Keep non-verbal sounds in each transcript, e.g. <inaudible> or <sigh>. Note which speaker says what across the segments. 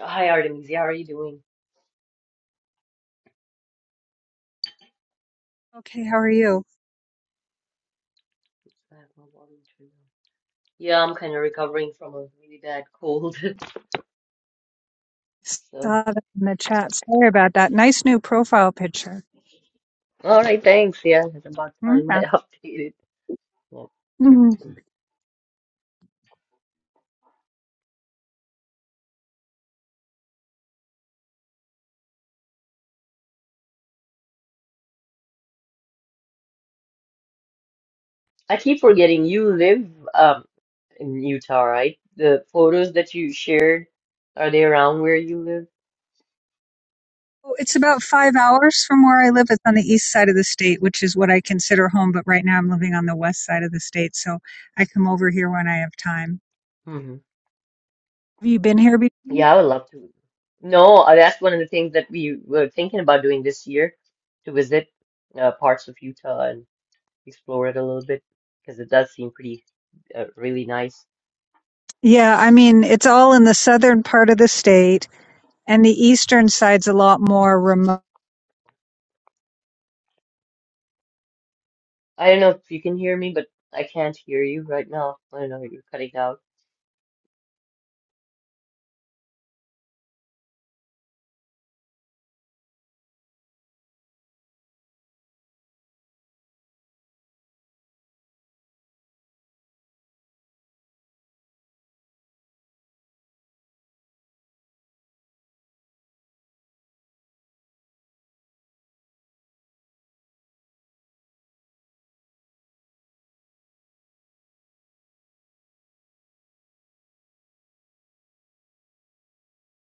Speaker 1: Hi Artemisia, how are you doing?
Speaker 2: Okay, how are you?
Speaker 1: I have no problem to you. Yeah, I'm kind of recovering from a really bad cold. <laughs>
Speaker 2: Saw
Speaker 1: So,
Speaker 2: that in the chat. Sorry about that. Nice new profile picture.
Speaker 1: all right, thanks. Yeah, it's about time I
Speaker 2: Yeah.
Speaker 1: <laughs> updated. Yeah.
Speaker 2: Mhm.
Speaker 1: I keep forgetting you live um in Utah, right? The photos that you shared, are they around where you live?
Speaker 2: Well, It's about five hours from where I live. It's on the east side of the state, which is what I consider home, but right now I'm living on the west side of the state, so I come over here when I have time.
Speaker 1: hmm
Speaker 2: Have you been here before?
Speaker 1: Yeah, I would love to. No, uh, that's one of the things that we were thinking about doing this year to visit uh, parts of Utah explore it a little bit because it does seem pretty uh, really nice.
Speaker 2: Yeah, I mean, it's all in the southern part of the state, and the eastern side's a lot more remote.
Speaker 1: I don't know if you can hear me, but I can't hear you right now. I don't know, you're cutting out.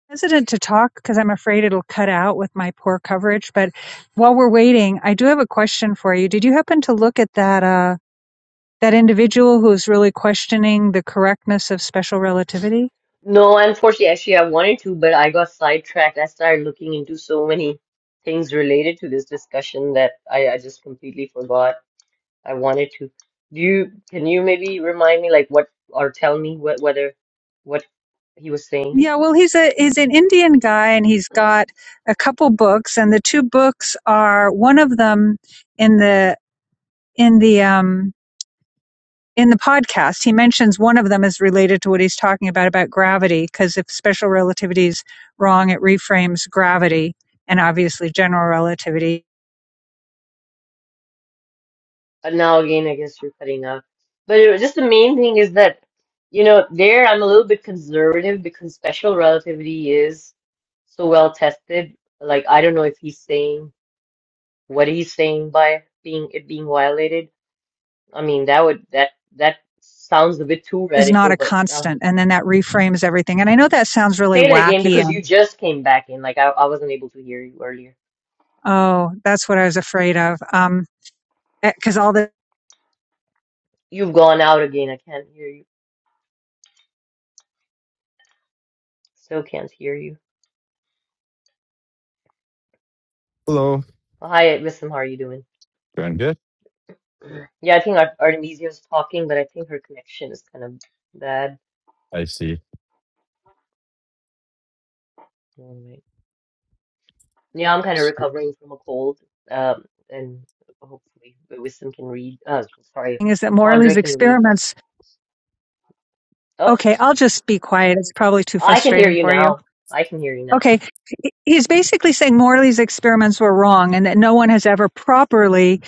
Speaker 2: hesitant to talk because I'm afraid it'll cut out with my poor coverage. But while we're waiting, I do have a question for you. Did you happen to look at that uh, that individual who's really questioning the correctness of special relativity?
Speaker 1: No, unfortunately, actually, I wanted to, but I got sidetracked. I started looking into so many things related to this discussion that I, I just completely forgot. I wanted to. Do you, can you maybe remind me, like, what, or tell me what, whether, what he was saying?
Speaker 2: Yeah, well, he's a he's an Indian guy, and he's got a couple books, and the two books are one of them in the in the um, in the podcast, he mentions one of them is related to what he's talking about about gravity, because if special relativity is wrong, it reframes gravity, and obviously general relativity
Speaker 1: But now again, I guess you're cutting off. But it, was- just the main thing is that, you know, there I'm a little bit conservative because special relativity is so well tested. Like, I don't know if he's saying what he's saying by being it being violated. I mean, that would that that sounds a bit too
Speaker 2: is
Speaker 1: radical,
Speaker 2: not a
Speaker 1: but I'll have
Speaker 2: constant, and then that reframes everything. And I know that sounds really
Speaker 1: say that again
Speaker 2: wacky,
Speaker 1: because
Speaker 2: and
Speaker 1: you just came back in. Like, I, I wasn't able to hear you earlier.
Speaker 2: oh, that's what I was afraid of, Um, because all the
Speaker 1: You've gone out again. I can't hear you. Still can't hear you.
Speaker 3: Hello.
Speaker 1: Well, Hi, listen, how are you doing?
Speaker 3: Doing good.
Speaker 1: Yeah, I think Ar Artemisia's talking, but I think her connection is kind of bad.
Speaker 3: I see.
Speaker 1: Alright. Yeah, I'm kind of
Speaker 3: S-
Speaker 1: recovering from a cold. Um, and hopefully Wisdom can read. Uh, sorry,
Speaker 2: thing is that Morley's
Speaker 1: Andre can read.
Speaker 2: experiments.
Speaker 1: Oh,
Speaker 2: Okay, I'll just be quiet. It's probably too
Speaker 1: I can hear
Speaker 2: frustrating
Speaker 1: you
Speaker 2: for you.
Speaker 1: now. I can hear you now.
Speaker 2: Okay, he's basically saying Morley's experiments were wrong, and that no one has ever properly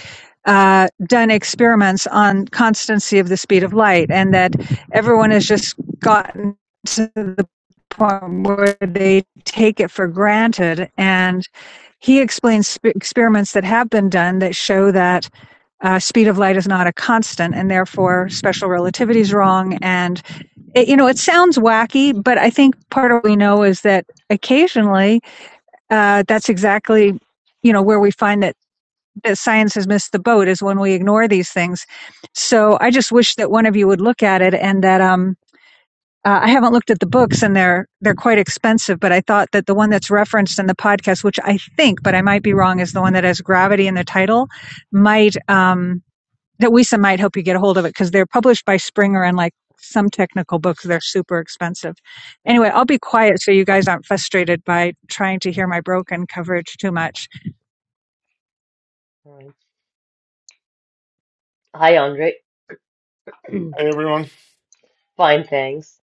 Speaker 2: uh, done experiments on constancy of the speed of light, and that everyone has just gotten to the point where they take it for granted. And he explains sp- experiments that have been done that show that uh, speed of light is not a constant, and therefore special relativity is wrong. And it, you know, it sounds wacky, but I think part of what we know is that occasionally uh, that's exactly you know where we find that that science has missed the boat is when we ignore these things. So I just wish that one of you would look at it and that um uh, I haven't looked at the books and they're they're quite expensive, but I thought that the one that's referenced in the podcast, which I think, but I might be wrong, is the one that has gravity in the title, might um that Wisa might help you get a hold of it because they're published by Springer and like some technical books they're super expensive.
Speaker 1: Okay.
Speaker 2: Anyway, I'll be quiet so you guys aren't frustrated by trying to hear my broken coverage too much.
Speaker 1: All right. Hi, Andre. <clears throat>
Speaker 4: Hey everyone.
Speaker 1: Fine, thanks.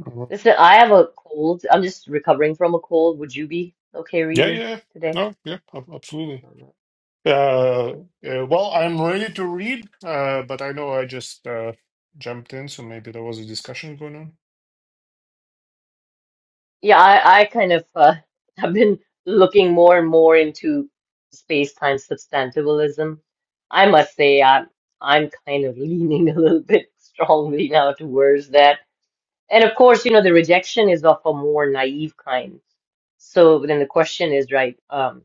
Speaker 4: Mhm.
Speaker 1: Listen, I have a cold. I'm just recovering from a cold. Would you be okay
Speaker 4: Yeah,
Speaker 1: reading
Speaker 4: yeah.
Speaker 1: today?
Speaker 4: No, yeah, ab- absolutely. Uh, uh, well, I'm ready to read, uh, but I know I just uh, jumped in, so maybe there was a discussion going on.
Speaker 1: Yeah, I, I kind of uh, <laughs> have been looking more and more into space-time substantivalism. I must say, I'm I'm kind of leaning <laughs> a little bit strongly now towards that. And of course, you know, the rejection is of a more naive kind. So then the question is, right, um,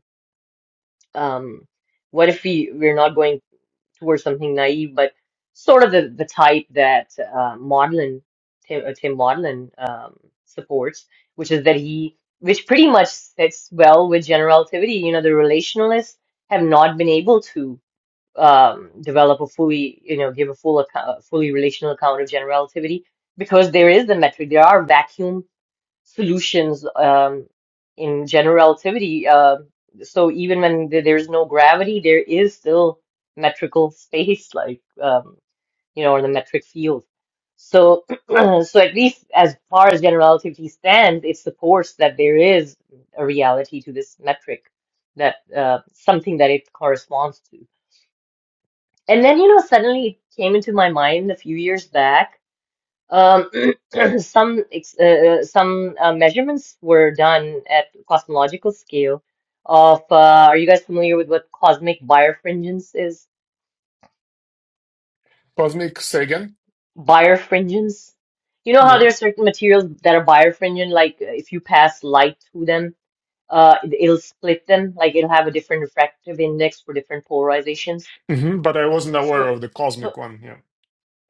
Speaker 1: um, what if we we're not going towards something naive, but sort of the, the type that uh, Maudlin, Tim, uh, Tim Maudlin um, supports, which is that he, which pretty much fits well with general relativity. You know, the relationalists have not been able to um, develop a fully, you know, give a full account, fully relational account of general relativity because there is the metric. There are vacuum solutions um, in general relativity. Uh, so even when th- there's no gravity, there is still metrical <laughs> space, like um, you know, or the metric field. So, <clears throat> so at least as far as general relativity stands, it supports that there is a reality to this metric, that uh, something that it corresponds to. And then, you know, suddenly it came into my mind a few years back um, <clears throat> some ex- uh, uh, some uh, measurements were done at cosmological scale of uh, are you guys familiar with what cosmic birefringence is?
Speaker 4: Cosmic, say again?
Speaker 1: Birefringence? You know how
Speaker 4: No.
Speaker 1: there's certain materials that are birefringent, like uh, if you pass light through them, uh, it- it'll split them, like it'll have a different refractive index for different polarizations.
Speaker 4: hmm but I wasn't aware
Speaker 1: So,
Speaker 4: of the
Speaker 1: so
Speaker 4: cosmic one. Yeah.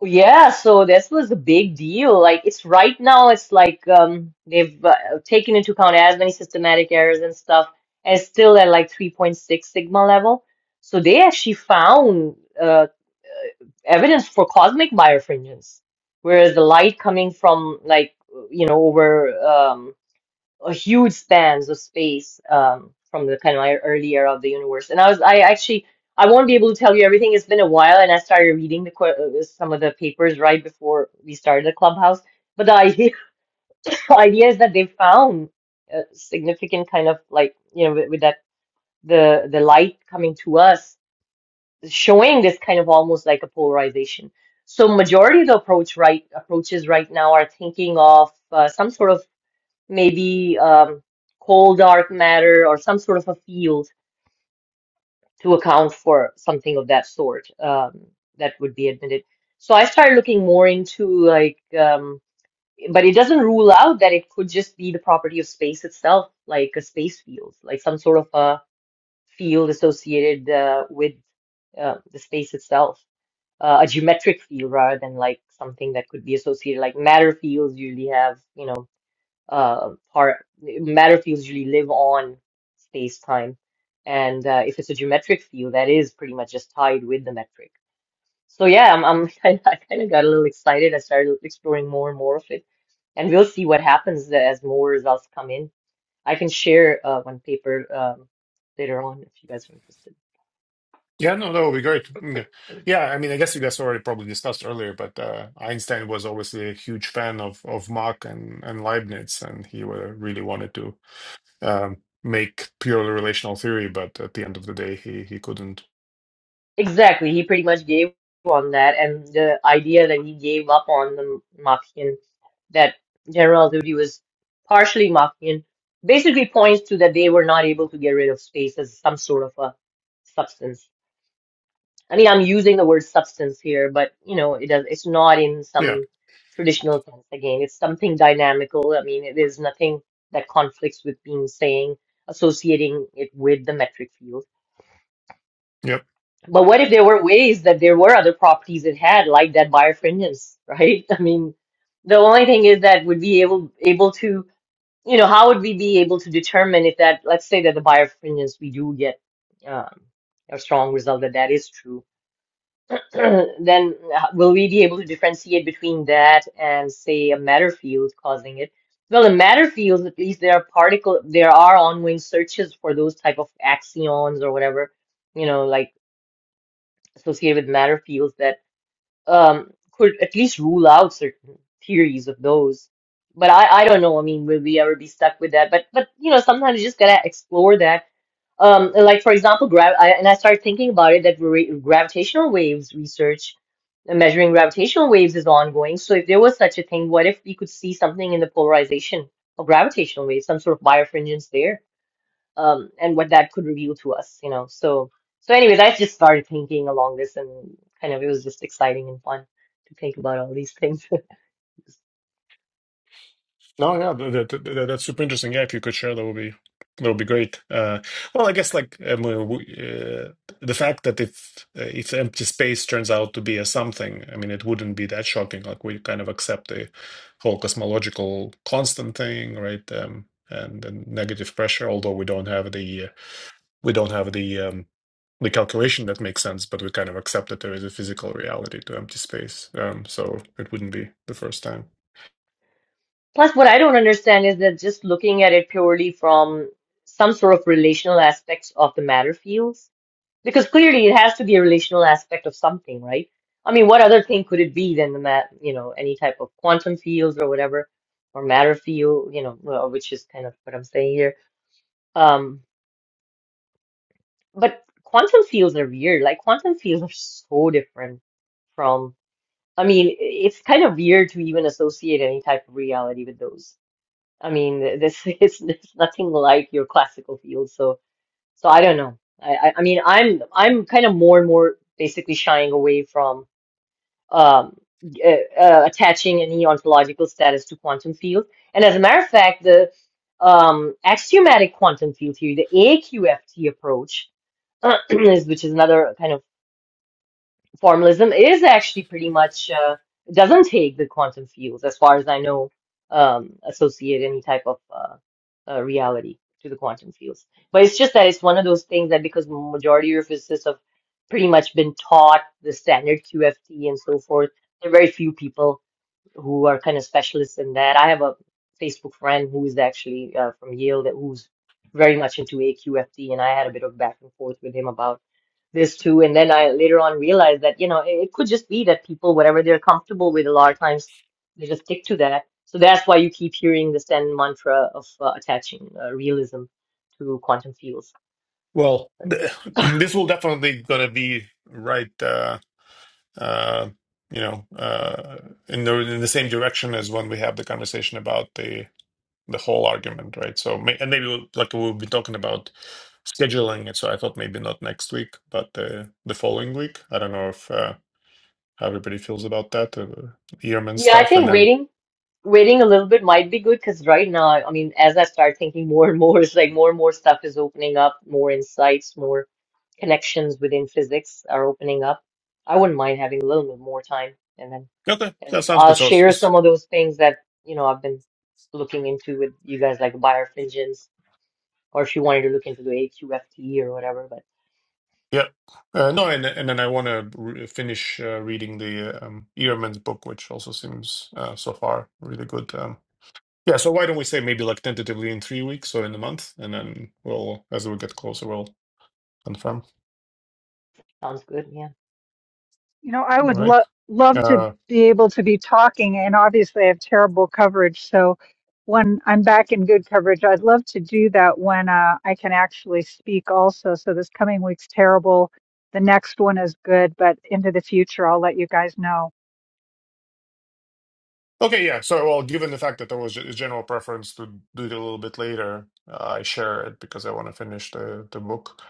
Speaker 1: Yeah, so this was a big deal. Like it's right now, it's like um, they've uh, taken into account as many systematic errors and stuff, and it's still at like 3.6 sigma level. So they actually found uh, evidence for cosmic birefringence, whereas the light coming from like you know over um, a huge spans of space um, from the kind of my early era of the universe. And I was, I actually, I won't be able to tell you everything. It's been a while, and I started reading the que- uh, some of the papers right before we started the clubhouse. But the idea, <laughs> the idea is that they found a significant kind of like you know with, with that the the light coming to us, showing this kind of almost like a polarization. So majority of the approach right approaches right now are thinking of uh, some sort of maybe um, cold dark matter or some sort of a field to account for something of that sort um, that would be admitted. So I started looking more into like, um, but it doesn't rule out that it could just be the property of space itself, like a space field, like some sort of a field associated uh, with uh, the space itself, uh, a geometric field rather than like something that could be associated, like matter fields usually have, you know uh, part matter fields usually live on space time, and uh, if it's a geometric field, that is pretty much just tied with the metric. So yeah, I'm, I'm <laughs> kind I kind of got a little excited. I started exploring more and more of it, and we'll see what happens as more results come in. I can share uh, one paper um, later on if you guys are interested.
Speaker 4: Yeah, no, that would be great. Yeah. Yeah, I mean, I guess you guys already probably discussed earlier, but uh, Einstein was obviously a huge fan of, of Mach and, and Leibniz, and he uh, really wanted to um, make purely relational theory, but at the end of the day, he, he couldn't
Speaker 1: Exactly, he pretty much gave on that, and the idea that he gave up on the Machian, that General Duty was partially Machian, basically points to that they were not able to get rid of space as some sort of a substance. I mean, I'm using the word substance here, but you know, it does, it's not in
Speaker 4: Yeah.
Speaker 1: some traditional sense again. It's something dynamical. I mean, there's nothing that conflicts with being saying, associating it with the metric field.
Speaker 4: Yep.
Speaker 1: But what if there were ways that there were other properties it had, like that birefringence, right? <laughs> I mean, the only thing is that would be able able to, you know, how would we be able to determine if that, let's say that the birefringence we do get um, a strong result that that is true, <clears throat> then uh, will we be able to differentiate between that and say a matter field causing it? Well, in matter fields, at least there are particle, there are ongoing searches for those type of axions or whatever, you know, like associated with matter fields that um, could at least rule out certain theories of those. But I, I don't know. I mean, will we ever be stuck with that? But but you know, sometimes you just gotta explore that. Um, like for example, grav I, and I started thinking about it that ra gravitational waves research, uh, measuring gravitational waves is ongoing. So if there was such a thing, what if we could see something in the polarization of gravitational waves, some sort of birefringence there? um, and what that could reveal to us, you know. So, so anyways, I just started thinking along this, and kind of it was just exciting and fun to think about all these things. <laughs>
Speaker 4: No, yeah, that, that, that- that's super interesting. Yeah, if you could share, that would be that would be great. Uh, well, I guess like um, uh, we- uh, the fact that if uh, if empty space turns out to be a something, I mean, it wouldn't be that shocking. Like we kind of accept the whole cosmological constant thing, right? Um, and, and negative pressure, although we don't have the we don't have the um, the calculation that makes sense, but we kind of accept that there is a physical reality to empty space. Um, so it wouldn't be the first time.
Speaker 1: Plus, what I don't understand is that just looking at it purely from some sort of relational aspects of the matter fields, because clearly it has to be a relational aspect of something, right? I mean, what other thing could it be than the mat, you know, any type of quantum fields or whatever, or matter field, you know, well, which is kind of what I'm saying here. Um, But quantum fields are weird. Like quantum fields are so different from, I mean, i- it's kind of weird to even associate any type of reality with those. I mean, th- this <laughs> is there's nothing like your classical fields. So, so I don't know. I, I, I mean, I'm, I'm kind of more and more basically shying away from, um, uh, uh, attaching any ontological status to quantum fields. And as a matter of fact, the, um, axiomatic quantum field theory, the AQFT approach <clears throat> is which is another kind of formalism, is actually pretty much uh, doesn't take the quantum fields, as far as I know, um, associate any type of uh, uh, reality to the quantum fields. But it's just that it's one of those things that because majority of physicists have pretty much been taught the standard QFT and so forth, there are very few people who are kind of specialists in that. I have a Facebook friend who is actually uh, from Yale that who's very much into AQFT, and I had a bit of back and forth with him about this too. And then I later on realized that, you know, it, it could just be that people, whatever they're comfortable with, a lot of times they just stick to that. So that's why you keep hearing the Zen mantra of uh, attaching uh, realism to quantum fields.
Speaker 4: Well, th- <clears throat> this will definitely gonna be right, uh, uh, you know, uh, in the in the same direction as when we have the conversation about the the whole argument, right? So, may, and maybe we'll, like we'll be talking about scheduling it. So I thought maybe not next week, but uh, the following week. I don't know if uh, how everybody feels about that, uh, Ehrman
Speaker 1: Yeah, I
Speaker 4: stuff, and
Speaker 1: think
Speaker 4: then
Speaker 1: waiting, waiting a little bit might be good because right now, I mean, as I start thinking more and more, <laughs> it's like more and more stuff is opening up, more insights, more connections within physics are opening up. I wouldn't mind having a little bit more time and then
Speaker 4: okay, that
Speaker 1: And
Speaker 4: sounds
Speaker 1: I'll
Speaker 4: good. So.
Speaker 1: share
Speaker 4: s-
Speaker 1: some of those things that, you know, I've been looking into with you guys, like buyer fingens, or if you wanted to look into the AQFT or whatever, but
Speaker 4: Yeah. Uh, no, and and then I want to re finish uh, reading the um, Ehrman's book, which also seems uh, so far really good. Um, yeah, so why don't we say maybe like tentatively in three weeks or in a month, and then we'll, as we get closer, we'll confirm.
Speaker 1: sounds good, yeah.
Speaker 2: You know, I
Speaker 4: All
Speaker 2: would
Speaker 4: right.
Speaker 2: love love to
Speaker 4: Uh,
Speaker 2: be able to be talking, and obviously I have terrible coverage. So when I'm back in good coverage, I'd love to do that when uh, I can actually speak also. So this coming week's terrible. The next one is good, but into the future, I'll let you guys know.
Speaker 4: okay, yeah. So, well, given the fact that there was a general preference to do it a little bit later, uh, I share it because I want to finish the the book.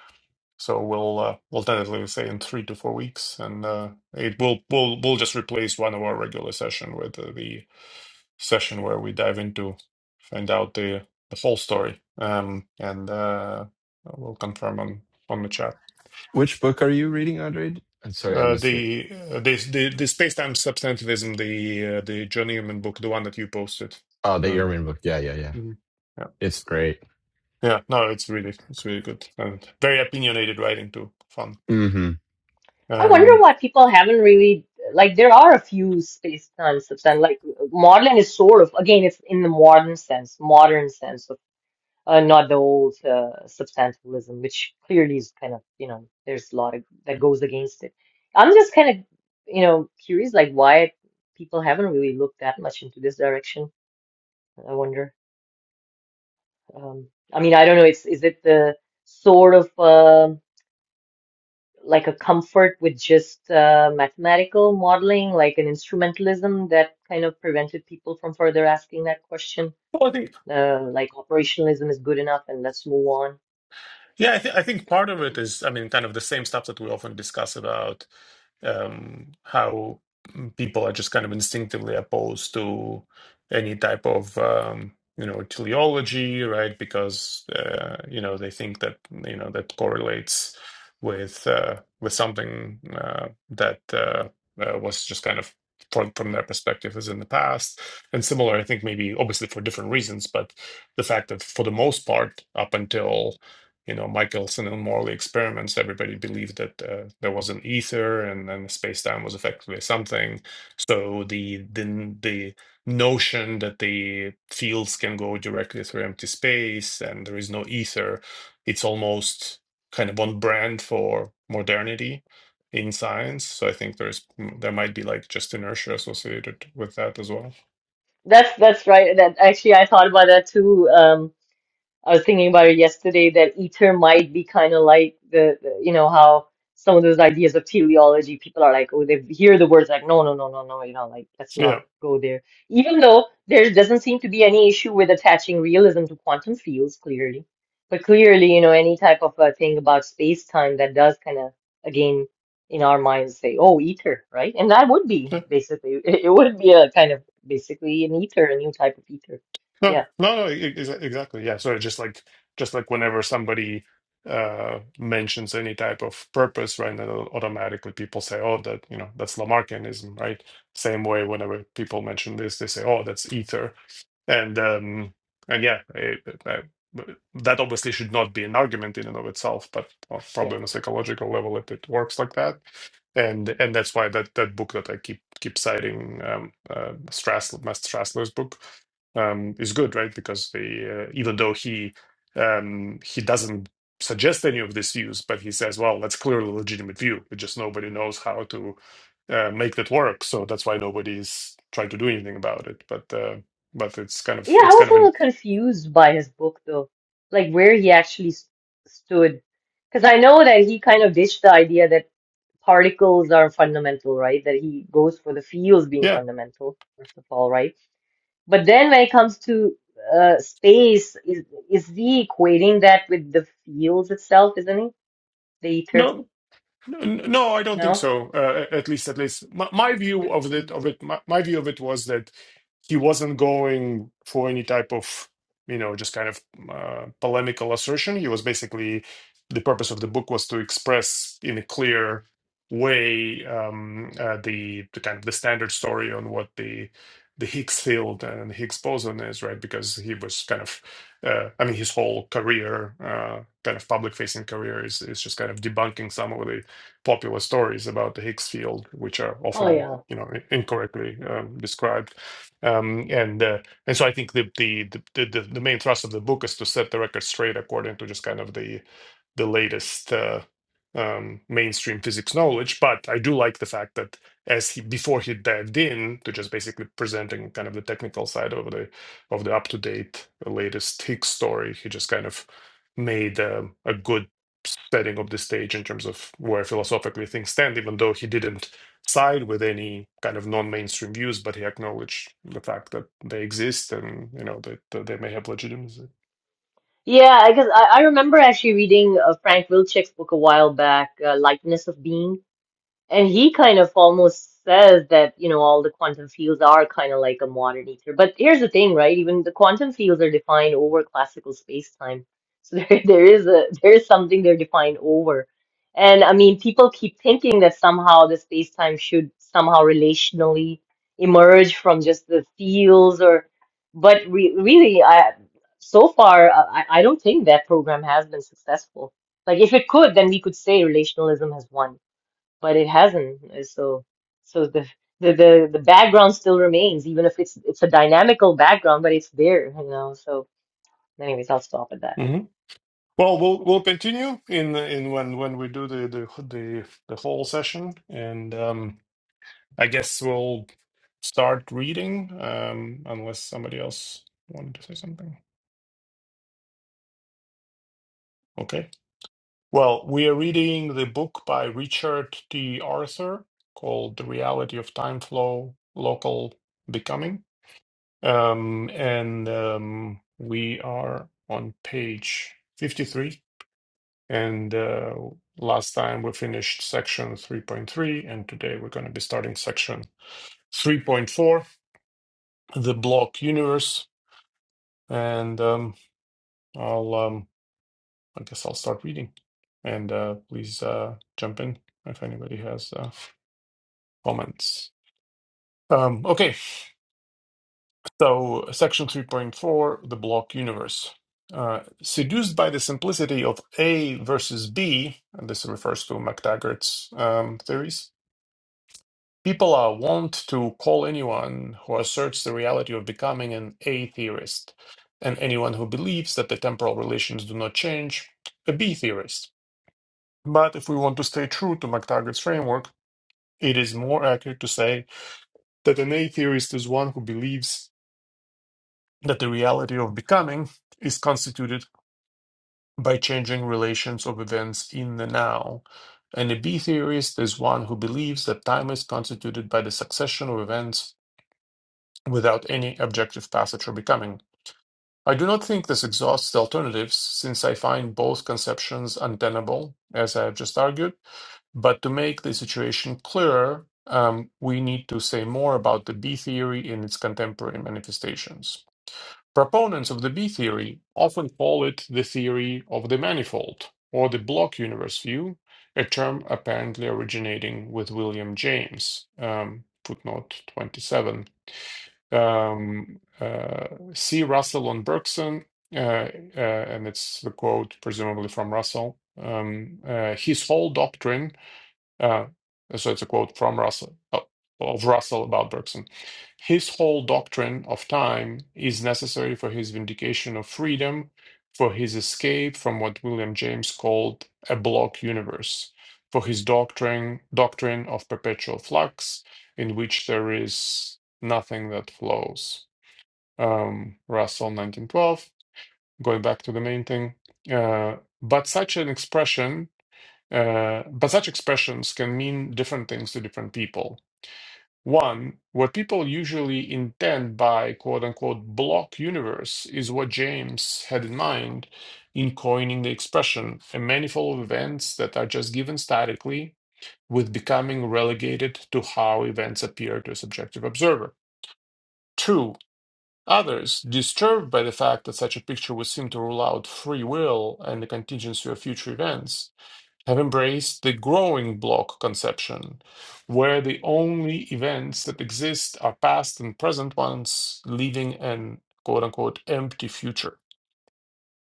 Speaker 4: So we'll uh, we'll tentatively say in three to four weeks, and uh, it will we'll we'll just replace one of our regular session with uh, the session where we dive into find out the the whole story um and uh we'll confirm on on the chat
Speaker 3: Which book are you reading, Andre? I'm sorry, I
Speaker 4: uh
Speaker 3: missed it.
Speaker 4: the uh, the the, the space-time substantivism the uh, the john Newman book the one that you posted
Speaker 3: Oh, the
Speaker 4: um
Speaker 3: Ehrman book. Yeah, yeah, yeah.
Speaker 4: mhm. yeah
Speaker 3: It's great.
Speaker 4: yeah no it's really it's really good and very opinionated writing too fun
Speaker 3: Mm-hmm.
Speaker 1: I wonder
Speaker 4: um
Speaker 1: why people haven't really, like, there are a few space time substance, like, modeling is sort of, again, it's in the modern sense, modern sense. uh, not the old uh, substantialism, which clearly is kind of, you know, there's a lot of, that goes against it. I'm just kind of, you know, curious, like why people haven't really looked that much into this direction. I wonder. Um, I mean, I don't know. It's is it the sort of uh, like a comfort with just uh, mathematical modeling, like an instrumentalism that kind of prevented people from further asking that question?
Speaker 4: well, I think,
Speaker 1: Uh, like operationalism is good enough, and let's move on.
Speaker 4: yeah, I, th- I think part of it is, I mean, kind of the same stuff that we often discuss about um, how people are just kind of instinctively opposed to any type of um, you know teleology, right? Because uh, you know they think that you know that correlates with uh, with something uh, that uh, uh, was just kind of from from their perspective is in the past and similar. I think maybe obviously for different reasons, but the fact that for the most part, up until you know Michelson and Morley experiments, everybody believed that uh, there was an ether and then space time was effectively something. So the the the notion that the fields can go directly through empty space and there is no ether, it's almost kind of on brand for modernity in science. So I think there's there might be like just inertia associated with that as well.
Speaker 1: That's that's right. That actually I thought about that too. Um, I was thinking about it yesterday that ether might be kind of like the, the- you know, how some of those ideas of teleology, people are like, oh, they hear the words like, no, no, no, no, no, you know, like, let's not
Speaker 4: Yeah.
Speaker 1: go there. Even though there doesn't seem to be any issue with attaching realism to quantum fields, clearly. But clearly, you know, any type of a thing about space time that does kind of, again, in our minds say, oh, ether, right? And that would be basically, <laughs> it would be a kind of basically an ether, a new type of ether.
Speaker 4: No,
Speaker 1: Yeah,
Speaker 4: no, no, e- exa- exactly. Yeah. So just like just like whenever somebody uh mentions any type of purpose, right, then automatically people say, "Oh, that, you know, that's Lamarckianism," right? Same way whenever people mention this, they say, "Oh, that's ether." And um, and yeah, I, I, that obviously should not be an argument in and of itself, but well,
Speaker 1: yeah.
Speaker 4: probably on a psychological level, it, it works like that. And and that's why that that book that I keep keep citing, um, uh, Strassler, Master Strassler's book, um, is good, right? Because the uh, even though he um, he doesn't suggest any of these views, but he says, well, that's clearly a legitimate view. It just nobody knows how to uh, make that work. So that's why nobody's trying to do anything about it. But uh, but it's kind of
Speaker 1: Yeah, I
Speaker 4: it's
Speaker 1: was
Speaker 4: kind
Speaker 1: a
Speaker 4: of
Speaker 1: little
Speaker 4: an
Speaker 1: confused by his book though, like where he actually s stood. Because I know that he kind of ditched the idea that particles are fundamental, right? That he goes for the fields being
Speaker 4: yeah
Speaker 1: fundamental, first of all, right? But then when it comes to uh, space, is is he equating that with the fields itself, isn't he? The ether?
Speaker 4: no n- no I don't think
Speaker 1: No?
Speaker 4: so. Uh, at least at least my, my view of it of it my, my view of it was that he wasn't going for any type of you know just kind of uh, polemical assertion he was basically the purpose of the book was to express in a clear way um, uh, the, the kind of the standard story on what the the Higgs field and Higgs boson is right because he was kind of uh, I mean his whole career uh, kind of public facing career is is just kind of debunking some of the popular stories about the Higgs field which are
Speaker 1: Oh
Speaker 4: often
Speaker 1: yeah.
Speaker 4: you know incorrectly um, described um, and uh, and so I think the the, the the the the main thrust of the book is to set the record straight according to just kind of the the latest uh, um, mainstream physics knowledge. But I do like the fact that as he before he dived in to just basically presenting kind of the technical side of the of the up to date latest Higgs story, he just kind of made um, a good setting of the stage in terms of where philosophically things stand, even though he didn't side with any kind of non-mainstream views, but he acknowledged the fact that they exist and you know that, that they may have legitimacy.
Speaker 1: Yeah, I guess I, I remember actually reading uh, Frank Wilczek's book a while back, uh, Lightness of Being And he kind of almost says that, you know, all the quantum fields are kind of like a modern ether. But here's the thing, right? Even the quantum fields are defined over classical space-time. So <laughs> there, there is a there is something they're defined over. And I mean, people keep thinking that somehow the space-time should somehow relationally emerge from just the fields or, but re really, I so far I, I I don't think that program has been successful. Like if it could, then we could say relationalism has won but it hasn't. Uh, So, so the the the, the background still remains, even if it's it's a dynamical background, but it's there, you know. So, anyways, I'll stop at that.
Speaker 4: Mhm. Well, we'll we'll continue in in when when we do the the the, the whole session, and um, I guess we'll start reading um, unless somebody else wanted to say something. Okay. Well, we are reading the book by Richard T. Arthur called "The Reality of Time Flow: Local Becoming." Um, and um, we are on page 53. And uh, last time we finished section 3.3, and today we're going to be starting section 3.4, the block universe. And um, I'll, um, I guess I'll start reading. And uh, please uh, jump in if anybody has uh, comments. Um, okay, So, section 3.4, the block universe. Uh, seduced by the simplicity of A versus B, and this refers to MacTaggart's um, theories, people are wont to call anyone who asserts the reality of becoming an A-theorist, and anyone who believes that the temporal relations do not change, a B-theorist. But if we want to stay true to MacTaggart's framework, it is more accurate to say that an A-theorist is one who believes that the reality of becoming is constituted by changing relations of events in the now. And a B theorist is one who believes that time is constituted by the succession of events without any objective passage or becoming. I do not think this exhausts the alternatives, since I find both conceptions untenable, as I have just argued. But to make the situation clearer, um, we need to say more about the B theory in its contemporary manifestations. Proponents of the B-theory often call it the theory of the manifold, or the block universe view, a term apparently originating with William James, um, footnote 27. Um, uh, see Russell on Bergson, uh, uh, and it's the quote presumably from Russell. Um, uh, his whole doctrine uh, so it's a quote from Russell uh, of Russell about Bergson. His whole doctrine of time is necessary for his vindication of freedom, for his escape from what William James called a block universe, for his doctrine doctrine of perpetual flux, in which there is nothing that flows. Um, Russell, 1912. Going back to the main thing, uh, but such an expression uh, but such expressions can mean different things to different people. One, what people usually intend by quote unquote block universe is what James had in mind in coining the expression a manifold of events that are just given statically, with becoming relegated to how events appear to a subjective observer. Two, others, disturbed by the fact that such a picture would seem to rule out free will and the contingency of future events, have embraced the growing block conception, where the only events that exist are past and present ones, leaving an quote unquote empty future.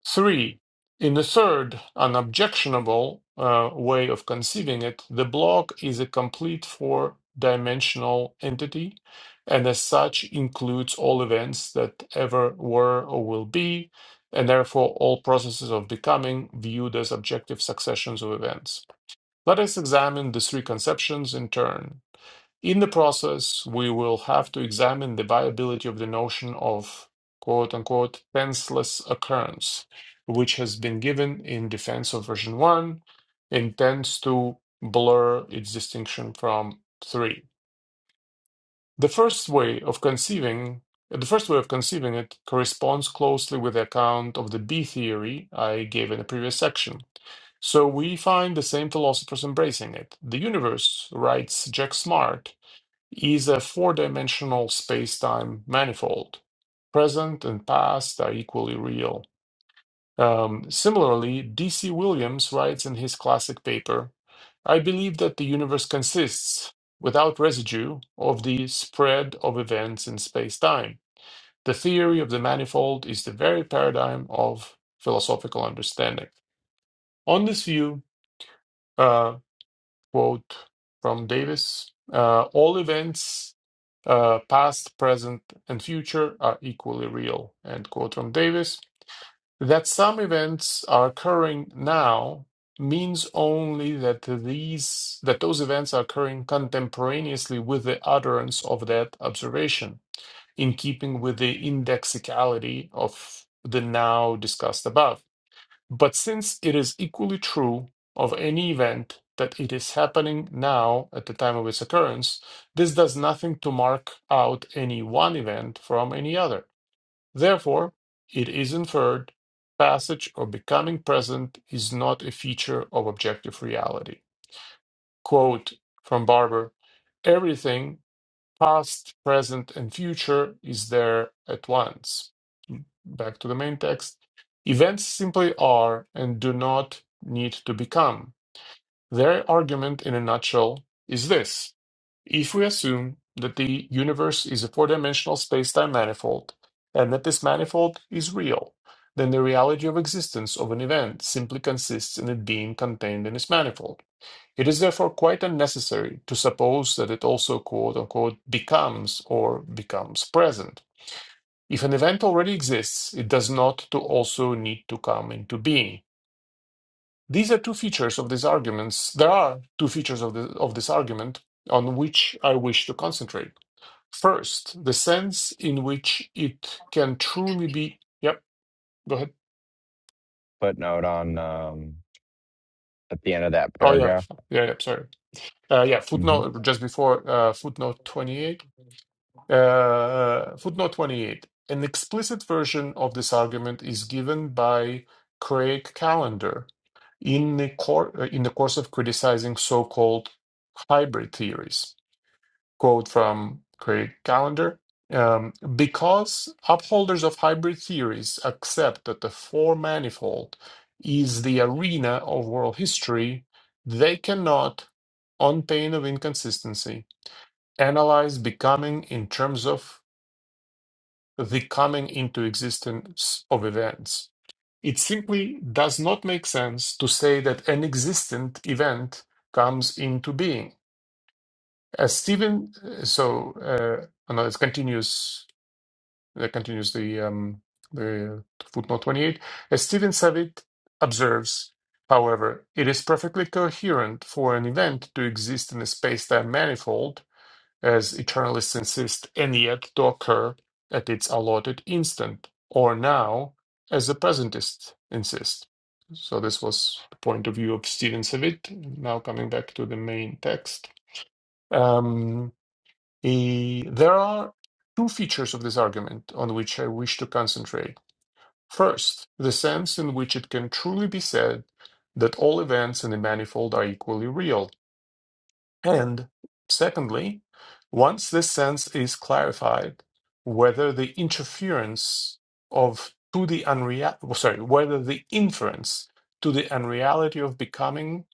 Speaker 4: Three, in the third, unobjectionable uh, way of conceiving it, the block is a complete four dimensional entity and as such includes all events that ever were or will be and therefore all processes of becoming viewed as objective successions of events let us examine the three conceptions in turn. In the process, we will have to examine the viability of the notion of quote unquote tenseless occurrence, which has been given in defense of version 1 and tends to blur its distinction from 3. The first way of conceiving the first way of conceiving it corresponds closely with the account of the B theory I gave in the previous section. So we find the same philosophers embracing it. The universe, writes Jack Smart, is a four dimensional space time manifold. Present and past are equally real. Um, similarly, D.C. Williams writes in his classic paper I believe that the universe consists, without residue, of the spread of events in space time. The theory of the manifold is the very paradigm of philosophical understanding. On this view, uh, quote from Davis uh, All events, uh, past, present, and future, are equally real, end quote from Davis. That some events are occurring now means only that these that those events are occurring contemporaneously with the utterance of that observation in keeping with the indexicality of the now discussed above but since it is equally true of any event that it is happening now at the time of its occurrence, this does nothing to mark out any one event from any other. Therefore, it is inferred passage or becoming present is not a feature of objective reality. Quote from Barber Everything, past, present, and future, is there at once back to the main text, events simply are and do not need to become. Their argument, in a nutshell, is this. If we assume that the universe is a four dimensional space time manifold, and that this manifold is real, then the reality of existence of an event simply consists in it being contained in this manifold. It is therefore quite unnecessary to suppose that it also quote unquote becomes or becomes present. If an event already exists, it does not to also need to come into being. These are two features of these arguments. There are two features of, the, of this argument on which I wish to concentrate. First, the sense in which it can truly be. Yep, go ahead.
Speaker 3: Footnote on um at the end of that
Speaker 4: Oh, yeah,
Speaker 3: paragraph.
Speaker 4: yeah, yeah sorry. Uh, yeah,
Speaker 3: Mm-hmm.
Speaker 4: footnote just before uh, footnote 28. Uh, footnote 28. An explicit version of this argument is given by Craig Callender in the, cor- uh, in the course of criticizing so called hybrid theories. Quote from Craig Callender um, Because upholders of hybrid theories accept that the four manifold is the arena of world history, they cannot, on pain of inconsistency, analyze becoming in terms of the coming into existence of events. It simply does not make sense to say that an existent event comes into being. As Stephen, uh, so uh, oh no, it continues. That continues the um, the footnote twenty eight. As Stephen Savitt observes, however, it is perfectly coherent for an event to exist in a space-time manifold as eternalists insist, and yet to occur at its allotted instant, or now, as the presentists insist. So, this was the point of view of Stephen Savitt. Now, coming back to the main text, um, he- there are two features of this argument on which I wish to concentrate. First, the sense in which it can truly be said that all events in the manifold are equally real and secondly, once this sense is clarified, whether the interference of to the unreal sorry, whether the inference to the unreality of becoming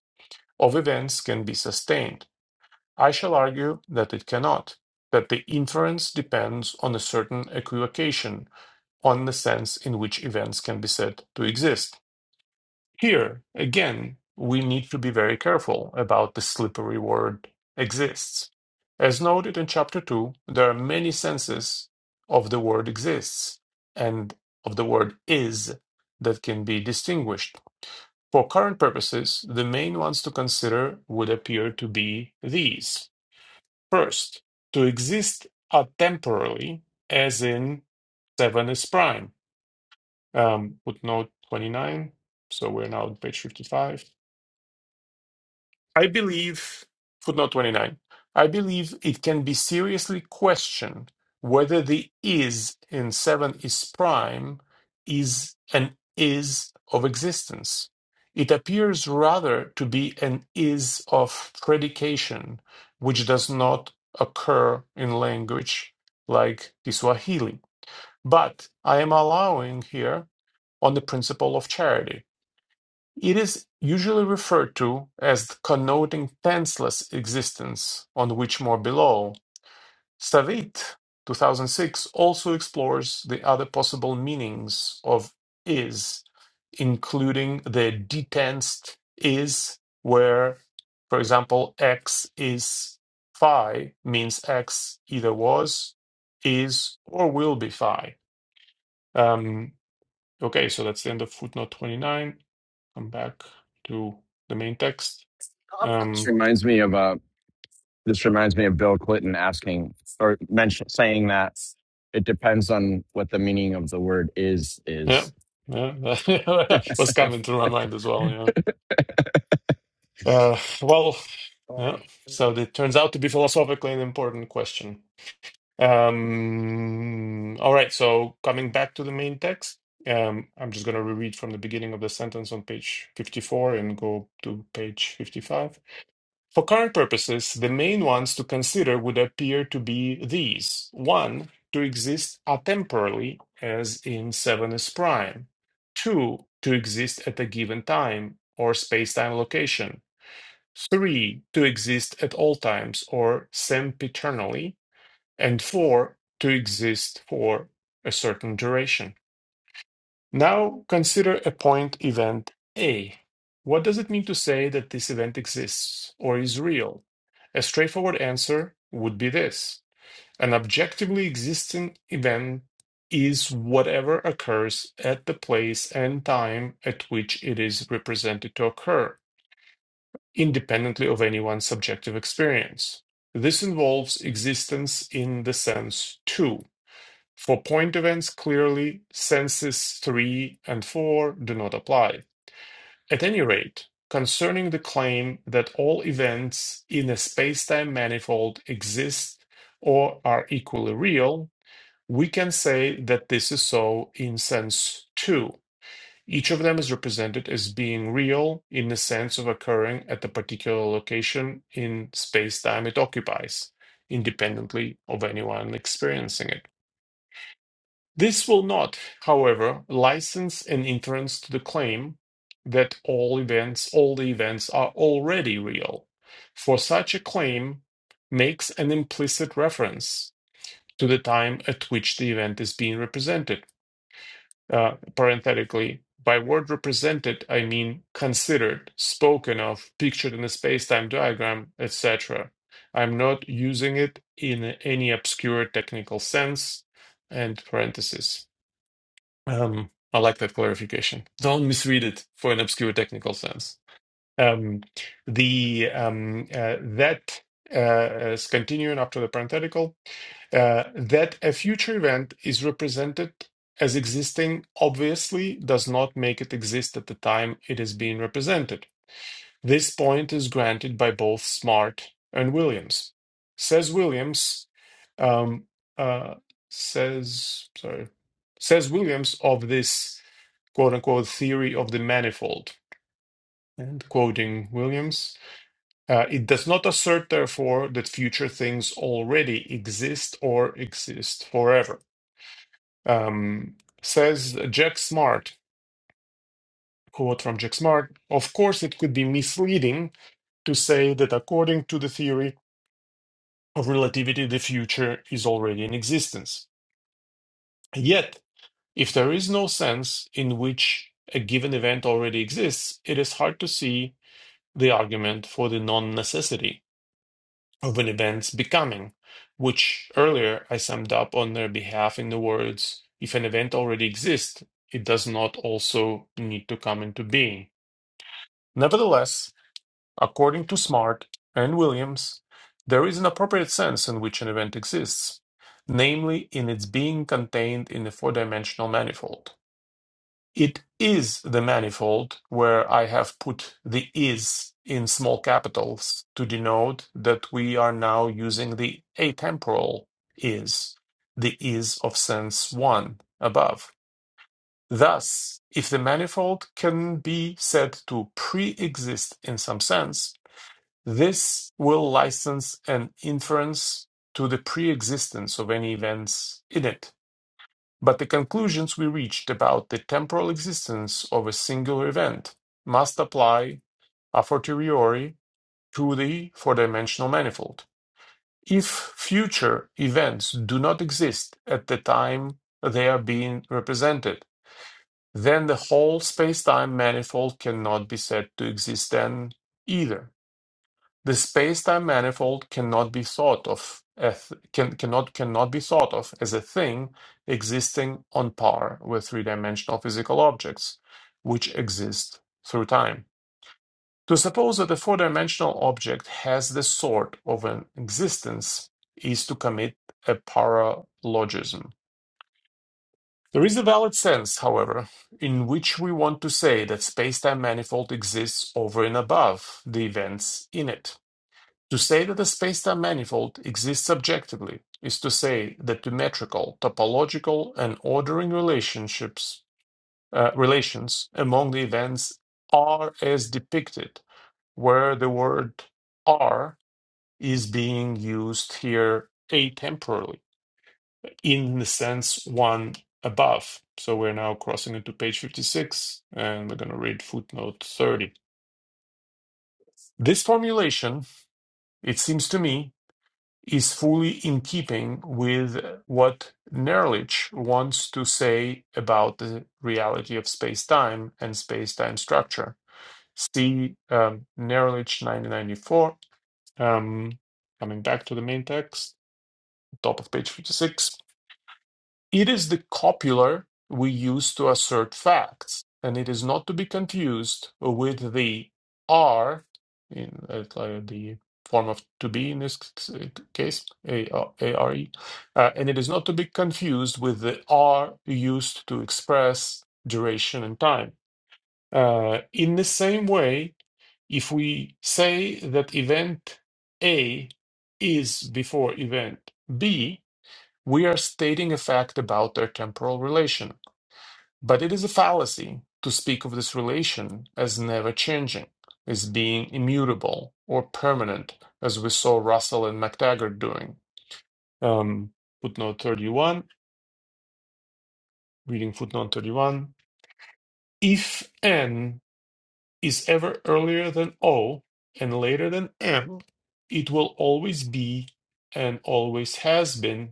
Speaker 4: of events can be sustained. I shall argue that it cannot, that the inference depends on a certain equivocation, on the sense in which events can be said to exist. Here, again, we need to be very careful about the slippery word exists. As noted in chapter 2, there are many senses of the word exists and of the word is that can be distinguished. For current purposes, the main ones to consider would appear to be these. First, to exist atemporally, as in 7 is prime. Um, footnote 29, so we're now on page 55 I believe, footnote 29, I believe it can be seriously questioned whether the is in 7 is prime is an is of existence. It appears rather to be an is of predication, which does not occur in language like the Swahili. But I am allowing here on the principle of charity it is usually referred to as connoting tenseless existence, on which more below. Savit, 2006, also explores the other possible meanings of is, including the detensed is, where, for example, x is phi means x either was, is, or will be phi. Um, okay, so that's the end of footnote 29 come back to the main text.
Speaker 3: This
Speaker 4: Um,
Speaker 3: reminds me of uh, this reminds me of Bill Clinton asking or mention saying that it depends on what the meaning of the word is
Speaker 4: yeah,
Speaker 3: is.
Speaker 4: yeah, <laughs>
Speaker 3: <laughs>
Speaker 4: that was coming through my mind as well. Yeah. Uh, well, yeah. So it turns out to be philosophically an important question. Um, all right. So coming back to the main text, um, I'm just going to reread from the beginning of the sentence on page 54 and go to page 55. For current purposes, the main ones to consider would appear to be these. One, to exist atemporally, as in 7s prime. Two, to exist at a given time or space-time location. Three, to exist at all times or sempiternally. And four, to exist for a certain duration. Now consider a point event A. What does it mean to say that this event exists or is real? A straightforward answer would be this. An objectively existing event is whatever occurs at the place and time at which it is represented to occur, independently of anyone's subjective experience. This involves existence in the sense too. For point events, clearly, senses 3 and 4 do not apply. At any rate, concerning the claim that all events in a spacetime manifold exist or are equally real, we can say that this is so in sense 2. Each of them is represented as being real in the sense of occurring at the particular location in spacetime it occupies, independently of anyone experiencing it. This will not, however, license an inference to the claim that all events, all the events are already real, for such a claim makes an implicit reference to the time at which the event is being represented. Uh, parenthetically, by word represented, I mean considered, spoken of, pictured in a space-time diagram, etc. I'm not using it in any obscure technical sense. And parentheses. Um, I like that clarification. Don't misread it for an obscure technical sense. Um, the um, uh, that uh, uh, continuing after the parenthetical uh, that a future event is represented as existing obviously does not make it exist at the time it is being represented. This point is granted by both Smart and Williams. Says Williams, um, uh, says, sorry, says Williams of this quote unquote theory of the manifold. And quoting Williams, uh, it does not assert, therefore, that future things already exist or exist forever. Um, says Jack Smart, quote from Jack Smart, of course, it could be misleading to say that according to the theory, of relativity the future is already in existence. Yet, if there is no sense in which a given event already exists, it is hard to see the argument for the non necessity of an event's becoming, which earlier I summed up on their behalf in the words if an event already exists, it does not also need to come into being. Nevertheless, According to Smart and Williams, there is an appropriate sense in which an event exists, namely in its being contained in a four dimensional manifold. It is the manifold where I have put the is in small capitals to denote that we are now using the atemporal is, the is of sense 1 above. Thus, if the manifold can be said to pre exist in some sense, this will license an inference to the pre-existence of any events in it. But the conclusions we reached about the temporal existence of a singular event must apply a fortiori to the four-dimensional manifold. If future events do not exist at the time they are being represented, then the whole space-time manifold cannot be said to exist then either. The spacetime manifold cannot be thought of as, can, cannot cannot be thought of as a thing existing on par with three-dimensional physical objects, which exist through time. To suppose that a four-dimensional object has this sort of an existence is to commit a paralogism. There is a valid sense, however, in which we want to say that spacetime manifold exists over and above the events in it. To say that a spacetime manifold exists objectively is to say that symmetrical, topological, and ordering relationships uh, relations among the events are as depicted, where the word "are" is being used here atemporally, in the sense one above. So we're now crossing into page 56, and we're going to read footnote 30. This formulation, it seems to me, is fully in keeping with what Nerlich wants to say about the reality of space-time and space-time structure. See um, Nerlich 1994. Um, coming back to the main text, top of page 56. It is the copula we use to assert facts, and it is not to be confused with the "are" in uh, like the form of to be in this case, A R E, uh, and it is not to be confused with the "are" used to express duration and time. Uh, in the same way, if we say that event A is before event B, we are stating a fact about their temporal relation, but it is a fallacy to speak of this relation as never changing, as being immutable or permanent, as we saw Russell and MacTaggart doing. Um, footnote 31, reading footnote 31. If n is ever earlier than o and later than m, it will always be and always has been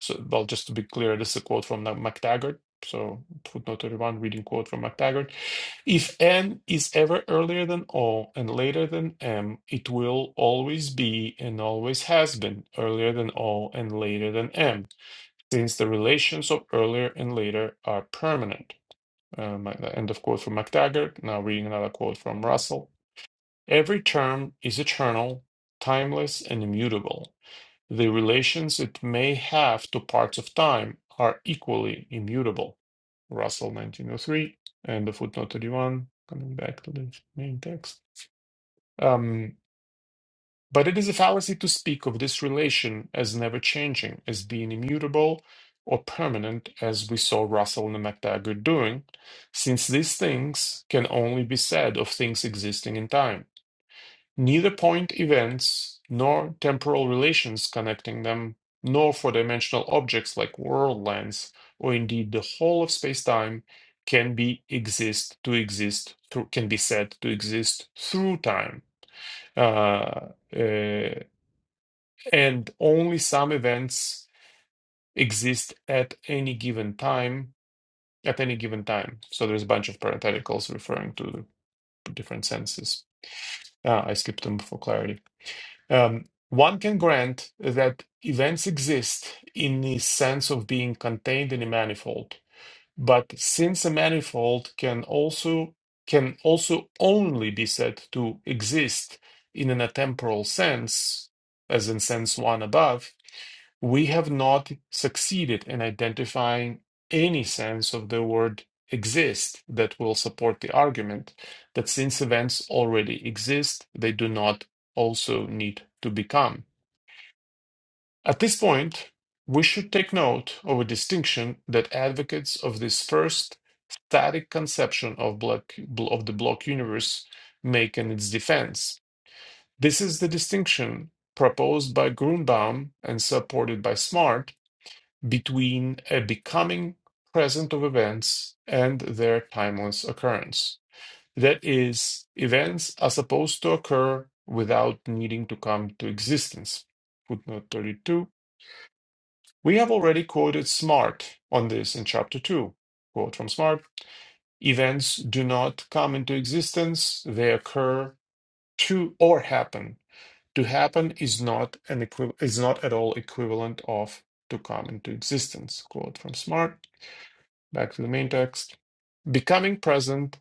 Speaker 4: So, well, just to be clear, this is a quote from MacTaggart. So, footnote 31, reading quote from MacTaggart. If N is ever earlier than O and later than M, it will always be and always has been earlier than O and later than M, since the relations of earlier and later are permanent. Um, end of quote from MacTaggart. Now, reading another quote from Russell. Every term is eternal, timeless, and immutable. The relations it may have to parts of time are equally immutable. Russell 1903, and the footnote 31, coming back to the main text. Um, but it is a fallacy to speak of this relation as never changing, as being immutable or permanent, as we saw Russell and MacTaggart doing, since these things can only be said of things existing in time. Neither point events nor temporal relations connecting them, nor four dimensional objects like world lengths, or indeed the whole of spacetime, can be exist to exist through can be said to exist through time. Uh, uh, and only some events exist at any given time. At any given time. So there's a bunch of parentheticals referring to different senses. Uh, I skipped them for clarity. Um, one can grant that events exist in the sense of being contained in a manifold, but since a manifold can also can also only be said to exist in an atemporal sense, as in sense one above, we have not succeeded in identifying any sense of the word exist that will support the argument that since events already exist, they do not also need to become. At this point, we should take note of a distinction that advocates of this first static conception of, block, of the block universe make in its defense. This is the distinction proposed by Grunbaum and supported by Smart between a becoming present of events and their timeless occurrence. That is, events are supposed to occur without needing to come to existence. Footnote 32. We have already quoted Smart on this in Chapter 2. Quote from Smart Events do not come into existence, they occur to or happen. To happen is not an equiv- is not at all equivalent of to come into existence. Quote from Smart. Back to the main text. Becoming present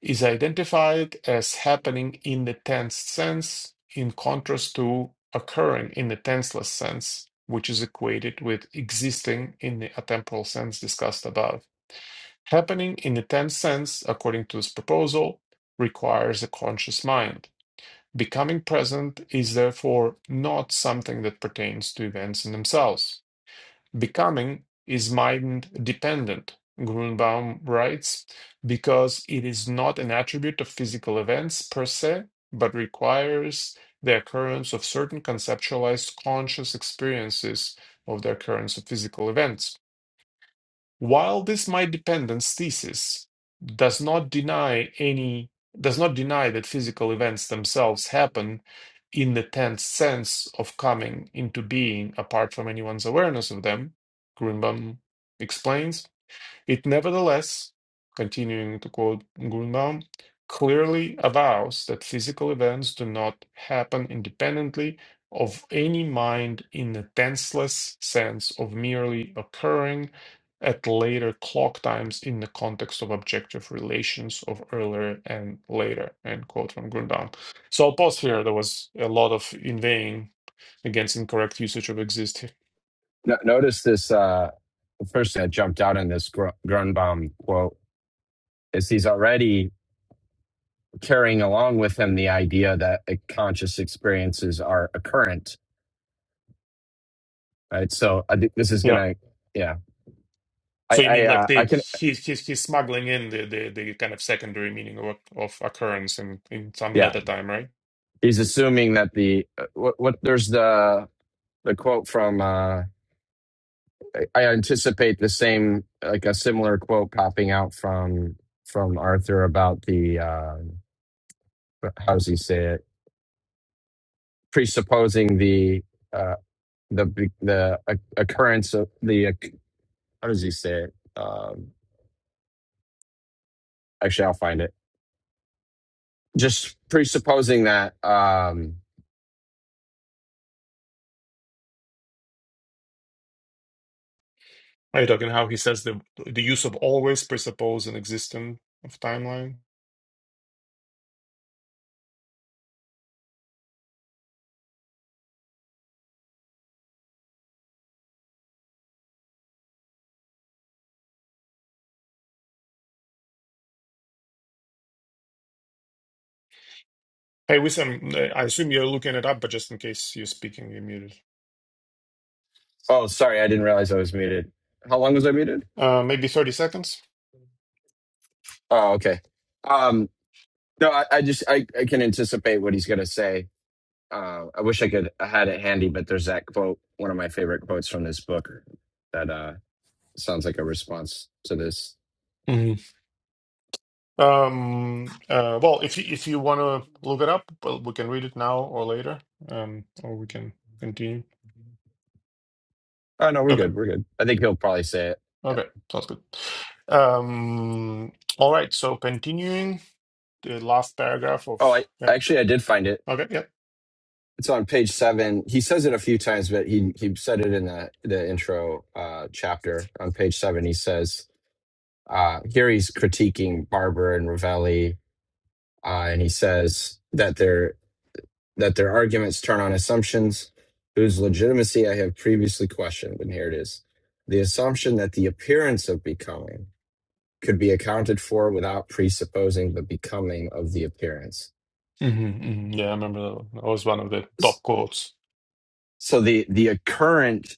Speaker 4: is identified as happening in the tense sense, in contrast to occurring in the tenseless sense, which is equated with existing in the atemporal sense discussed above. Happening in the tense sense, according to this proposal, requires a conscious mind. Becoming present is therefore not something that pertains to events in themselves. Becoming is mind dependent, Grunbaum writes, because it is not an attribute of physical events per se, but requires the occurrence of certain conceptualized conscious experiences of the occurrence of physical events. While this my dependence thesis does not deny any does not deny that physical events themselves happen in the tense sense of coming into being apart from anyone's awareness of them, Greenbaum explains, it nevertheless, continuing to quote Grunbaum, clearly avows that physical events do not happen independently of any mind in the tenseless sense of merely occurring at later clock times in the context of objective relations of earlier and later, end quote from Grunbaum. So I'll pause here. There was a lot of inveighing against incorrect usage of exist.
Speaker 3: No- notice this. Uh, the first thing that jumped out in this Gr- Grunbaum quote is he's already carrying along with him the idea that uh, conscious experiences are occurrent, right? So I think this is
Speaker 4: Yeah.
Speaker 3: gonna, yeah, I,
Speaker 4: So you
Speaker 3: I,
Speaker 4: mean like
Speaker 3: uh, I
Speaker 4: they
Speaker 3: can,
Speaker 4: he's he's he's smuggling in the the, the kind of secondary meaning of of occurrence in in some
Speaker 3: yeah.
Speaker 4: meta time, right?
Speaker 3: He's assuming that the uh, what, what there's the the quote from. uh I I anticipate the same, like a similar quote popping out from from Arthur about the uh, how does he say it? Presupposing the uh, the the uh, occurrence of the how does he say it? Um, actually, I'll find it Just presupposing that. Um,
Speaker 4: Are you talking how he says the the use of always presuppose an existence of timeline? Hey, Wissam, uh, I assume you're looking it up, but just in case you're speaking, you're muted.
Speaker 3: oh, sorry, I didn't realize I was muted. How long was I muted?
Speaker 4: Uh, maybe 30 seconds.
Speaker 3: Oh, okay. Um, no, I, I just I, I can anticipate what he's going to say. Uh, I wish I could I had it handy, but there's that quote, one of my favorite quotes from this book, that uh, sounds like a response to this.
Speaker 4: hmm Um, uh, well, if you, if you want to look it up, well, we can read it now or later, um, or we can continue.
Speaker 3: Oh no, we're
Speaker 4: Okay,
Speaker 3: good. We're good. I think he'll probably say it. Yeah.
Speaker 4: okay, sounds good. Um, all right, so continuing the last paragraph of,
Speaker 3: Oh, I
Speaker 4: yeah,
Speaker 3: actually I did find it.
Speaker 4: okay, yeah.
Speaker 3: It's on page seven. He says it a few times, but he he said it in the the intro uh, chapter on page seven. He says uh, here he's critiquing Barber and Ravelli, uh, and he says that their that their arguments turn on assumptions whose legitimacy I have previously questioned. And here it is: the assumption that the appearance of becoming could be accounted for without presupposing the becoming of the appearance.
Speaker 4: hmm hmm Yeah, I remember that one. That was one of the top quotes.
Speaker 3: So the the occurrence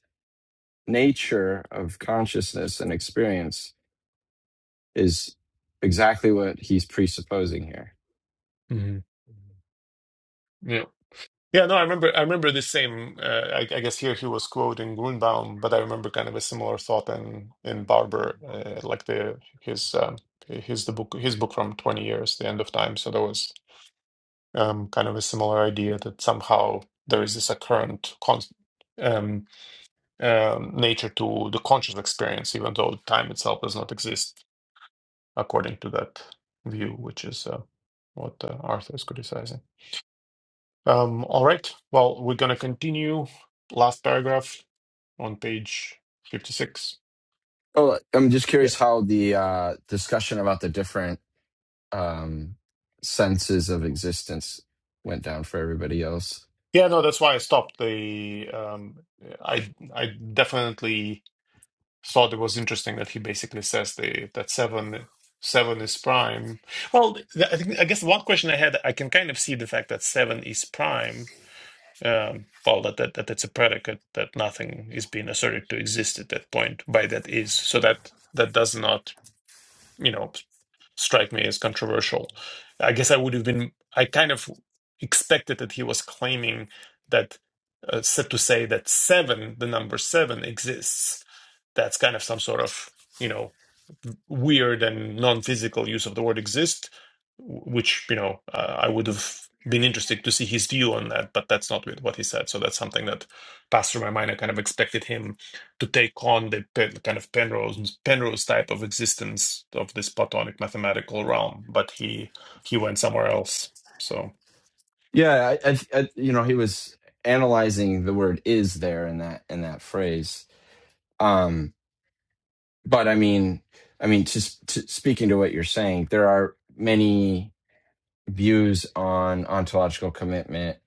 Speaker 3: nature of consciousness and experience is exactly what he's presupposing here.
Speaker 4: hmm Yeah. Yeah, no, I remember. I remember the same. Uh, I, I guess here he was quoting Grunbaum, but I remember kind of a similar thought in in Barber, uh, like the his um, his the book his book from Twenty Years, The End of Time. So there was um, kind of a similar idea that somehow there is this occurrent cons um, um, nature to the conscious experience, even though time itself does not exist, according to that view, which is uh, what uh, Arthur is criticizing. Um, all right. Well, we're going to continue last paragraph on page 56.
Speaker 3: Oh, I'm just
Speaker 4: Yeah.
Speaker 3: curious how the uh, discussion about the different um, senses of existence went down for everybody else.
Speaker 4: Yeah, no, that's why I stopped. The um I I definitely thought it was interesting that he basically says the that 7 7 is prime. Well, th- I think I guess one question I had I can kind of see the fact that 7 is prime. Um well, that, that that it's a predicate that nothing is being asserted to exist at that point by that is. So that that does not, you know, strike me as controversial. I guess I would have been, I kind of expected that he was claiming that, uh, said to say that seven, the number seven, exists. That's kind of some sort of, you know, weird and non physical use of the word exist, w- which, you know, uh, I would have been interested to see his view on that, but that's not what he said. So that's something that passed through my mind. I kind of expected him to take on the Pen- kind of Penrose Penrose type of existence of this Platonic mathematical realm, but he he went somewhere else. So
Speaker 3: Yeah, I, I, I, you know, he was analyzing the word "is" there in that in that phrase. Um, but I mean, I mean, just to, speaking to what you're saying, there are many views on ontological commitment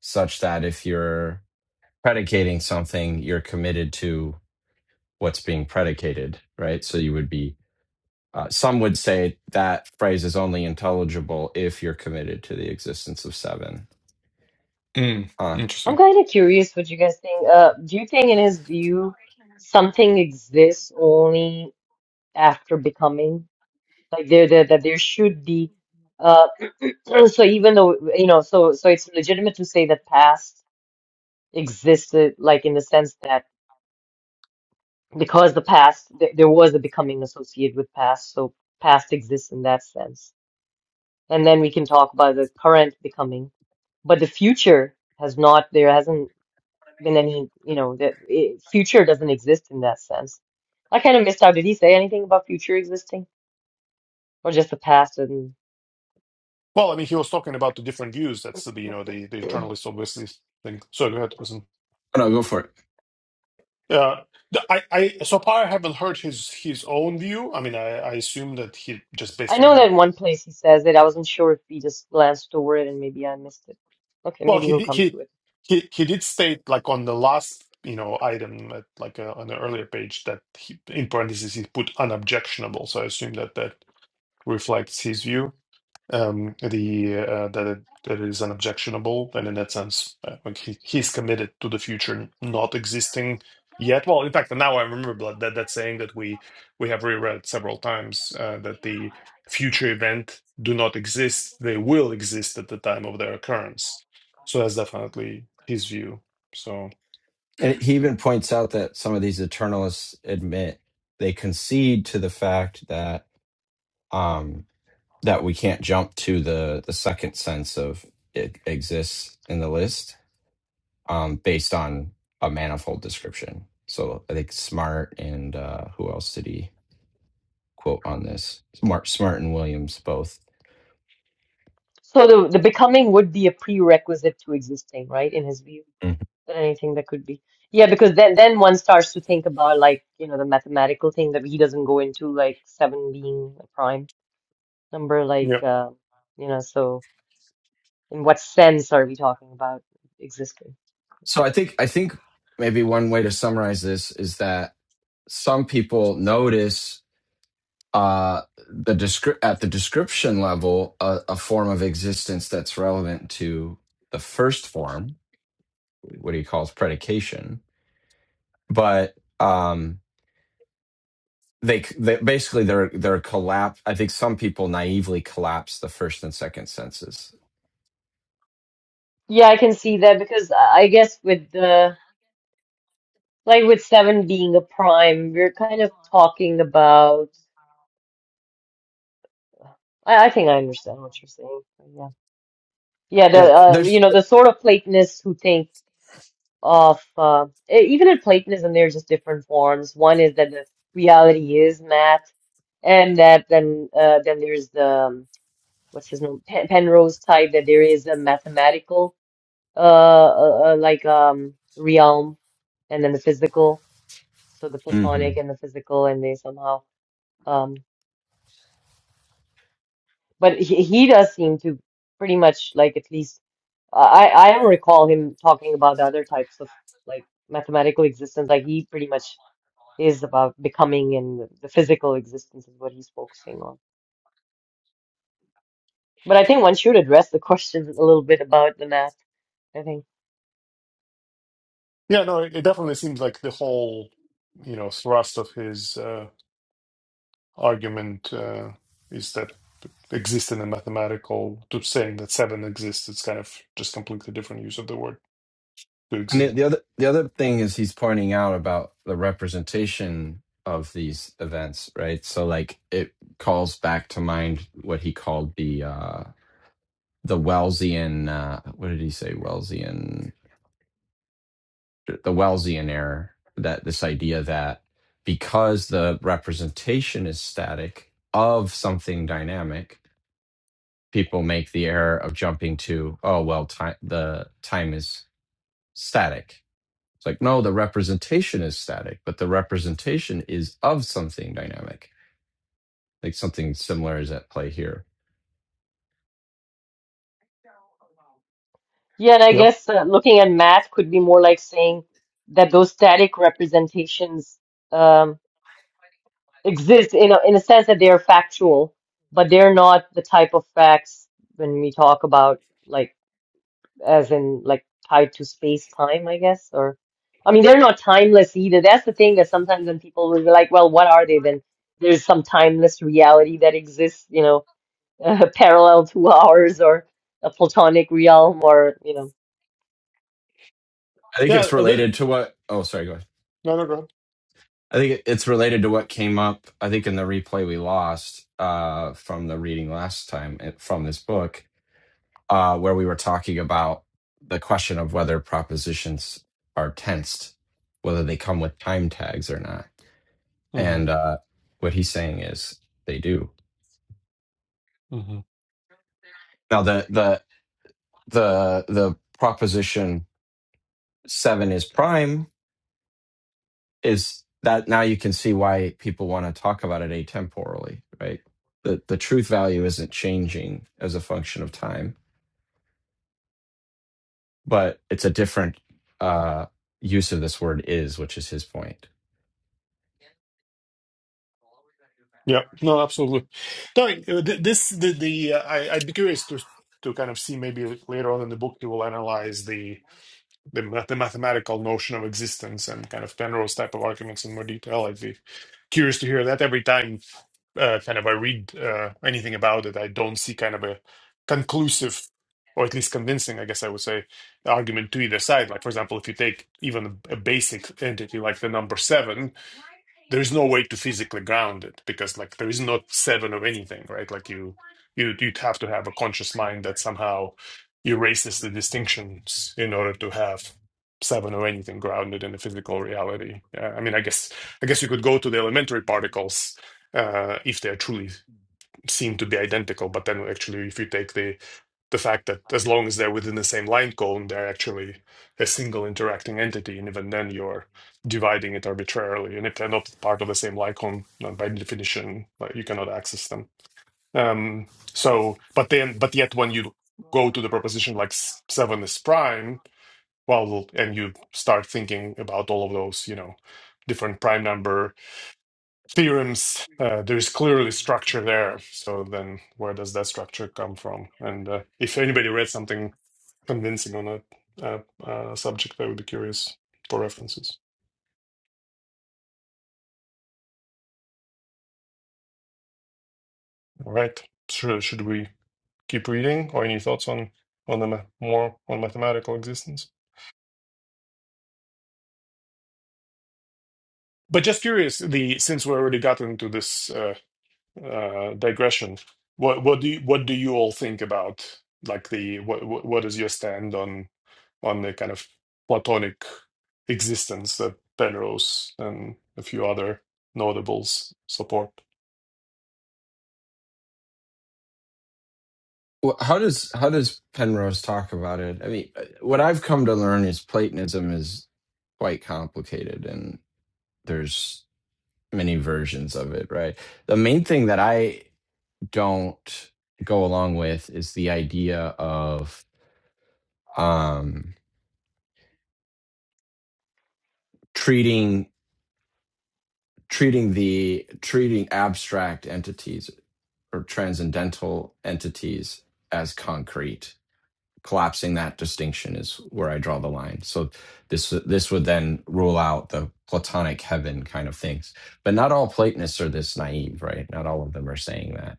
Speaker 3: such that if you're predicating something, you're committed to what's being predicated, right? So you would be, uh, some would say that phrase is only intelligible if you're committed to the existence of seven.
Speaker 4: mm,
Speaker 3: Uh,
Speaker 1: I'm
Speaker 4: interesting.
Speaker 1: kind of curious what you guys think. Uh, do you think, in his view, something exists only after becoming? Like there, there that there should be. Uh, <clears throat> so even though you know, so so it's legitimate to say that past existed, like in the sense that because the past th there was a becoming associated with past so past exists in that sense and then we can talk about the current becoming but the future has not there hasn't been any you know the it, future doesn't exist in that sense I kind of missed out did he say anything about future existing or just the past and
Speaker 4: Well, I mean, he was talking about the different views. That's the you know the the eternalist obviously thing. So go ahead, listen.
Speaker 3: no, go for it.
Speaker 4: Yeah, the- I I so far I haven't heard his his own view. I mean, I, I assume that he just
Speaker 1: I
Speaker 4: based
Speaker 1: know
Speaker 4: on
Speaker 1: that in one place he says it I wasn't sure if he just glanced over it and maybe I missed it okay
Speaker 4: Well,
Speaker 1: maybe
Speaker 4: he
Speaker 1: he'll
Speaker 4: did.
Speaker 1: come
Speaker 4: He
Speaker 1: to it
Speaker 4: he he did state like on the last you know item at, like uh, on the earlier page that he, in parentheses he put unobjectionable. So I assume that that reflects his view um, the uh, that it, that it is unobjectionable, and in that sense, uh, like he, he's committed to the future not existing yet. Well, in fact, now I remember Blood, that that saying that we we have reread several times uh, that the future event do not exist; they will exist at the time of their occurrence. So that's definitely his view. So
Speaker 3: And he even points out that some of these eternalists admit they concede to the fact that um, that we can't jump to the the second sense of it exists in the list um, based on a manifold description. So I think Smart and uh, who else did he quote on this? Smart, Smart and Williams both.
Speaker 1: so the the becoming would be a prerequisite to existing right in his view
Speaker 3: Mhm.
Speaker 1: than anything that could be. Yeah, because then then one starts to think about like, you know, the mathematical thing that he doesn't go into, like seven being a prime number, like
Speaker 4: yeah,
Speaker 1: uh, you know, so in what sense are we talking about existing?
Speaker 3: So I think I think maybe one way to summarize this is that some people notice uh, the descri- at the description level a, a form of existence that's relevant to the first form, what he calls predication, but um, they, they basically they're they're collapse. I think some people naively collapse the first and second senses.
Speaker 1: Yeah, I can see that because I I guess with the like with seven being a prime, we're kind of talking about I, I think I understand what you're saying. Yeah. Yeah, the
Speaker 3: Yeah,
Speaker 1: uh, you
Speaker 3: there's
Speaker 1: know, the sort of Platonists who think of uh, e- even in Platonism, there's just different forms. One is that the reality is math, and that then uh, then there's the um, what's his name Pen Penrose type that there is a mathematical uh, uh uh, like um realm, and then the physical. So the Platonic
Speaker 3: Mhm.
Speaker 1: and the physical, and they somehow um. But he he does seem to pretty much like at least I I don't recall him talking about the other types of like mathematical existence. Like he pretty much is about becoming and the physical existence is what he's focusing on. But I think one should address the <laughs> question a little bit about the math, I think.
Speaker 4: yeah, no, it it definitely seems like the whole you know thrust of his. Uh, argument uh, is that exist in a mathematical to saying that seven exists. It's kind of just completely different use of the word to
Speaker 3: and the,
Speaker 4: exist.
Speaker 3: the other the other thing is he's pointing out about the representation of these events, right? So like it calls back to mind what he called the uh the Wellesian uh what did he say Wellesian the Wellesian error that this idea that because the representation is static of something dynamic people make the error of jumping to, oh well, time the time is static. It's like no, the representation is static, but the representation is of something dynamic. Like something similar is at play here.
Speaker 1: Yeah, and I
Speaker 4: Yep.
Speaker 1: guess uh, looking at math could be more like saying that those static representations um, exist in a, in a sense that they are factual, but they're not the type of facts when we talk about like as in like tied to space time, I guess, or I mean, they're not timeless either. That's the thing that sometimes when people will be like, well, what are they then? There's some timeless reality that exists, you know, <laughs> uh, parallel to ours or a platonic realm or, you know.
Speaker 3: I think
Speaker 4: Yeah.
Speaker 3: it's
Speaker 4: uh, th-
Speaker 3: related to what. Oh, sorry, go ahead.
Speaker 4: No, no, go
Speaker 3: I think it's related to what came up. I think in the replay we lost uh, from the reading last time eh, from this book, uh, where we were talking about the question of whether propositions are tensed, whether they come with time tags or not
Speaker 4: ahead.
Speaker 3: And uh, what he's saying is they do.
Speaker 4: hmm hmm
Speaker 3: Now the the the the proposition seven is prime is that now you can see why people want to talk about it atemporally, right? The the truth value isn't changing as a function of time, but it's a different uh, use of this word is, which is his point.
Speaker 4: Yeah. No, absolutely. No, uh, th- this the the uh, I I'd be curious to to kind of see maybe later on in the book you will analyze the the, ma- the mathematical notion of existence and kind of Penrose type of arguments in more detail. I'd be curious to hear that every time uh, kind of I read uh, anything about it, I don't see kind of a conclusive or at least convincing, I guess I would say, argument to either side. Like, for example, if you take even a basic entity like the number seven, there is no way to physically ground it because like there is not seven of anything right like you you you'd have to have a conscious mind that somehow erases the distinctions in order to have seven of anything grounded in the physical reality uh, i mean i guess i guess you could go to the elementary particles uh, if they truly seem to be identical but then actually if you take the the fact that as long as they're within the same line cone, they're actually a single interacting entity, and even then you're dividing it arbitrarily. And if they're not part of the same line cone, then by definition, like, you cannot access them. Um, so, but then, but yet, when you go to the proposition like s- seven is prime, well, and you start thinking about all of those, you know, different prime number theorems, uh, there is clearly structure there. So then, where does that structure come from? And uh, if anybody read something convincing on a, a, a subject, I would be curious for references. All right. Should, should we keep reading or any thoughts on, on the ma- more on mathematical existence? But just curious, the since we already got into this uh, uh, digression, what what do you, what do you all think about like the what what what is your stand on on the kind of Platonic existence that Penrose and a few other notables support?
Speaker 3: Well, How does how does Penrose talk about it? I mean, what I've come to learn is Platonism is quite complicated, and there's many versions of it, right? The main thing that I don't go along with is the idea of um, treating treating the treating abstract entities or transcendental entities as concrete. Collapsing that distinction is where I draw the line. So this this would then rule out the Platonic heaven kind of things. But not all Platonists are this naive, right? Not all of them are saying that.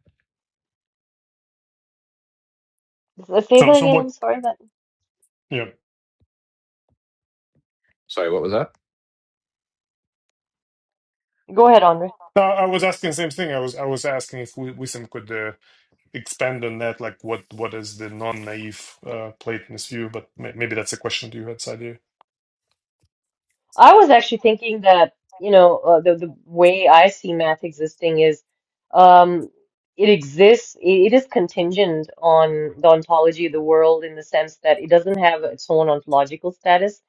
Speaker 1: Say that
Speaker 4: So so
Speaker 1: again. I'm
Speaker 4: what?
Speaker 1: sorry but
Speaker 4: Yeah.
Speaker 3: Sorry, what was that?
Speaker 1: Go ahead, Andre.
Speaker 4: No, I was asking the same thing. I was I was asking if we Wissam could uh, expand on that, like what what is the non-naive uh, Platonist view? But may maybe that's a question to you had idea.
Speaker 1: I was actually thinking that, you know, uh, the, the way I see math existing is um, it exists, it, it is contingent on the ontology of the world in the sense that it doesn't have its own ontological status,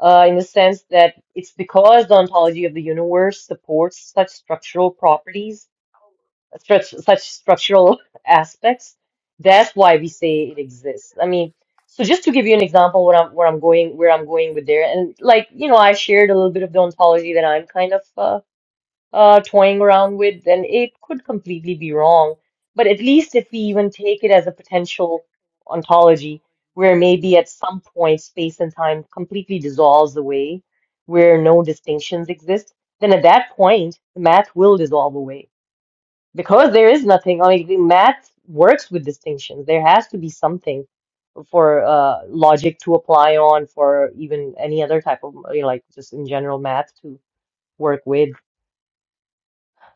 Speaker 1: uh, in the sense that it's because the ontology of the universe supports such structural properties stru- such structural <laughs> aspects. That's why we say it exists. I mean, so just to give you an example, what I'm where I'm going, where I'm going with there, and like you know, I shared a little bit of the ontology that I'm kind of uh, uh, toying around with, and it could completely be wrong. But at least if we even take it as a potential ontology, where maybe at some point space and time completely dissolves away, where no distinctions exist, then at that point the math will dissolve away because there is nothing. I mean, the math works with distinctions. There has to be something for uh, logic to apply on, for even any other type of, you know, like just in general math to work with.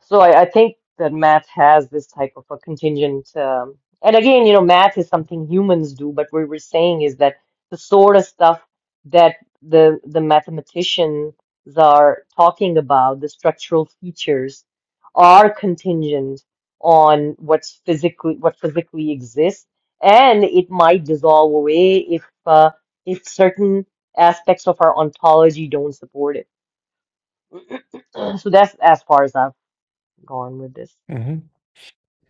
Speaker 1: So I, I think that math has this type of a contingent, um, and again, you know, math is something humans do, but what we're saying is that the sort of stuff that the the mathematicians are talking about, the structural features, are contingent on what's physically what physically exists, and it might dissolve away if uh, if certain aspects of our ontology don't support it. <clears throat> So that's as far as I've gone with this.
Speaker 4: hmm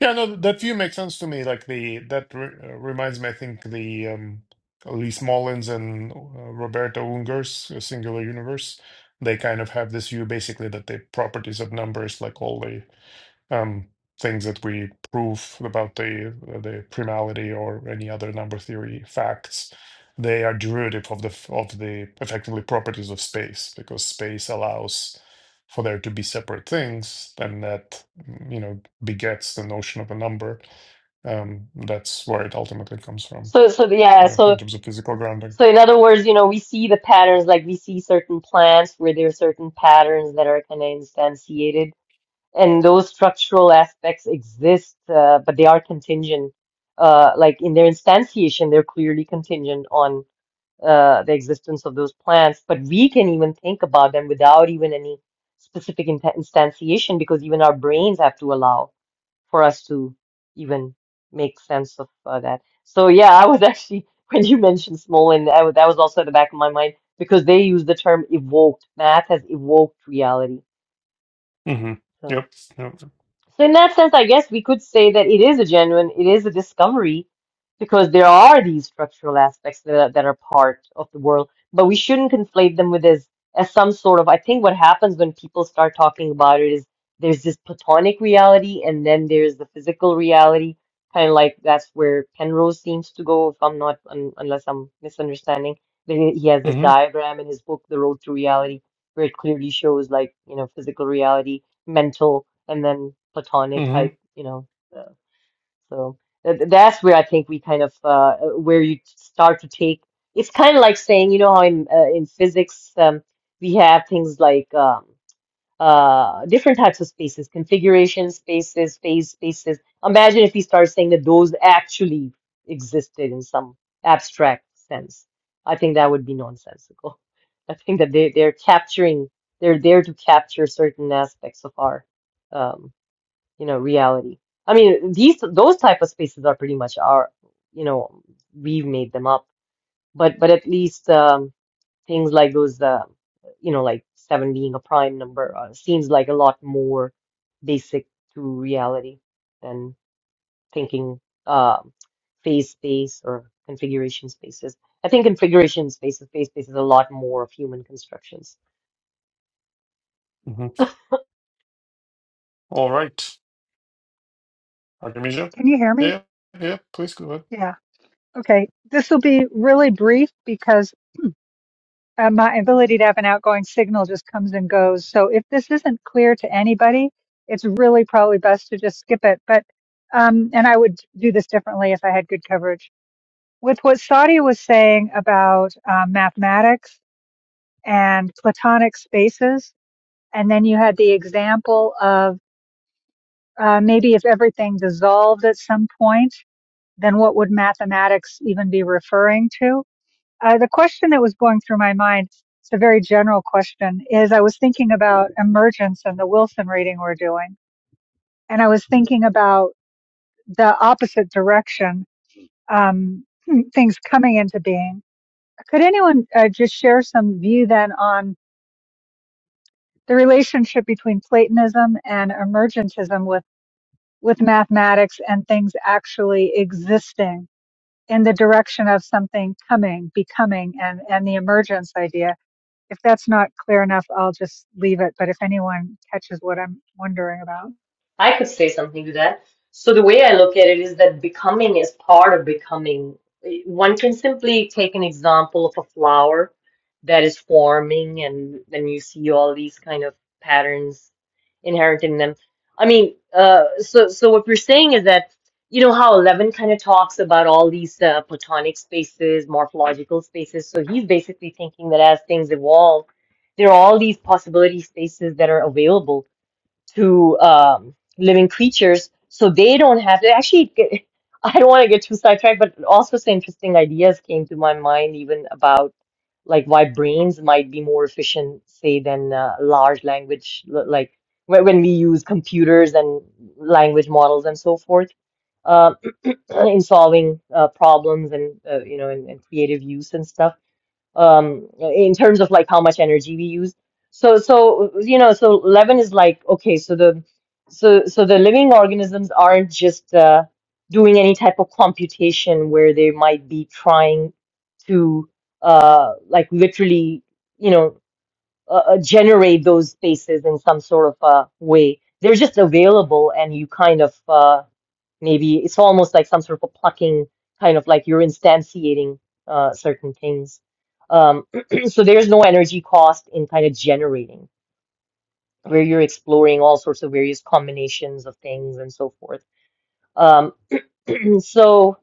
Speaker 4: Yeah, no, that view makes sense to me. Like the that re uh, reminds me, I think the um, Lee Smolins and uh, Roberto Unger's uh, Singular Universe. They kind of have this view basically that the properties of numbers, like all the um, things that we prove about the uh, the primality or any other number theory facts, they are derivative of the f- of the effectively properties of space because space allows for there to be separate things, and that mm, you know begets the notion of a number. Um, that's where it ultimately comes from
Speaker 1: So, so yeah,
Speaker 4: uh,
Speaker 1: so
Speaker 4: in terms of physical grounding.
Speaker 1: so in other words, you know, we see the patterns, like we see certain plants where there are certain patterns that are kind of instantiated, and those structural aspects exist, uh, but they are contingent. Uh, like in their instantiation, they're clearly contingent on uh, the existence of those plants. But we can even think about them without even any specific in instantiation, because even our brains have to allow for us to even make sense of uh, that. So yeah, I was actually <laughs> when you mentioned Smolin, I was, that was also at the back of my mind because they use the term evoked. Math has evoked reality.
Speaker 4: hmm
Speaker 1: So.
Speaker 4: Yep. Yep.
Speaker 1: So in that sense, I guess we could say that it is a genuine, it is a discovery because there are these structural aspects that are, that are part of the world, but we shouldn't conflate them with as as some sort of, I think what happens when people start talking about it is there's this platonic reality and then there's the physical reality, kind of like that's where Penrose seems to go, if I'm not, un, unless I'm misunderstanding. Then He he has this
Speaker 4: Mm-hmm.
Speaker 1: diagram in his book, The Road to Reality, where it clearly shows like, you know, physical reality, mental and then platonic type,
Speaker 4: Mm-hmm.
Speaker 1: you know. Uh, so th th- that's where I think we kind of uh, uh, where you start to take. It's kind of like saying, you know, how in uh, in physics um, we have things like um, uh, different types of spaces, configuration spaces, phase spaces. Imagine if we start saying that those actually existed in some abstract sense. I think that would be nonsensical. <laughs> I think that they they're capturing, they're there to capture certain aspects of our um, you know, reality. I mean, these those type of spaces are pretty much our, you know, we've made them up. But but at least um, things like those, uh, you know, like seven being a prime number uh, seems like a lot more basic to reality than thinking uh, phase space or configuration spaces. I think configuration spaces, phase space is a lot more of human constructions.
Speaker 4: Mm-hmm. All right, Artemisia.
Speaker 2: Can you hear me?
Speaker 4: Yeah. Yeah. Please go ahead.
Speaker 2: Yeah. Okay. This will be really brief because and my ability to have an outgoing signal just comes and goes. So if this isn't clear to anybody, it's really probably best to just skip it. But um, and I would do this differently if I had good coverage. With what Sadia was saying about uh, mathematics and platonic spaces, and then you had the example of uh, maybe if everything dissolved at some point, then what would mathematics even be referring to? Uh, the question that was going through my mind, it's a very general question, is I was thinking about emergence and the Wilson reading we're doing. And I was thinking about the opposite direction, um, <clears throat> things coming into being. Could anyone uh, just share some view then on the relationship between Platonism and emergentism with, with mathematics and things actually existing in the direction of something coming, becoming, and, and the emergence idea? if that's not clear enough, I'll just leave it. But if anyone catches what I'm wondering about,
Speaker 1: I could say something to that. So the way I look at it is that becoming is part of becoming. One can simply take an example of a flower that is forming, and then you see all these kind of patterns inherent in them. I mean, uh, so so what we're saying is that you know how Eleven kind of talks about all these uh, platonic spaces, morphological spaces. So he's basically thinking that as things evolve, there are all these possibility spaces that are available to um, living creatures, so they don't have to actually. Get, <laughs> I don't want to get too sidetracked, but also some interesting ideas came to my mind, even about like why brains might be more efficient, say, than uh, large language, l- like when when we use computers and language models and so forth, uh, <clears throat> in solving uh, problems and uh, you know, in, in creative use and stuff um in terms of like how much energy we use so so you know so levin is like okay so the so so the living organisms aren't just uh doing any type of computation where they might be trying to uh like literally you know uh, uh, generate those spaces in some sort of uh way they're just available and you kind of uh Maybe it's almost like some sort of a plucking, kind of like you're instantiating uh, certain things. Um, <clears throat> so there's no energy cost in kind of generating, where you're exploring all sorts of various combinations of things and so forth. Um, <clears throat> so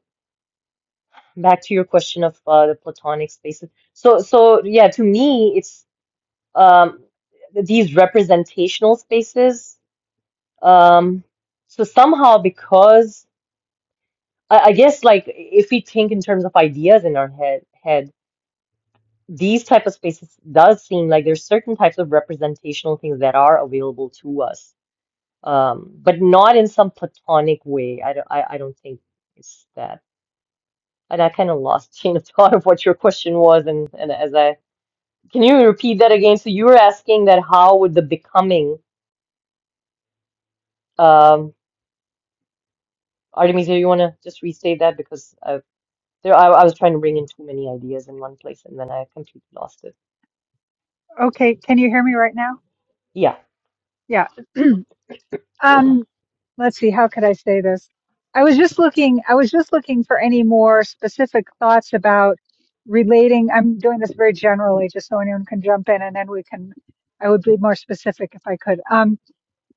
Speaker 1: back to your question of uh, the platonic spaces. So, so yeah, to me, it's um, these representational spaces. Um, so somehow, because I, I guess like if we think in terms of ideas in our head head, these type of spaces does seem like there's certain types of representational things that are available to us, um, but not in some platonic way. I don't I, I don't think it's that. And I kind of lost <laughs> chain of thought of what your question was, and and as I can you repeat that again? So you were asking that how would the becoming um Artemisia, you want to just restate that because I, there I, I was trying to bring in too many ideas in one place and then I completely lost it.
Speaker 2: okay, can you hear me right now?
Speaker 1: Yeah.
Speaker 2: Yeah. <clears throat> um, let's see. How could I say this? I was just looking. I was just looking for any more specific thoughts about relating. I'm doing this very generally, just so anyone can jump in, and then we can. I would be more specific if I could. Um,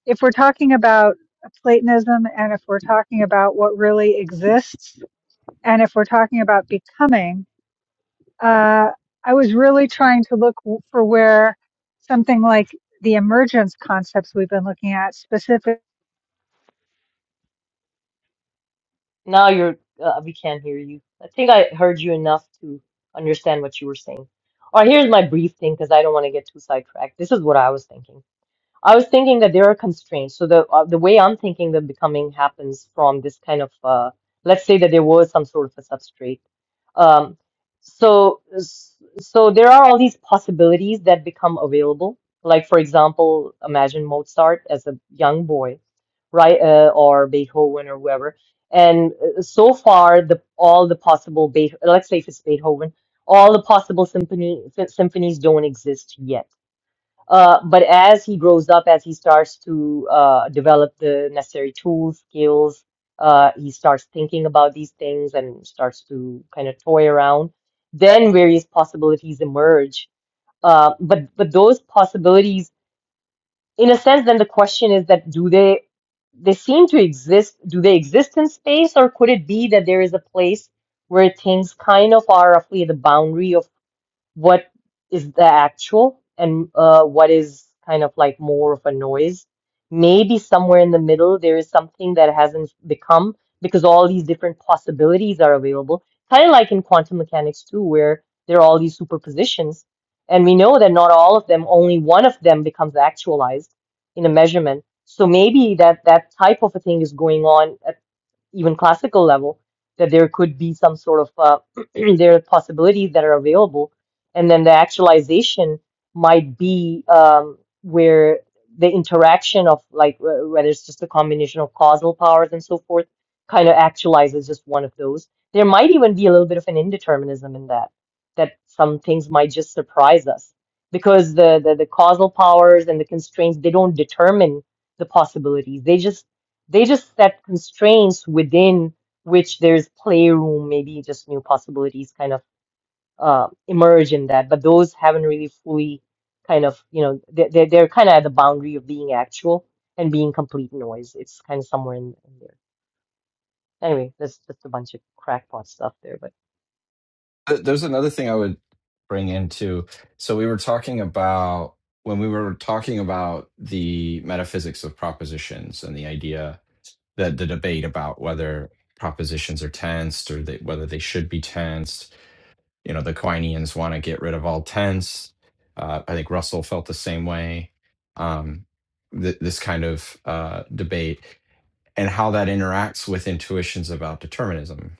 Speaker 2: if we're talking about Platonism, and if we're talking about what really exists, and if we're talking about becoming, uh, I was really trying to look w- for where something like the emergence concepts we've been looking at specific.
Speaker 1: Now you're, uh, we can't hear you. I think I heard you enough to understand what you were saying. All right, here's my brief thing because I don't want to get too sidetracked. This is what I was thinking. I was thinking that there are constraints. So the uh, the way I'm thinking that becoming happens from this kind of uh, let's say that there was some sort of a substrate. Um, so so there are all these possibilities that become available. Like for example, imagine Mozart as a young boy, right? Uh, or Beethoven or whoever. And uh, so far, the all the possible Beethoven, let's say if it's Beethoven, all the possible symphony sym- symphonies don't exist yet uh, but as he grows up, as he starts to uh, develop the necessary tools, skills, uh, he starts thinking about these things and starts to kind of toy around. Then various possibilities emerge. Uh, but but those possibilities, in a sense, then the question is that do they they seem to exist? Do they exist in space, or could it be that there is a place where things kind of are roughly at the boundary of what is the actual and uh, what is kind of like more of a noise. Maybe somewhere in the middle, there is something that hasn't become because all these different possibilities are available. Kind of like in quantum mechanics, too, where there are all these superpositions. And we know that not all of them, only one of them becomes actualized in a measurement. So maybe that that type of a thing is going on even classical level, that there could be some sort of uh, <clears throat> there are possibilities that are available, and then the actualization might be um, where the interaction of like uh, whether it's just a combination of causal powers and so forth kind of actualizes just one of those. There might even be a little bit of an indeterminism in that, that some things might just surprise us because the the, the causal powers and the constraints they don't determine the possibilities. They just they just set constraints within which there's playroom, maybe just new possibilities kind of uh, emerge in that. But those haven't really fully kind of, you know, they're, they're, they're kind of at the boundary of being actual and being complete noise. It's kind of somewhere in, in there. Anyway, that's just a bunch of crackpot stuff there, but.
Speaker 3: Th- There's another thing I would bring into. So we were talking about when we were talking about the metaphysics of propositions and the idea that the debate about whether propositions are tensed or they, whether they should be tensed. You know, the Quinians want to get rid of all tense. Uh, I think Russell felt the same way. Um, th- this kind of uh, debate and how that interacts with intuitions about determinism.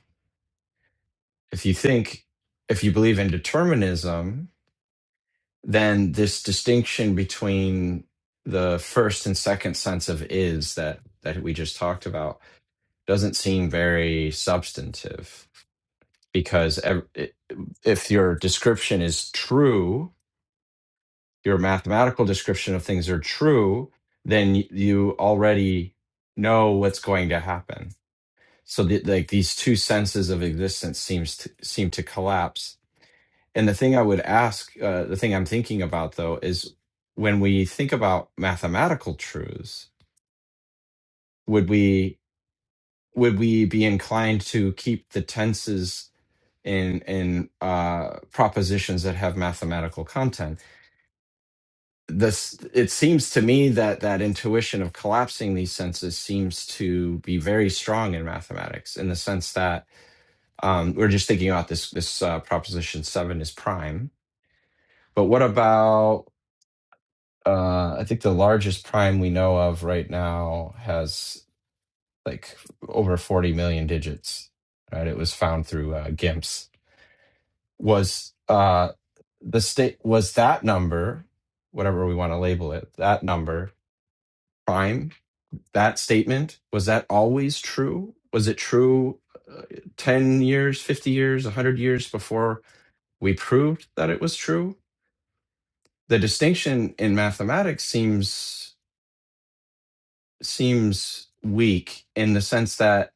Speaker 3: If you think, if you believe in determinism, then this distinction between the first and second sense of is that that we just talked about doesn't seem very substantive because ev- if your description is true your mathematical description of things are true then y- you already know what's going to happen so the, like these two senses of existence seems to, seem to collapse And the thing I would ask, uh, the thing I'm thinking about though, is when we think about mathematical truths, would we would we be inclined to keep the tenses in in uh, propositions that have mathematical content? This it seems to me that that intuition of collapsing these senses seems to be very strong in mathematics, in the sense that um, we're just thinking about this this uh, proposition seven is prime, but what about uh, I think the largest prime we know of right now has like over 40 million digits. Right, it was found through uh, GIMPs. Was uh, the state was that number, whatever we want to label it, that number prime? That statement was that always true? Was it true uh, 10 years, 50 years, 100 years before we proved that it was true? The distinction in mathematics seems seems weak in the sense that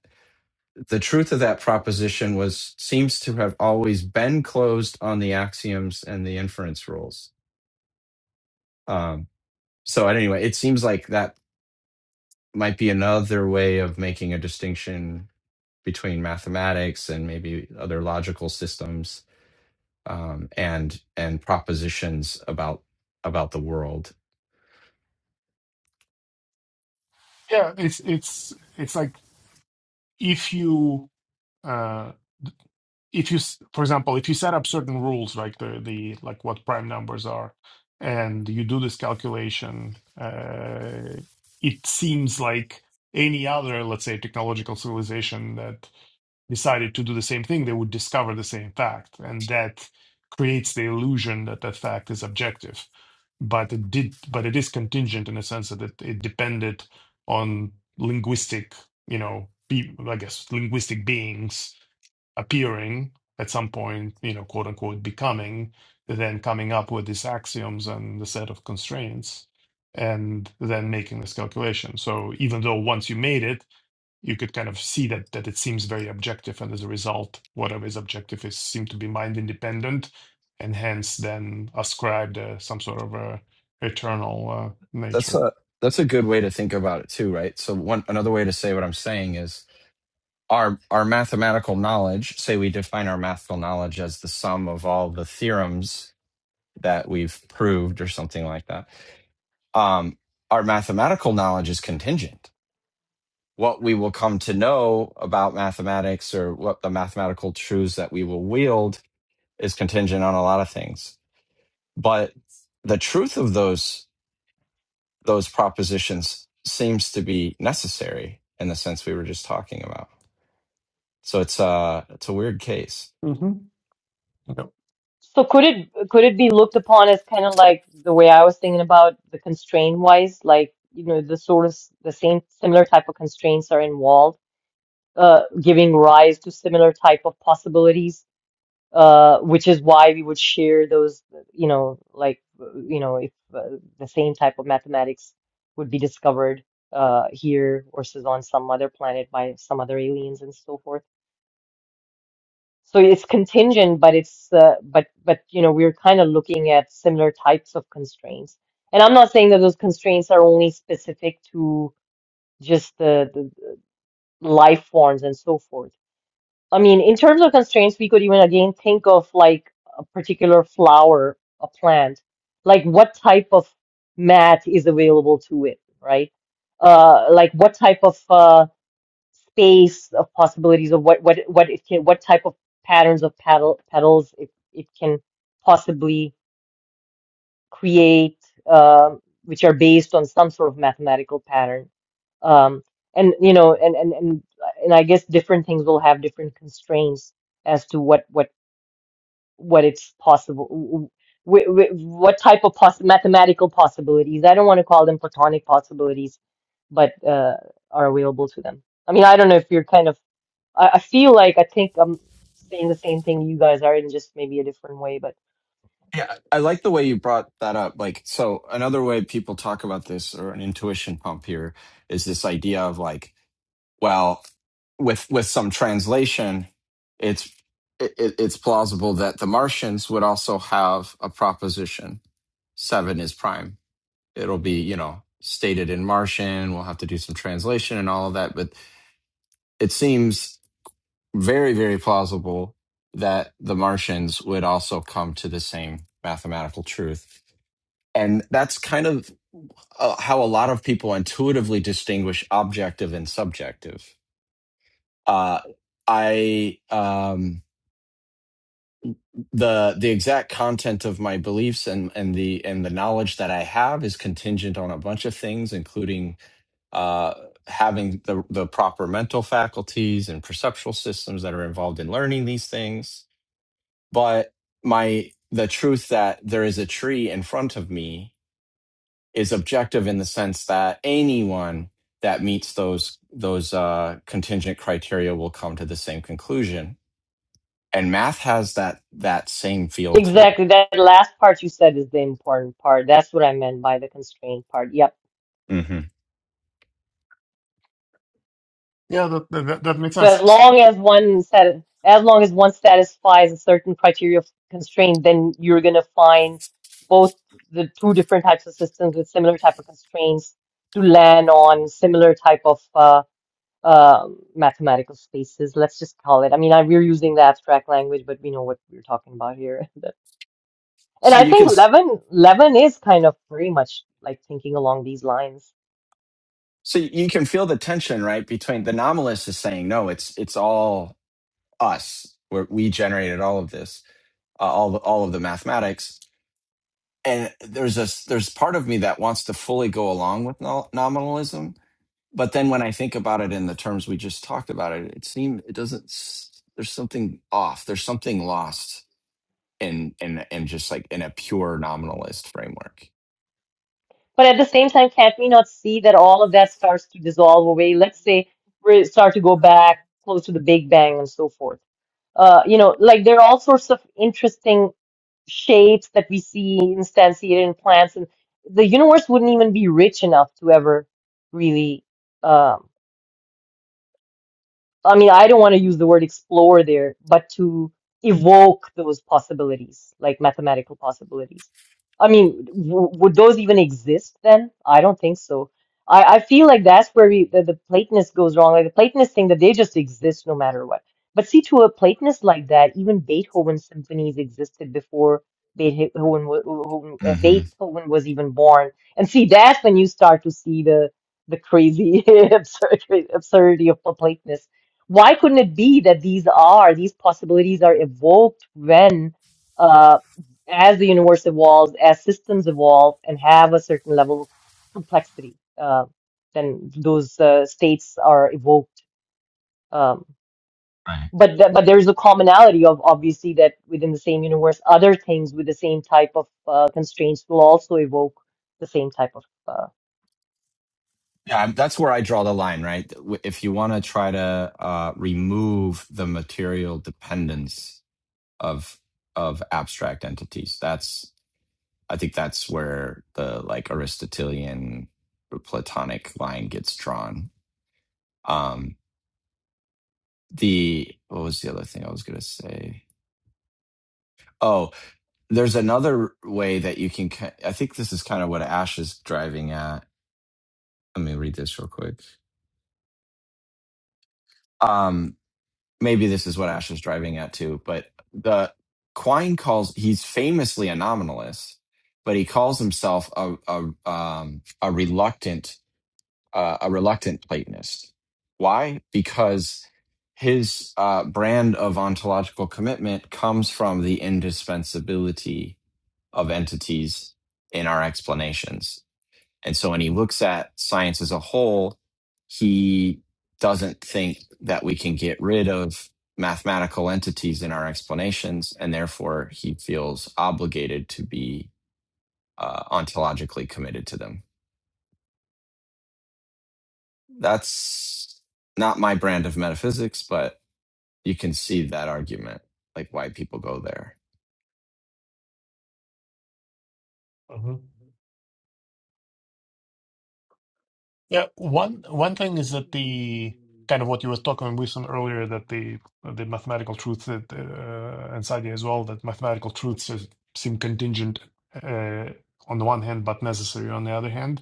Speaker 3: the truth of that proposition was seems to have always been closed on the axioms and the inference rules. Um, so anyway, it seems like that might be another way of making a distinction between mathematics and maybe other logical systems um, and and propositions about about the world.
Speaker 4: Yeah, it's it's it's like if you uh if you s- for example if you set up certain rules like the the like what prime numbers are and you do this calculation uh it seems like any other let's say technological civilization that decided to do the same thing they would discover the same fact and that creates the illusion that that fact is objective but it did but it is contingent in a sense that it, it depended on linguistic you know be, i guess linguistic beings appearing at some point, you know, quote unquote, becoming, then coming up with these axioms and the set of constraints, and then making this calculation. So even though once you made it, you could kind of see that that it seems very objective, and as a result, whatever is objective is seem to be mind independent, and hence then ascribed uh, some sort of a eternal uh,
Speaker 3: That's
Speaker 4: nature.
Speaker 3: a that's a good way to think about it too, right? So one another way to say what I'm saying is our our mathematical knowledge say we define our mathematical knowledge as the sum of all the theorems that we've proved or something like that um our mathematical knowledge is contingent what we will come to know about mathematics or what the mathematical truths that we will wield is contingent on a lot of things but the truth of those those propositions seems to be necessary in the sense we were just talking about so it's uh it's a weird case
Speaker 4: hmm Yep.
Speaker 1: So could it could it be looked upon as kind of like the way I was thinking about the constraint wise, like you know the sort of s- the same similar type of constraints are involved uh, giving rise to similar type of possibilities, uh, which is why we would share those, you know, like, uh, you know, if uh, the same type of mathematics would be discovered uh, here versus on some other planet by some other aliens and so forth. So it's contingent, but it's uh, but but you know we're kind of looking at similar types of constraints. And I'm not saying that those constraints are only specific to just the, the life forms and so forth I mean, in terms of constraints, we could even again think of like a particular flower, a plant, like what type of mat is available to it, right? Uh, like what type of uh, space of possibilities of what what what it can, what type of patterns of petal petals it it can possibly create, um, which are based on some sort of mathematical pattern. Um, and you know, and and and and I guess different things will have different constraints as to what what what it's possible, wh- wh- what type of poss mathematical possibilities. I don't want to call them platonic possibilities, but uh, are available to them. I mean, I don't know if you're kind of. I, I feel like I think I'm saying the same thing you guys are in just maybe a different way, but.
Speaker 3: Yeah, I like the way you brought that up. Like, so another way people talk about this or an intuition pump here is this idea of like, well, with with some translation, it's it, it's plausible that the Martians would also have a proposition. Seven is prime. It'll be you know stated in Martian. We'll have to do some translation and all of that, but it seems very very plausible that the Martians would also come to the same mathematical truth and that's kind of uh, how a lot of people intuitively distinguish objective and subjective. Uh, I um, the the exact content of my beliefs and and the and the knowledge that I have is contingent on a bunch of things, including uh, having the the proper mental faculties and perceptual systems that are involved in learning these things. But my the truth that there is a tree in front of me is objective in the sense that anyone that meets those those uh, contingent criteria will come to the same conclusion, and math has that that same feel to it.
Speaker 1: Exactly. That last part you said is the important part. That's what I meant by the constraint part. Yep.
Speaker 3: hmm
Speaker 4: Yeah, that, that that that makes
Speaker 1: So as
Speaker 4: sense.
Speaker 1: long as one set, as long as one satisfies a certain criteria of constraint, then you're gonna find both the two different types of systems with similar type of constraints to land on similar type of uh, uh, mathematical spaces. Let's just call it. I mean, I, we're using the abstract language, but we know what we're talking about here. <laughs> And
Speaker 3: So
Speaker 1: I
Speaker 3: you can
Speaker 1: think
Speaker 3: s-
Speaker 1: Levin, Levin is kind of very much like thinking along these lines.
Speaker 3: so you can feel the tension right between the nominalist is saying no, it's it's all us. We're, we generated all of this, uh, all the, all of the mathematics, and there's a there's part of me that wants to fully go along with no, nominalism but then when i think about it in the terms we just talked about it it seems it doesn't s- there's something off there's something lost in in in just like in a pure nominalist framework
Speaker 1: But at the same time, can't we not see that all of that starts to dissolve away? Let's say we start to go back close to the Big Bang and so forth. Uh, you know, like there are all sorts of interesting shapes that we see instantiated in plants, and the universe wouldn't even be rich enough to ever really. um, I mean, I don't want to use the word explore there, but to evoke those possibilities, like mathematical possibilities. I mean, w would those even exist then? I don't think so. I, I feel like that's where we, the, the Platonist goes wrong. Like the Platonist thing that they just exist no matter what. But see, to a Platonist like that, even Beethoven's symphonies existed before Beethoven, wa- wa- wa- uh, Beethoven was even born. And see, that's when you start to see the the crazy <laughs> absurd, absurdity of Platonism why couldn't it be that these are these possibilities are evoked when uh, as the universe evolves as systems evolve and have a certain level of complexity uh, then those uh, states are evoked um, but th- but there's a commonality of obviously that within the same universe other things with the same type of uh, constraints will also evoke the same type of uh,
Speaker 3: yeah I'm- that's where i draw the line right w- if you want to try to uh remove the material dependence of of abstract entities that's. I think that's where the like Aristotelian Platonic line gets drawn. Um, the what was the other thing I was going to say? Oh, there's another way that you can. ki- I think this is kind of what Ash is driving at. Let me read this real quick. Um, maybe this is what Ash is driving at too. But the Quine calls he's famously a nominalist, but he calls himself a a um, a reluctant uh, a reluctant Platonist. Why? Because his uh, brand of ontological commitment comes from the indispensability of entities in our explanations. And so when he looks at science as a whole, he doesn't think that we can get rid of mathematical entities in our explanations, and therefore he feels obligated to be uh, ontologically committed to them. That's not my brand of metaphysics, but you can see that argument, like why people go there.
Speaker 4: Yeah, one one thing is that the kind of what you were talking about Wilson earlier that the the mathematical truth that uh, and Sadia as well that mathematical truths is, seem contingent uh, on the one hand but necessary on the other hand.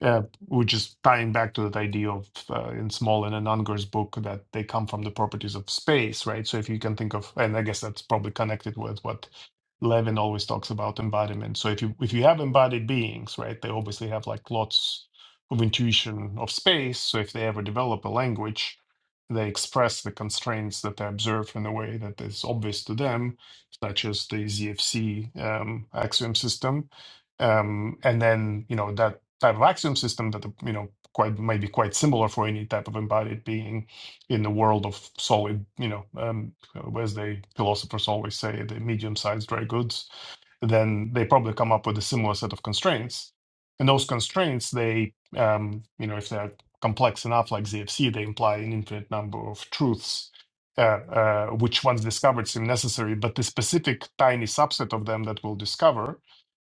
Speaker 4: Uh, which is tying back to that idea of uh, in Smolin and Unger's book that they come from the properties of space, right? So if you can think of, and I guess that's probably connected with what Levin always talks about embodiment. So if you if you have embodied beings, right, they obviously have like lots of intuition of space. So if they ever develop a language, they express the constraints that they observe in a way that is obvious to them, such as the ZFC um, axiom system. Um, and then you know that type of axiom system that you know quite might be quite similar for any type of embodied being in the world of solid you know um, as the philosophers always say the medium-sized dry goods then they probably come up with a similar set of constraints. And those constraints, they, um, you know, if they're complex enough, like ZFC, they imply an infinite number of truths, uh, uh, which once discovered seem necessary, but the specific tiny subset of them that we'll discover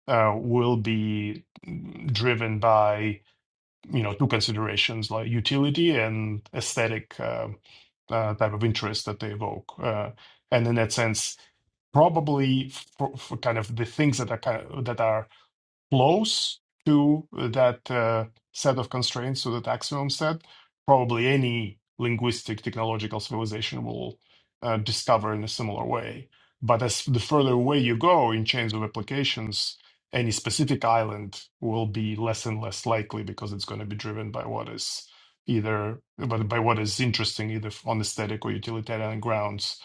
Speaker 4: uh, will be mm, driven by, you know, two considerations like utility and aesthetic. uh, uh, type of interest that they evoke. Uh, and in that sense, probably for, for kind of the things that are kind of, that are close to that uh, set of constraints, to that axiom set, probably any linguistic technological civilization will uh, discover in a similar way. But as the further away you go in chains of applications, any specific island will be less and less likely because it's going to be driven by what is either but by what is interesting either on aesthetic or utilitarian grounds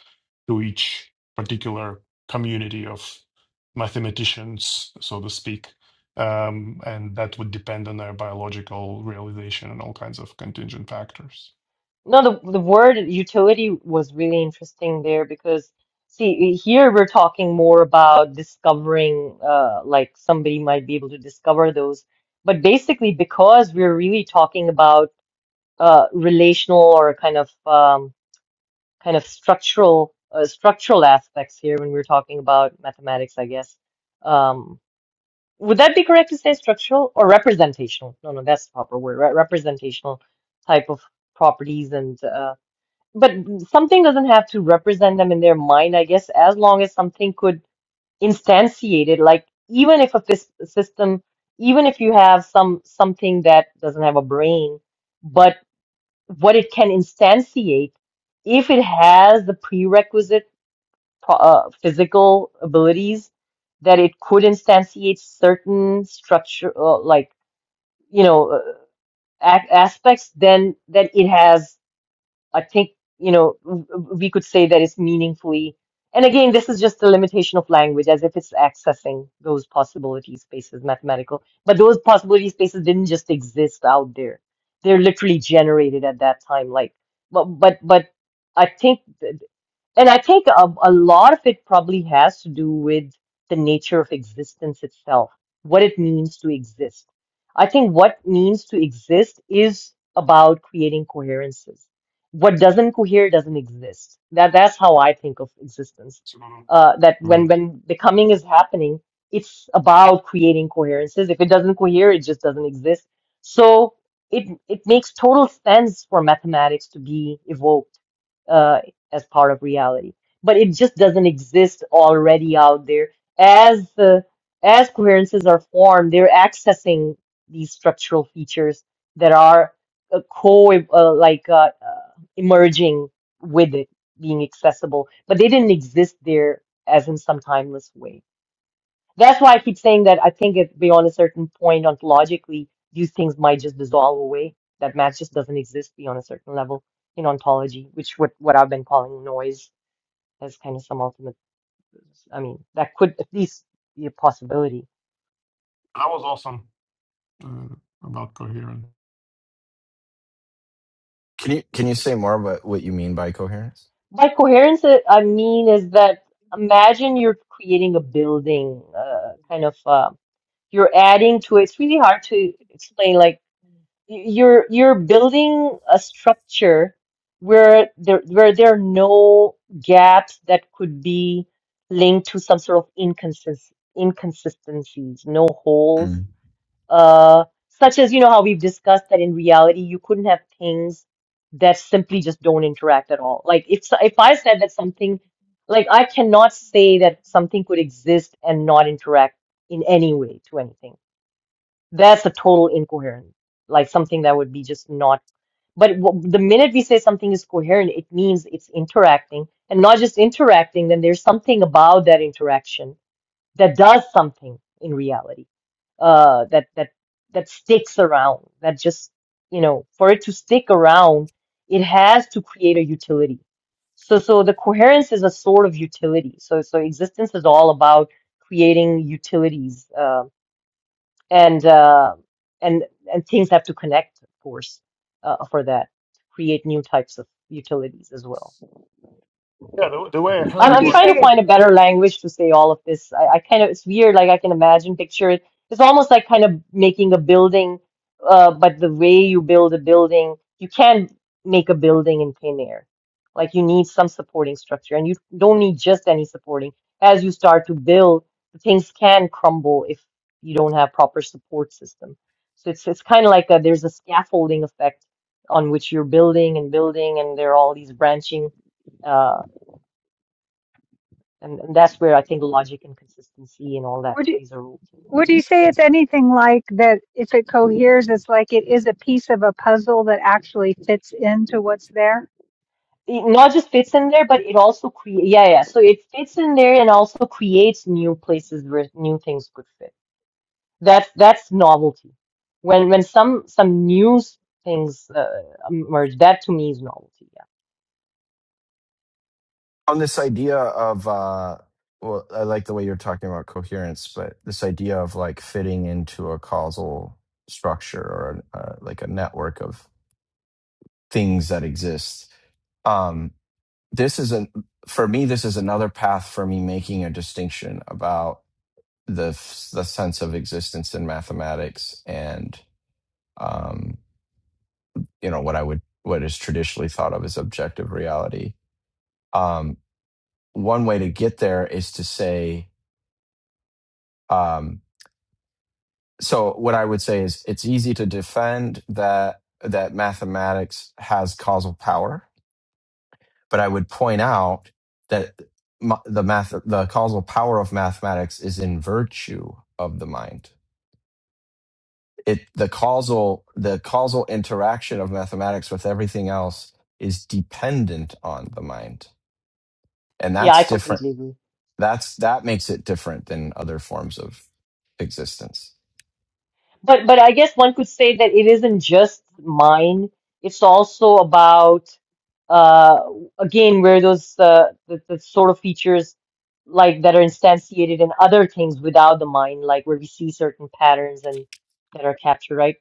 Speaker 4: to each particular community of mathematicians, so to speak um, and that would depend on their biological realization and all kinds of contingent factors.
Speaker 1: No, the the word utility was really interesting there because see here we're talking more about discovering uh like somebody might be able to discover those. But basically because we're really talking about uh relational or kind of um kind of structural uh, structural aspects here when we're talking about mathematics, I guess. Um would that be correct to say structural or representational? No, no, that's the proper word, right? Representational type of properties and uh but something doesn't have to represent them in their mind, I guess, as long as something could instantiate it. Like even if a fis system, even if you have some something that doesn't have a brain, but what it can instantiate, if it has the prerequisite pro- uh, physical abilities that it could instantiate certain structure, uh, like you know, uh, ac aspects, then then it has. I think, you know, w- w- we could say that it's meaningfully. And again, this is just the limitation of language as if it's accessing those possibility spaces, mathematical. But those possibility spaces didn't just exist out there. They're literally generated at that time. Like, but, but, but I think and I think a, a lot of it probably has to do with the nature of existence itself, what it means to exist. I think what means to exist is about creating coherences. What doesn't cohere doesn't exist. That that's how I think of existence.
Speaker 4: So uh,
Speaker 1: Uh, that when
Speaker 4: that
Speaker 1: when becoming is happening, it's about creating coherences. If it doesn't cohere, it just doesn't exist. So it it makes total sense for mathematics to be evoked uh, as part of reality. But it just doesn't exist already out there. As the as coherences are formed, they're accessing these structural features that are uh, co uh, like uh, uh, emerging with it being accessible, but they didn't exist there as in some timeless way. That's why I keep saying that I think it beyond a certain point ontologically, these things might just dissolve away. That math just doesn't exist beyond a certain level in ontology, which what what I've been calling noise as kind of some ultimate. I mean, that could at least be a possibility.
Speaker 4: was awesome uh, about coherent.
Speaker 3: Can you can you say more about what you mean by coherence?
Speaker 1: By coherence, uh, I mean is that imagine you're creating a building, uh, kind of. Uh, you're adding to it. It's really hard to explain. Like you're you're building a structure where there where there are no gaps that could be linked to some sort of inconsist inconsistencies, no holes, uh, such as you know how we've discussed that in reality you couldn't have things that simply just don't interact at all. Like if s- if I said that something, like I cannot say that something could exist and not interact in any way to anything that's a total incoherent, like something that would be just not. But w the minute we say something is coherent, it means it's interacting, and not just interacting, then there's something about that interaction that does something in reality, uh, that that that sticks around, that just, you know, for it to stick around, it has to create a utility. So so the coherence is a sort of utility. So so existence is all about creating utilities. Um, and uh, and and things have to connect, of course, uh, for that to create new types of utilities as well.
Speaker 4: Yeah, the, the way I
Speaker 1: I'm,
Speaker 4: heard
Speaker 2: Would
Speaker 1: I'm
Speaker 2: you
Speaker 4: what,
Speaker 1: trying to
Speaker 2: say
Speaker 1: find a better language to say all of this. I, I kind of, it's weird. Like I can imagine, picture it. It's almost like kind of making a building, uh, but the way you build a building, you can't make a building in thin air. Like you need some supporting structure, and you don't need just any supporting. As you start to build, things can crumble if you don't have proper support system. So it's it's kind of like a, there's a scaffolding effect on which you're building and building, and there are all these branching uh, and, and that's where I think logic and consistency and all that
Speaker 2: would you
Speaker 1: plays a role too.
Speaker 2: would you say it's anything like that? If it coheres, it's like it is a piece of a puzzle that actually fits into what's there.
Speaker 1: It not just fits in there, but it also creates, yeah, yeah. So it fits in there and also creates new places where new things could fit. That's that's novelty. When when some some new s- things uh, emerge, that to me is novelty. Yeah,
Speaker 3: on this idea of uh well i like the way you're talking about coherence but this idea of like fitting into a causal structure or uh, like a network of things that exist um this is a for me this is another path for me making a distinction about the the sense of existence in mathematics and um you know what i would what is traditionally thought of as objective reality um one way to get there is to say Um, so what I would say is it's easy to defend that that mathematics has causal power, but I would point out that ma- the math the causal power of mathematics is in virtue of the mind. It the causal the causal interaction of mathematics with everything else is dependent on the mind. And
Speaker 1: yeah, I
Speaker 3: that's different
Speaker 1: completely agree.
Speaker 3: That's that makes it different than other forms of existence.
Speaker 1: But but I guess one could say that it isn't just mine. It's also about uh again where those uh, the, the sort of features like that are instantiated in other things without the mind, like where we see certain patterns and that are captured, right?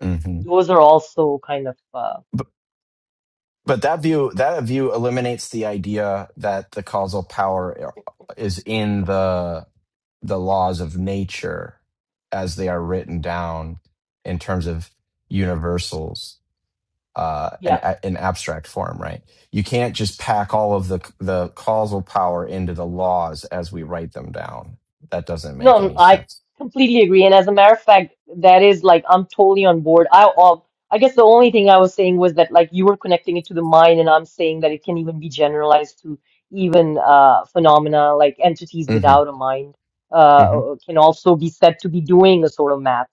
Speaker 3: hmm
Speaker 1: Those are also kind of uh
Speaker 3: But, but that view that view eliminates the idea that the causal power uh, is in the the laws of nature as they are written down in terms of universals. uh, an
Speaker 1: yeah.
Speaker 3: a- abstract form, right? You can't just pack all of the the causal power into the laws as we write them down. That doesn't make
Speaker 1: No,
Speaker 3: any
Speaker 1: I
Speaker 3: sense.
Speaker 1: completely agree. And as a matter of fact, that is like I'm totally on board. I all I guess the only thing I was saying was that like you were connecting it to the mind, and I'm saying that it can even be generalized to even uh phenomena like entities
Speaker 3: hmm
Speaker 1: without a mind
Speaker 3: hmm
Speaker 1: uh can also be said to be doing a sort of math,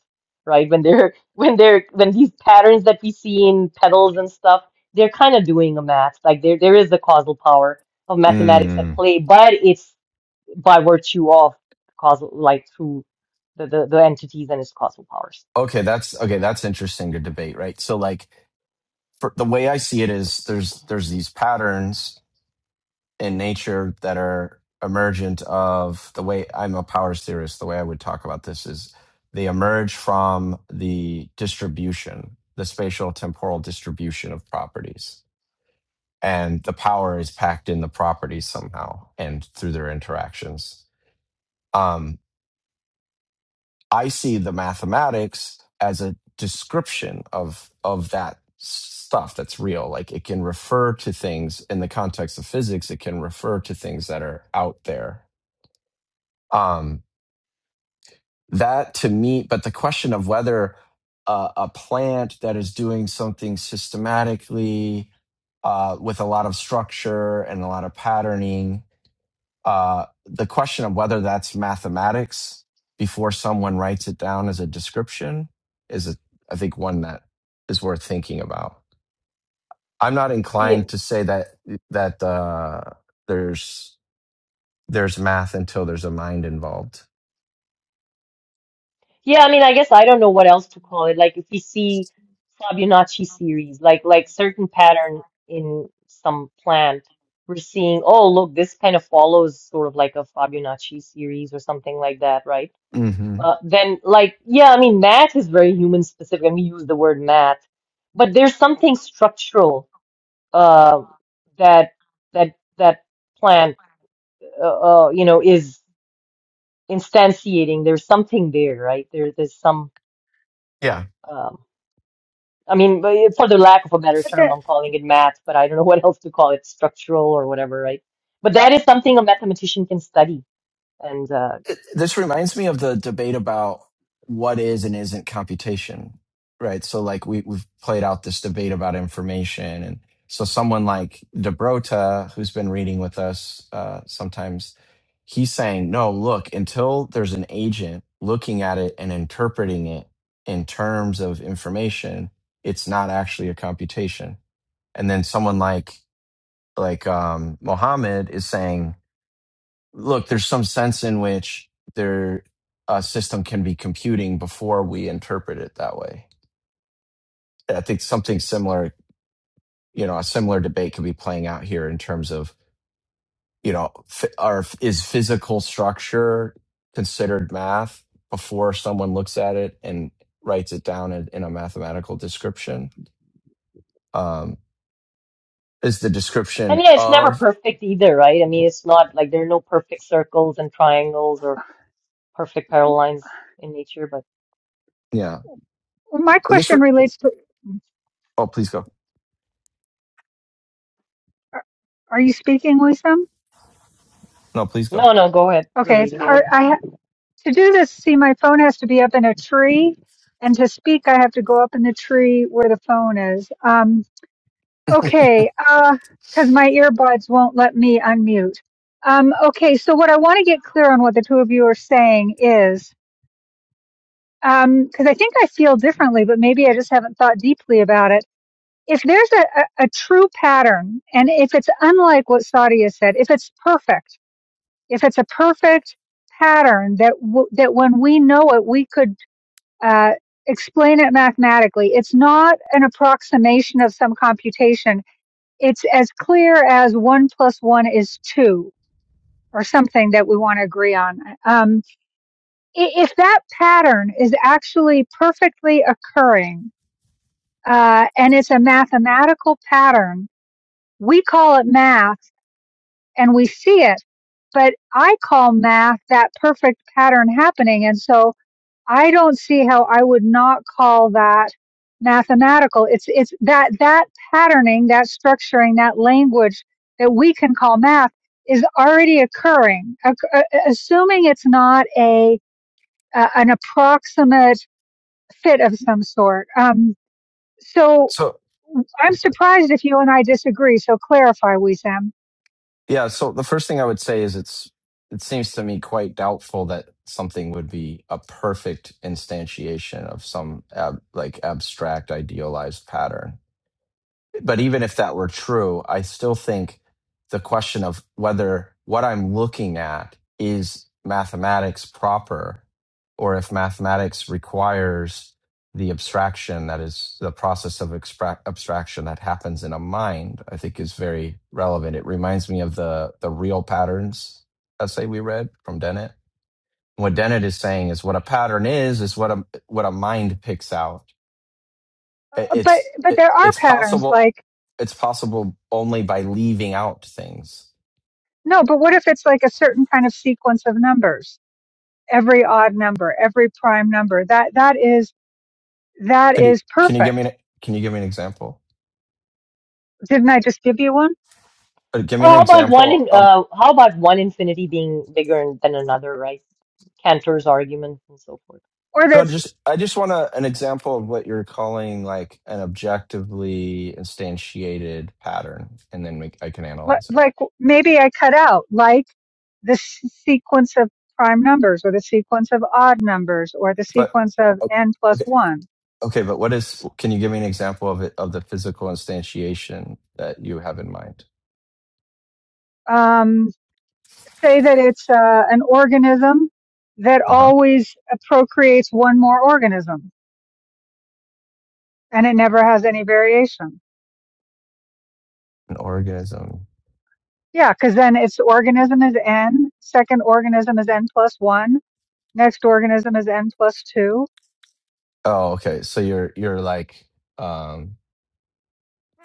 Speaker 1: right? When they're <laughs> when they're when these patterns that we see in petals and stuff, they're kind of doing a math. Like there there is the causal power of mathematics at
Speaker 3: Mm.
Speaker 1: play, but it's by virtue of causal, like through the, the, the entities and its causal powers.
Speaker 3: Okay, that's okay. That's interesting to debate, right? So, like, for, the way I see it is, there's there's these patterns in nature that are emergent of the way I'm a power theorist. The way I would talk about this is they emerge from the distribution, the spatial temporal distribution of properties. And the power is packed in the properties somehow and through their interactions. Um, I see the mathematics as a description of of that stuff that's real. Like it can refer to things in the context of physics, it can refer to things that are out there um, that to me but the question of whether uh, a plant that is doing something systematically uh, with a lot of structure and a lot of patterning uh, the question of whether that's mathematics before someone writes it down as a description is a, i think one that is worth thinking about i'm not
Speaker 1: Yeah.
Speaker 3: inclined to say that that uh, there's there's math until there's a mind involved
Speaker 1: Yeah, I mean, I guess I don't know what else to call it. Like if we see Fibonacci series, like like certain pattern in some plant, we're seeing, oh, look, this kind of follows sort of like a Fibonacci series or something like that, right?
Speaker 3: hmm
Speaker 1: Uh, then like, yeah, I mean, math is very human specific, and we use the word math, but there's something structural uh, that that that plant uh, uh, you know, is instantiating. There's something there, right? There, there's some.
Speaker 3: yeah
Speaker 1: Um, I mean, but it- for the lack of a better
Speaker 2: But
Speaker 1: term,
Speaker 2: the,
Speaker 1: I'm calling it math, but I don't know <laughs> what else to call it, structural or whatever, right? But that is something a mathematician can study, and uh,
Speaker 3: this reminds me of the debate about what is and isn't computation right so like we, we've played out this debate about information and so someone like debrota who's been reading with us uh, sometimes he's saying no look until there's an agent looking at it and interpreting it in terms of information it's not actually a computation and then someone like like um, mohammed is saying look, there's some sense in which there a system can be computing before we interpret it that way. I think something similar, you know, a similar debate could be playing out here in terms of, you know, f- are, is physical structure considered math before someone looks at it and writes it down in, in a mathematical description? Um, is the
Speaker 1: and
Speaker 3: description
Speaker 1: yeah, it's never
Speaker 3: of,
Speaker 1: perfect either, right? I mean, it's
Speaker 3: yeah,
Speaker 1: not like there are no perfect circles and triangles or perfect
Speaker 2: uh,
Speaker 1: parallel lines in nature. But
Speaker 3: yeah.
Speaker 2: my
Speaker 3: But this, re-
Speaker 2: question relates to:
Speaker 3: oh, please go.
Speaker 2: Are are you speaking, Lisa?
Speaker 3: No, please go.
Speaker 1: no, no, go ahead. We're
Speaker 2: Okay, it's
Speaker 1: waiting
Speaker 4: go
Speaker 1: for you.
Speaker 4: ahead.
Speaker 2: hard. I To do this, see, my phone has to be up in a tree, and to speak, I have to go up in the tree where the phone is. Um, okay, uh, because my earbuds won't let me unmute. Um, okay, so what I want to get clear on what the two of you are saying is um, because I think I feel differently, but maybe I just haven't thought deeply about it. If there's a, a, a true pattern, and if it's unlike what Sadia said, if it's perfect, if it's a perfect pattern that w- that when we know it, we could uh, explain it mathematically. It's not an approximation of some computation. It's as clear as one plus one is two or something that we want to agree on. Um, if that pattern is actually perfectly occurring, uh, and it's a mathematical pattern, we call it math and we see it, but I call math that perfect pattern happening. And so I don't see how I would not call that mathematical. It's it's that that patterning, that structuring, that language that we can call math is already occurring. uh, Assuming it's not a uh, an approximate fit of some sort. Um, so
Speaker 3: So,
Speaker 2: I'm surprised if you and I disagree. So clarify, Wissam.
Speaker 3: Yeah, so the first thing I would say is it's it seems to me quite doubtful that something would be a perfect instantiation of some ab, like abstract idealized pattern. But even if that were true, I still think the question of whether what I'm looking at is mathematics proper or if mathematics requires the abstraction that is the process of expra- abstraction that happens in a mind, I think is very relevant. It reminds me of the, the real patterns essay we read from Dennett. What Dennett is saying is what a pattern is, is what a, what a mind picks out. It-
Speaker 2: But
Speaker 3: It's,
Speaker 2: but
Speaker 3: it,
Speaker 2: there are
Speaker 3: it's
Speaker 2: patterns
Speaker 3: possible
Speaker 2: like
Speaker 3: it's possible only by leaving out things.
Speaker 2: no. But what if it's like a certain kind of sequence of numbers? every odd number, every prime number. That that is that
Speaker 3: Can you
Speaker 2: is
Speaker 3: can you give me
Speaker 2: perfect.
Speaker 3: an, can you give me an example?
Speaker 2: Didn't I just give you one?
Speaker 3: Or give
Speaker 1: Or
Speaker 3: me an
Speaker 1: how about one
Speaker 3: example
Speaker 1: in,
Speaker 3: of
Speaker 1: uh, how about one infinity being bigger than another, right? Cantor's argument and so forth.
Speaker 2: Or
Speaker 3: no,
Speaker 2: that's
Speaker 3: just I just want a, an example of what you're calling like an objectively instantiated pattern, and then we, I can
Speaker 2: li-
Speaker 3: analyze it.
Speaker 2: like maybe I cut out like the s- sequence of prime numbers, or the sequence of odd numbers, or the
Speaker 3: But
Speaker 2: sequence of
Speaker 3: o-
Speaker 2: n plus
Speaker 3: okay,
Speaker 2: one.
Speaker 3: okay, but what is? Can you give me an example of it of the physical instantiation that you have in mind?
Speaker 2: Um, say that it's uh, an organism that
Speaker 3: Uh huh.
Speaker 2: always uh, procreates one more organism, and it never has any variation.
Speaker 3: An organism.
Speaker 2: Yeah, because then its organism is n, second organism is n plus one, next organism is n plus two,
Speaker 3: Oh, okay. So you're you're like um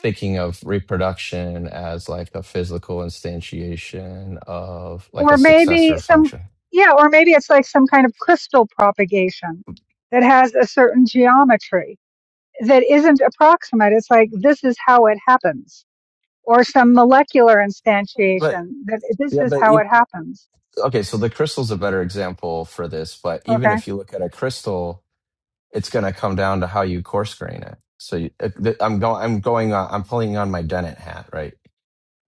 Speaker 3: thinking of reproduction as like a physical instantiation of like
Speaker 2: or
Speaker 3: a
Speaker 2: maybe
Speaker 3: successor
Speaker 2: some,
Speaker 3: function.
Speaker 2: yeah, or maybe it's like some kind of crystal propagation that has a certain geometry that isn't approximate. It's like this is how it happens, or some molecular
Speaker 3: But
Speaker 2: instantiation that this
Speaker 3: yeah,
Speaker 2: is
Speaker 3: but
Speaker 2: how
Speaker 3: e
Speaker 2: it happens.
Speaker 3: okay, so the crystal's a better example for this, but even
Speaker 2: Okay.
Speaker 3: if you look at a crystal, it's going to come down to how you coarse grain it. So you, uh, th- I'm going I'm going on, I'm pulling on my Dennett hat, right?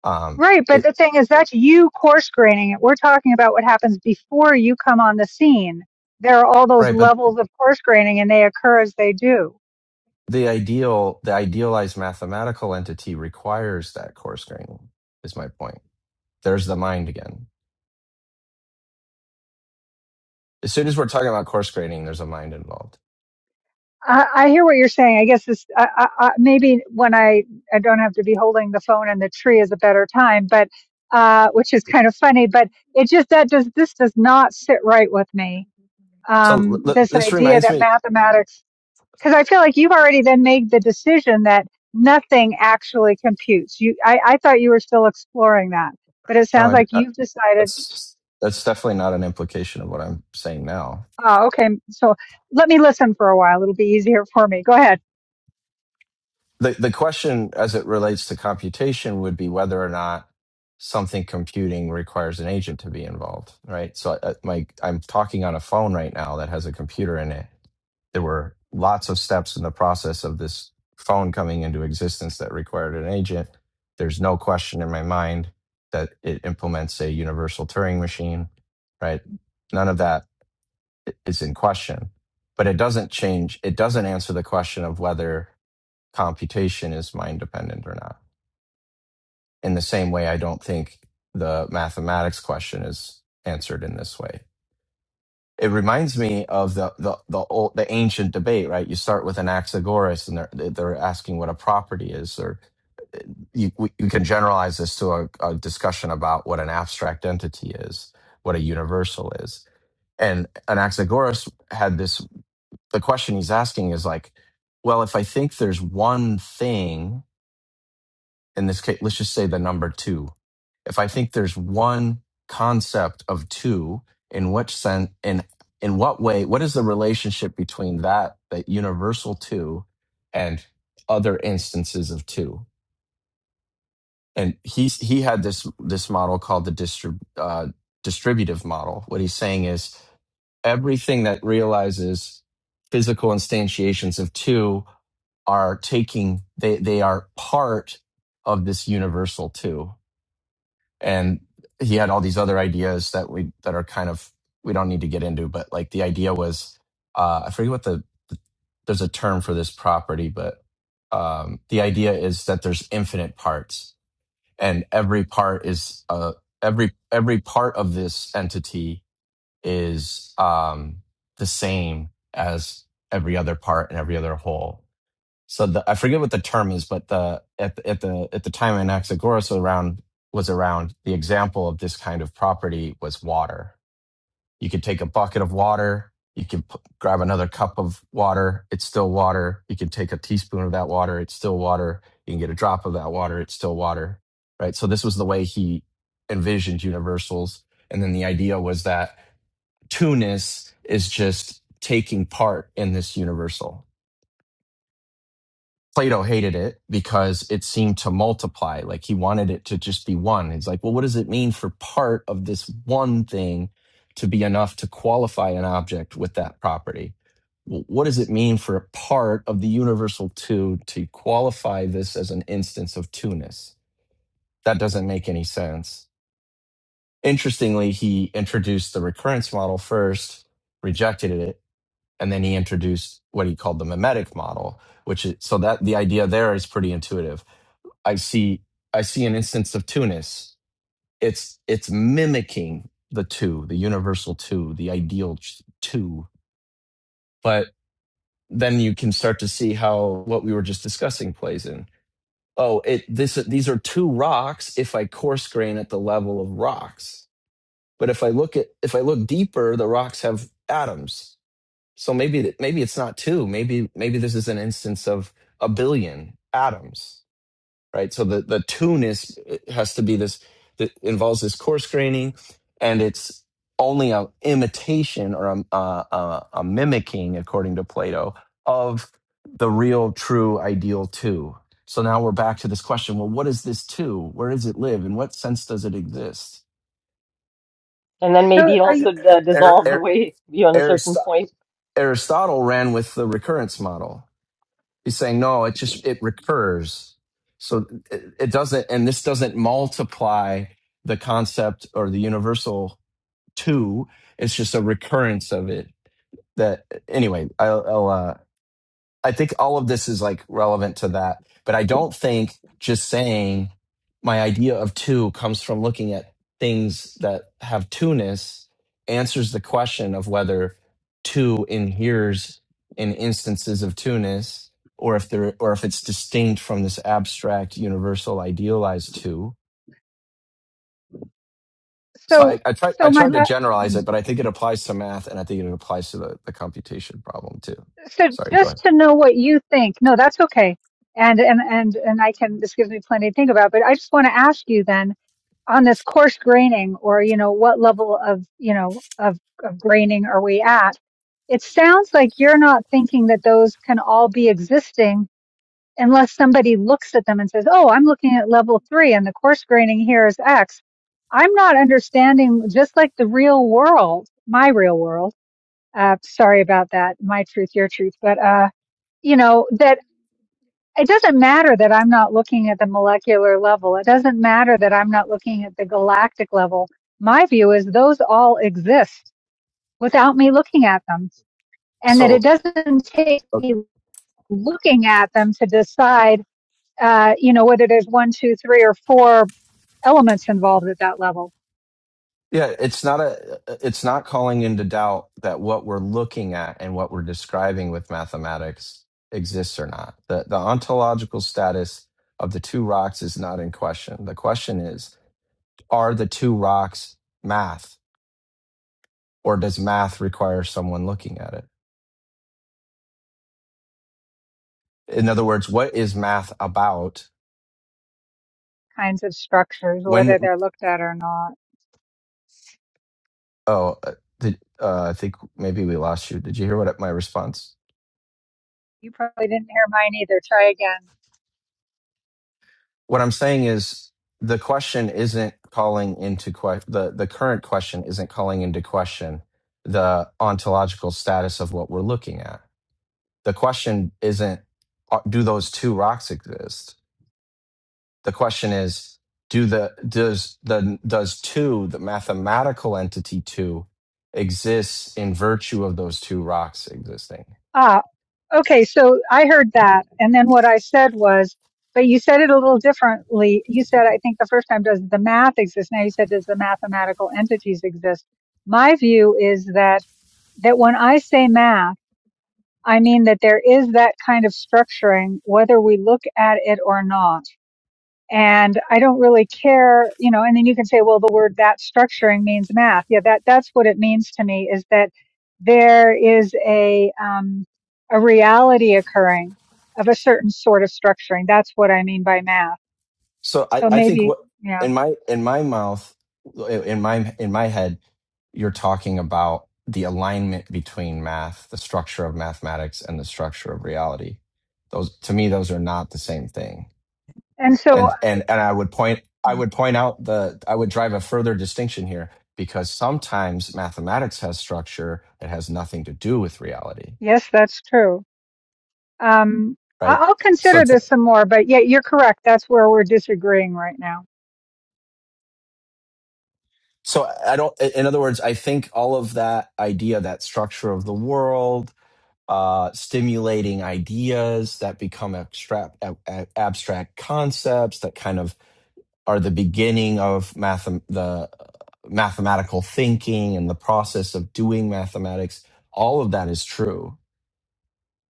Speaker 3: Um
Speaker 2: Right, but
Speaker 3: it
Speaker 2: the thing is, that's you coarse graining it. We're talking about what happens before you come on the scene. There are all those
Speaker 3: right, but
Speaker 2: levels of coarse graining, and they occur as they do.
Speaker 3: the ideal the idealized mathematical entity requires that coarse grain is my point. there's the mind again. As soon as we're talking about course grading, there's a mind involved.
Speaker 2: I, I hear what you're saying. I guess this I, I, I, maybe when I I don't have to be holding the phone and the tree is a better time, but uh, which is kind of funny. But it just that does this does not sit right with me.
Speaker 3: So
Speaker 2: Um,
Speaker 3: l- l-
Speaker 2: this
Speaker 3: this
Speaker 2: idea
Speaker 3: reminds
Speaker 2: that
Speaker 3: me.
Speaker 2: mathematics, because I feel like you've already then made the decision that nothing actually computes. You, I, I thought you were still exploring that, but it
Speaker 3: No,
Speaker 2: sounds
Speaker 3: I,
Speaker 2: like
Speaker 3: I-
Speaker 2: you've decided.
Speaker 3: that's that's definitely not an implication of what I'm saying now.
Speaker 2: Oh, okay. So let me listen for a while. It'll be easier for me. Go ahead.
Speaker 3: the the question as it relates to computation would be whether or not something computing requires an agent to be involved, right? So uh, my I'm talking on a phone right now that has a computer in it. There were lots of steps in the process of this phone coming into existence that required an agent. There's no question in my mind that it implements a universal Turing machine, right? None of that is in question. But it doesn't change, it doesn't answer the question of whether computation is mind dependent or not. In the same way, I don't think the mathematics question is answered in this way. It reminds me of the the the old the ancient debate, right? You start with Anaxagoras, and they're they're asking what a property is, or you, you can generalize this to a, a discussion about what an abstract entity is, what a universal is. And Anaxagoras had this the question he's asking is like, well, if I think there's one thing in this case, let's just say the number two. If I think there's one concept of two, in which sense, in in what way, what is the relationship between that that universal two and other instances of two? And he he had this this model called the distrib, uh, distributive model. What he's saying is everything that realizes physical instantiations of two are taking they they are part of this universal two and he had all these other ideas that we that are kind of we don't need to get into but like the idea was uh i forget what the the there's a term for this property but um the idea is that there's infinite parts and every part is uh every every part of this entity is um the same as every other part and every other whole so the, I forget what the term is, but the at the, at the at the time Anaxagoras was around was around the example of this kind of property was water. You could take a bucket of water, you can p- grab another cup of water, it's still water. You can take a teaspoon of that water, it's still water. You can get a drop of that water, it's still water. Right? So this was the way he envisioned universals and then the idea was that two-ness is just taking part in this universal Plato hated it because it seemed to multiply. Like he wanted it to just be one. He's like, well, what does it mean for part of this one thing to be enough to qualify an object with that property? W- What does it mean for a part of the universal two to qualify this as an instance of two-ness? That doesn't make any sense. Interestingly, he introduced the recurrence model first, rejected it, and then he introduced what he called the mimetic model which is so that the idea there is pretty intuitive i see i see an instance of tunis it's it's mimicking the two the universal two the ideal two but then you can start to see how what we were just discussing plays in oh it this these are two rocks if i coarse grain at the level of rocks but if i look at if i look deeper the rocks have atoms So maybe maybe it's not two. Maybe maybe this is an instance of a billion atoms, right? So the the tune is has to be this that involves this coarse graining, and it's only an imitation or a, a, a, mimicking, according to Plato, of the real true ideal two. So now we're back to this question: Well, what is this two? Where does it live? In what sense does it exist?
Speaker 1: And then
Speaker 2: So
Speaker 1: maybe it
Speaker 2: are you?
Speaker 1: also uh, dissolves away beyond a certain point.
Speaker 3: Aristotle ran with the recurrence model He's saying, no, it just, it recurs. So it, it doesn't, and this doesn't multiply the concept or the universal two. It's just a recurrence of it that anyway, I'll, I'll uh, I think all of this is like relevant to that, but I don't think just saying my idea of two comes from looking at things that have two-ness answers the question of whether two inheres in instances of two-ness or if there or if it's distinct from this abstract universal idealized two. So I,
Speaker 2: so
Speaker 3: I tried
Speaker 2: so
Speaker 3: I
Speaker 2: my
Speaker 3: tried to
Speaker 2: la-
Speaker 3: generalize it, but I think it applies to math and I think it applies to the, the computation problem too.
Speaker 2: so
Speaker 3: Sorry, go
Speaker 2: just
Speaker 3: ahead.
Speaker 2: to know what you think no that's okay and and and and i can this gives me plenty to think about but i just want to ask you then on this coarse graining or you know what level of you know of, of graining are we at it sounds like you're not thinking that those can all be existing unless somebody looks at them and says oh i'm looking at level three and the coarse graining here is x i'm not understanding just like the real world my real world uh, sorry about that. My truth, your truth. But, uh, you know, that it doesn't matter that I'm not looking at the molecular level. It doesn't matter that I'm not looking at the galactic level. My view is those all exist without me looking at them and that it
Speaker 3: So
Speaker 2: doesn't take me looking at them to decide, uh, you know, whether there's one, two, three or four elements involved at that level
Speaker 3: Yeah, it's not a uh, it's not calling into doubt that what we're looking at and what we're describing with mathematics exists or not. The the ontological status of the two rocks is not in question. The question is, are the two rocks math or does math require someone looking at it? In other words, what is math about?
Speaker 2: kinds of structures, whether
Speaker 3: When
Speaker 2: they're looked at or not.
Speaker 3: oh, uh, did, uh, I think maybe we lost you. Did you hear what my response
Speaker 2: You probably didn't hear mine either. Try again.
Speaker 3: what I'm saying is the question isn't calling into question the the current question isn't calling into question the ontological status of what we're looking at. The question isn't uh, do those two rocks exist? The question is do the does the does two the mathematical entity two exists in virtue of those two rocks existing?
Speaker 2: Ah. Okay, so I heard that. And then what I said was, but you said it a little differently. You said, I think the first time, does the math exist? Now you said, does the mathematical entities exist? My view is that, that when I say math, I mean that there is that kind of structuring, whether we look at it or not and I don't really care, you know, and then you can say, well, the word that structuring means math. Yeah, that, that's what it means to me is that there is a, um, a reality occurring of a certain sort of structuring. That's what I mean by math.
Speaker 3: So I,
Speaker 2: So
Speaker 3: I think
Speaker 2: maybe,
Speaker 3: what
Speaker 2: yeah.
Speaker 3: in my in my mouth in my in my head you're talking about the alignment between math, the structure of mathematics and the structure of reality. Those to me those are not the same thing.
Speaker 2: And so,
Speaker 3: And and and I would point I
Speaker 2: mm,
Speaker 3: would point out the I would drive a further distinction here because sometimes mathematics has structure that has nothing to do with reality,
Speaker 2: yes, that's true. Um, I-
Speaker 3: right?
Speaker 2: I'll
Speaker 3: So
Speaker 2: consider
Speaker 3: to,
Speaker 2: this some more, but yeah, you're correct. That's where we're disagreeing right now.
Speaker 3: so I don't in other words I think all of that idea that structure of the world uh, stimulating ideas that become abstract, ab- abstract concepts that kind of are the beginning of math, the uh, mathematical thinking and the process of doing mathematics. All of that is true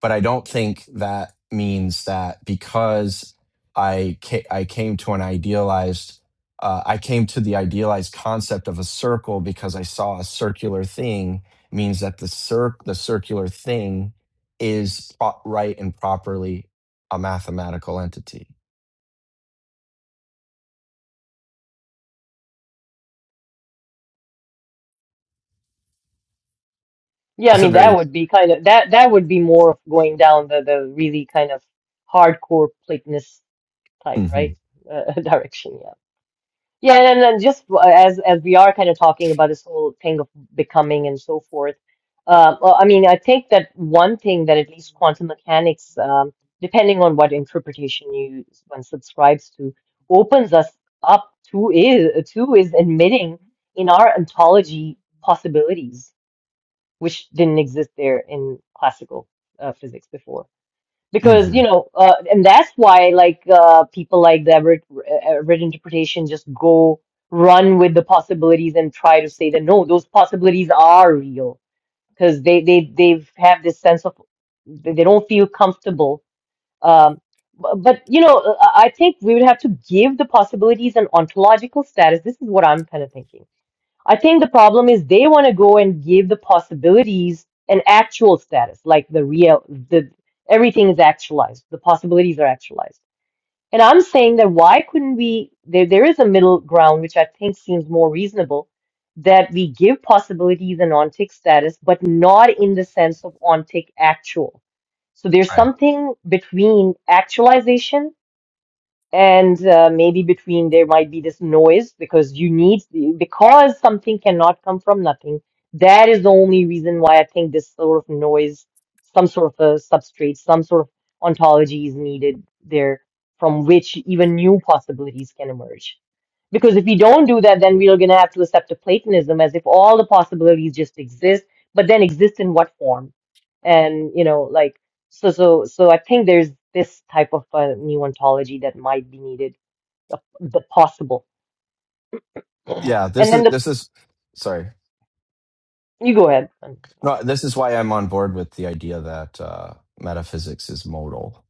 Speaker 3: but I don't think that means that because I ca- I came to an idealized uh, I came to the idealized concept of a circle because I saw a circular thing means that the cir- the circular thing is pro- right and properly a mathematical entity.
Speaker 1: Yeah, I
Speaker 3: It's a
Speaker 1: mean that
Speaker 3: very
Speaker 1: would be kind of that that would be more of going down the the really kind of hardcore Platonist type,
Speaker 3: hmm
Speaker 1: right? Uh, <laughs> direction. yeah. Yeah, and then just uh, as as we are kind of talking about this whole thing of becoming and so forth, uh, well, I mean, I think that one thing that at least quantum mechanics, um, depending on what interpretation you one subscribes to, opens us up to is to is admitting in our ontology possibilities which didn't exist there in classical uh, physics before because
Speaker 3: hmm
Speaker 1: you know uh, and that's why like uh, people like the average, average interpretation just go run with the possibilities and try to say that no those possibilities are real because they they they have this sense of they they don't feel comfortable um bu- but you know uh, i I think we would have to give the possibilities an ontological status this is what i'm kind of thinking I think the problem is they want to go and give the possibilities an actual status, like the real, the everything is actualized, the possibilities are actualized. And I'm saying that why couldn't we? There, there is a middle ground, which I think seems more reasonable, that we give possibilities an ontic status, but not in the sense of ontic actual. So there's
Speaker 3: right.
Speaker 1: something between actualization and uh, maybe between there might be this noise because you need because something cannot come from nothing that is the only reason why i think this sort of noise some sort of a substrate some sort of ontology is needed there from which even new possibilities can emerge because if we don't do that then we're going to have to accept a platonism as if all the possibilities just exist but then exist in what form and you know like so, so, so I think there's this type of uh, new ontology that might be needed, the, the possible.
Speaker 3: Yeah,
Speaker 1: And
Speaker 3: this
Speaker 1: then
Speaker 3: is
Speaker 1: the
Speaker 3: this is sorry.
Speaker 1: you go ahead.
Speaker 3: No, this is why I'm on board with the idea that uh, metaphysics is modal.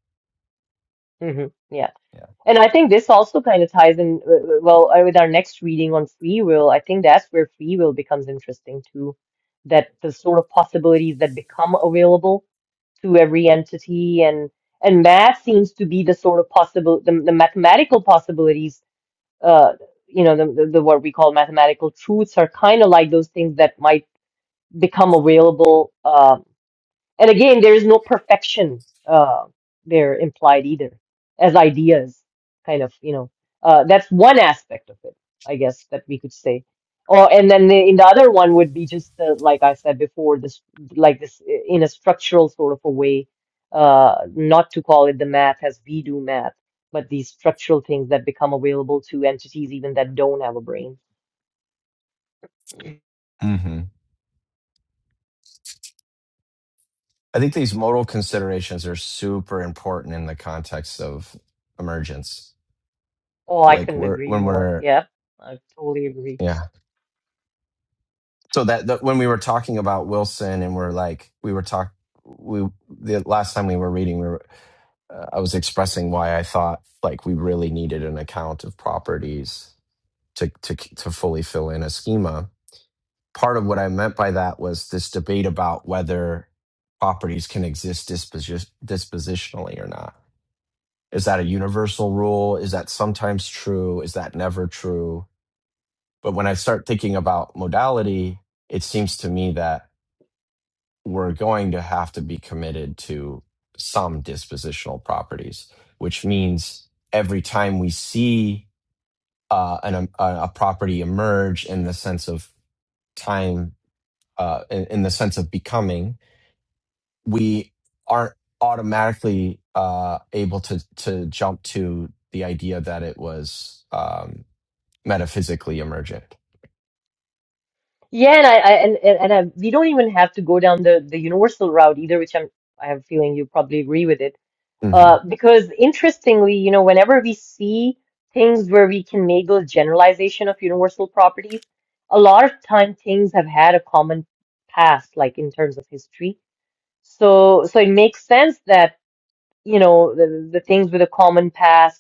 Speaker 1: Mm-hmm. Yeah,
Speaker 3: Yeah.
Speaker 1: and I think this also kind of ties in uh, uh, well uh, with our next reading on free will. I think that's where free will becomes interesting too, that the sort of possibilities that become available to every entity and and that seems to be the sort of possible the, the mathematical possibilities uh, you know, the, the, the what we call mathematical truths are kind of like those things that might become available. um and again, there is no perfection uh, there implied either as ideas, kind of, you know. Uh, that's one aspect of it, I guess, that we could say. Or and then the, in the other one would be just the, like I said before, this like this i- in a structural sort of a way, uh, not to call it the math as we do math, but these structural things that become available to entities even that don't have a brain.
Speaker 3: hmm I think these modal considerations are super important in the context of emergence.
Speaker 1: Oh, I
Speaker 3: Like
Speaker 1: couldn't
Speaker 3: we're
Speaker 1: agree
Speaker 3: when
Speaker 1: more.
Speaker 3: we're
Speaker 1: Yeah, I totally agree.
Speaker 3: yeah. So that, that when we were talking about Wilson and we're like we were talk we the last time we were reading we were uh, I was expressing why I thought like we really needed an account of properties to to to fully fill in a schema. Part of what I meant by that was this debate about whether properties can exist disposi- dispositionally or not Is that a universal rule? Is that sometimes true? Is that never true? But when I start thinking about modality, it seems to me that we're going to have to be committed to some dispositional properties, which means every time we see uh, an, um, a, a property emerge in the sense of time, uh, in, in the sense of becoming, we aren't automatically uh, able to to jump to the idea that it was. Um, metaphysically emergent.
Speaker 1: Yeah, and I, I and and and I, we don't even have to go down the the universal route either, which I'm I have a feeling you probably agree with it.
Speaker 3: hmm
Speaker 1: Uh, because interestingly, you know, whenever we see things where we can make those generalization of universal properties, a lot of time things have had a common past, like in terms of history. So so it makes sense that, you know, the, the things with a common past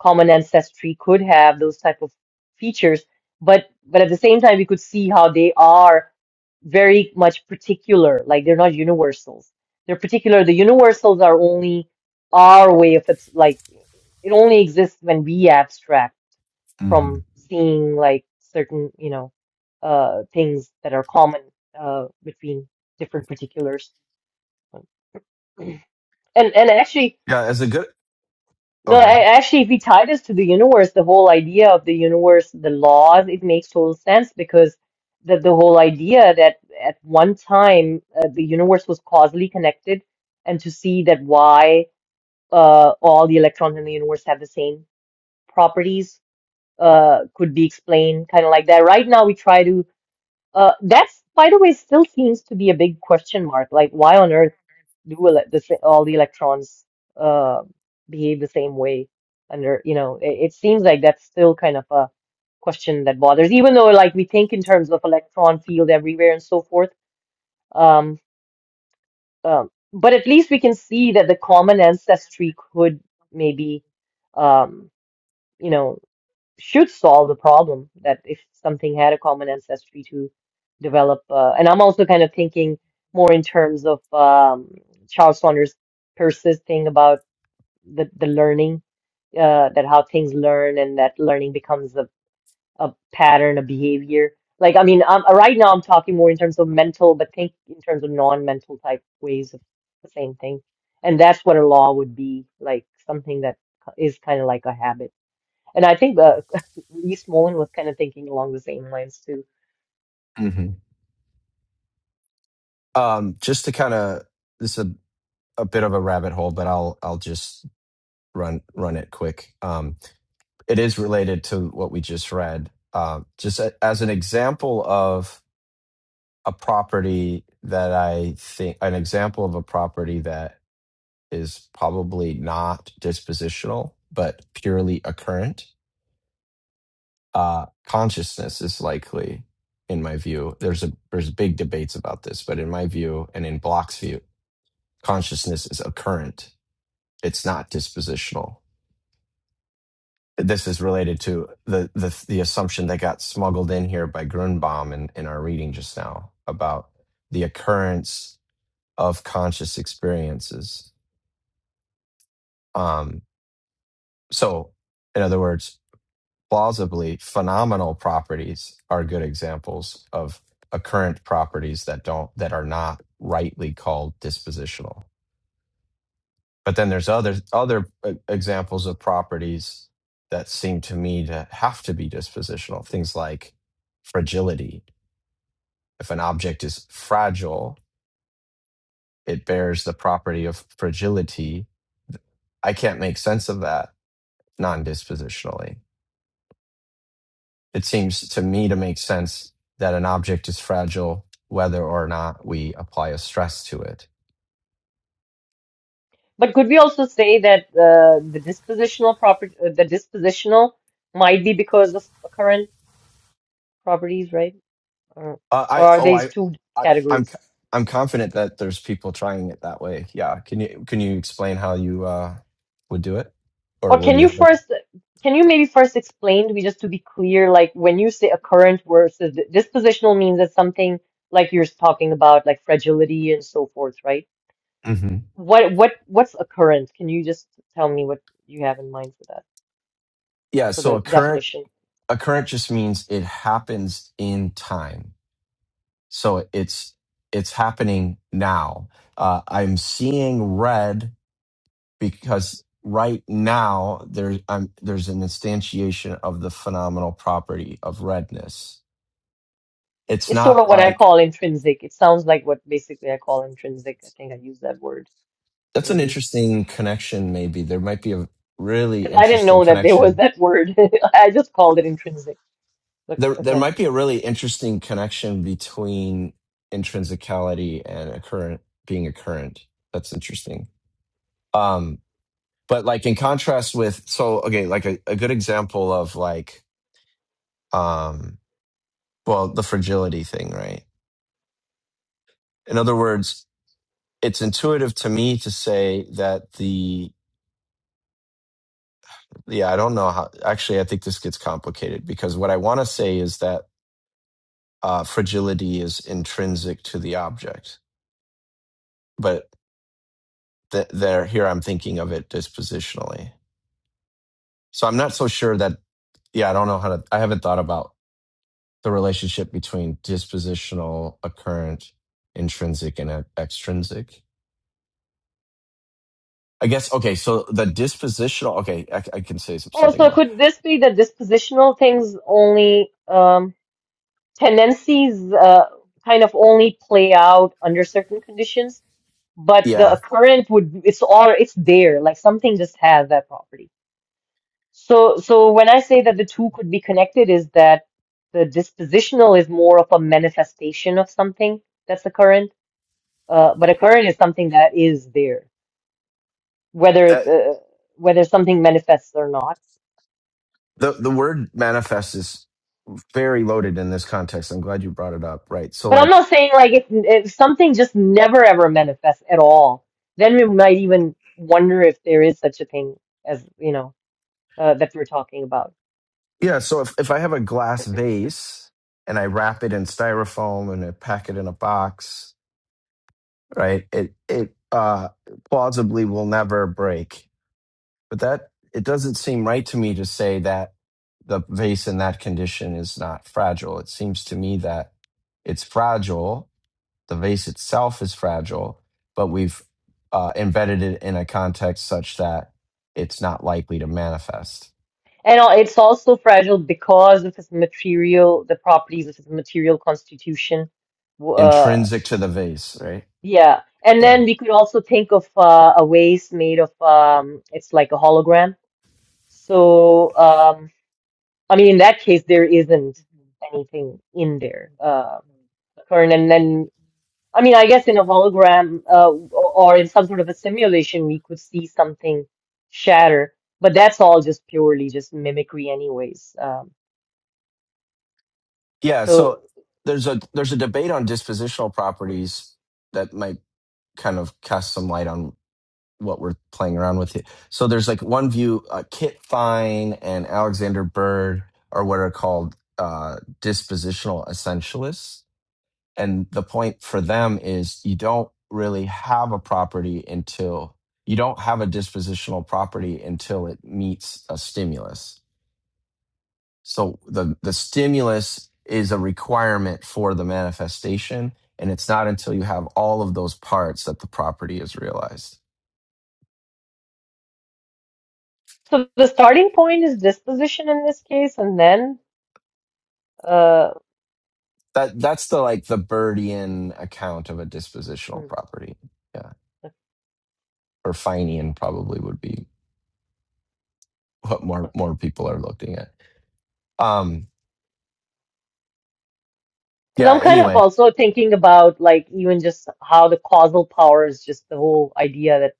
Speaker 1: common ancestry could have those type of features but but at the same time we could see how they are very much particular like they're not universals they're particular the universals are only our way of abs- like it only exists when we abstract
Speaker 3: hmm
Speaker 1: from seeing like certain you know uh things that are common uh between different particulars <clears throat> and and actually
Speaker 3: Yeah, as a good. Oh,
Speaker 1: No,
Speaker 3: go ahead.
Speaker 1: a- actually, if we tie this to the universe, the whole idea of the universe, the laws, it makes total sense because the, the whole idea that at one time uh, the universe was causally connected, and to see that why uh, all the electrons in the universe have the same properties uh, could be explained kind of like that. Right now, we try to uh, that's, by the way, still seems to be a big question mark. Like, why on earth do ele the, sa- all the electrons uh, behave the same way? Under, you know, it, it seems like that's still kind of a question that bothers, even though like we think in terms of electron field everywhere and so forth. Um, um, but at least we can see that the common ancestry could maybe, um, you know should solve the problem that if something had a common ancestry to develop. Uh, and I'm also kind of thinking more in terms of um, Charles Saunders' persisting about the, the learning, uh, that how things learn and that learning becomes a, a pattern, a behavior. Like, I mean, I'm, right now I'm talking more in terms of mental, but think in terms of non-mental type ways of the same thing. And that's what a law would be, like something that is kind of like a habit and I think the <laughs> Lee Smolin was kind of thinking along the same lines too.
Speaker 3: hmm Um, just to kind of this is a, a bit of a rabbit hole, but I'll I'll just run run it quick. Um, it is related to what we just read. Um, just a, as an example of a property that I think an example of a property that is probably not dispositional but purely occurrent uh, consciousness is likely, in my view, there's a there's big debates about this, but in my view and in Bloch's view, consciousness is occurrent. It's not dispositional. This is related to the the, the assumption that got smuggled in here by Grunbaum in, in our reading just now about the occurrence of conscious experiences. Um, so, in other words, plausibly phenomenal properties are good examples of occurrent properties that don't that are not rightly called dispositional but then there's other other uh, examples of properties that seem to me to have to be dispositional things like fragility if an object is fragile it bears the property of fragility i can't make sense of that non-dispositionally It seems to me to make sense that an object is fragile whether or not we apply a stress to it.
Speaker 1: But could we also say that uh, the dispositional property, uh, the dispositional might be because of current properties, right? Or,
Speaker 3: Uh,
Speaker 1: or
Speaker 3: I
Speaker 1: are
Speaker 3: oh
Speaker 1: these
Speaker 3: I,
Speaker 1: two
Speaker 3: I I'm i
Speaker 1: categories?
Speaker 3: I'm confident that there's people trying it that way. Yeah, can you can you explain how you uh, would do it, or
Speaker 1: Or
Speaker 3: what
Speaker 1: can
Speaker 3: do you
Speaker 1: you
Speaker 3: have in
Speaker 1: first, can you maybe first explain to me just to be clear, like when you say a current versus the dispositional means that something like you're talking about, like fragility and so forth, right?
Speaker 3: mind? hmm
Speaker 1: What what what's a current? Can you just tell me what you have in mind for that?
Speaker 3: Yeah,
Speaker 1: for
Speaker 3: so
Speaker 1: the
Speaker 3: a current
Speaker 1: definition.
Speaker 3: a current just means it happens in time. So it's it's happening now. Uh, I'm seeing red because right now there um, there's an instantiation of the phenomenal property of redness. It's
Speaker 1: It's sort
Speaker 3: not
Speaker 1: of what I
Speaker 3: like
Speaker 1: call intrinsic. It sounds like what basically I call intrinsic. I think I used that word
Speaker 3: that's an
Speaker 1: maybe
Speaker 3: interesting connection. Maybe there might be a really
Speaker 1: because I didn't
Speaker 3: interesting
Speaker 1: know that there was
Speaker 3: connection.
Speaker 1: that word. <laughs> I just called it intrinsic. But
Speaker 3: There there
Speaker 1: okay.
Speaker 3: might be a really interesting connection between intrinsicality and occurrent being occurrent. That's interesting. Um, but like in contrast with so okay, like a, a good example of like um, well the fragility thing, right? In other words, it's intuitive to me to say that the yeah i don't know how actually i think this gets complicated because what i want to say is that uh, fragility is intrinsic to the object but th- there here i'm thinking of it dispositionally so i'm not so sure that yeah i don't know how to i haven't thought about the relationship between dispositional occurrent intrinsic and e- extrinsic i guess okay so the dispositional okay i, I can say
Speaker 1: Oh,
Speaker 3: something
Speaker 1: so
Speaker 3: more
Speaker 1: could this be that dispositional things only um, tendencies uh, kind of only play out under certain conditions, but the
Speaker 3: yeah
Speaker 1: occurrent would it's all it's there. Like something just has that property. So, so when I say that the two could be connected, is that the dispositional is more of a manifestation of something that's occurrent, uh, but occurrent is something that is there, whether the, whether something manifests or not.
Speaker 3: the the word manifest is very loaded in this context. I'm glad you brought it up. Right. So
Speaker 1: But I'm
Speaker 3: like
Speaker 1: not saying like if, if something just never ever manifests at all, then we might even wonder if there is such a thing as, you know, uh, that we're talking about.
Speaker 3: yeah, so if, if I have a glass vase and I wrap it in styrofoam and I pack it in a box, right, it it uh plausibly will never break. But that it doesn't seem right to me to say that the vase in that condition is not fragile. It seems to me that it's fragile The vase itself is fragile, but we've uh, embedded it in a context such that it's not likely to manifest.
Speaker 1: And uh, it's also fragile because of its material, the properties of its material constitution. W- Uh,
Speaker 3: Intrinsic to the vase, right?
Speaker 1: yeah. And
Speaker 3: Yeah.
Speaker 1: then we could also think of uh, a vase made of, um, it's like a hologram. So, um, I mean, in that case, there isn't anything in there, uh, current. And then, I mean, I guess in a hologram, uh, or or in some sort of a simulation, we could see something shatter, but that's all just purely just mimicry anyways. Um,
Speaker 3: Yeah.
Speaker 1: so,
Speaker 3: So there's a there's a debate on dispositional properties that might kind of cast some light on what we're playing around with. It. So there's like one view, uh, Kit Fine and Alexander Bird are what are called uh, dispositional essentialists. And the point for them is you don't really have a property until you don't have a dispositional property until it meets a stimulus. So the, the stimulus is a requirement for the manifestation. And it's not until you have all of those parts that the property is realized.
Speaker 1: So the starting point is disposition in this case, and then uh,
Speaker 3: That that's the like the Birdian account of a
Speaker 1: hmm,
Speaker 3: dispositional property. Yeah. Or Finian probably would be what more
Speaker 1: okay.
Speaker 3: more people are looking at. Um
Speaker 1: Because
Speaker 3: yeah,
Speaker 1: I'm kind of
Speaker 3: anyway.
Speaker 1: also thinking about like even just how the causal power is just the whole idea that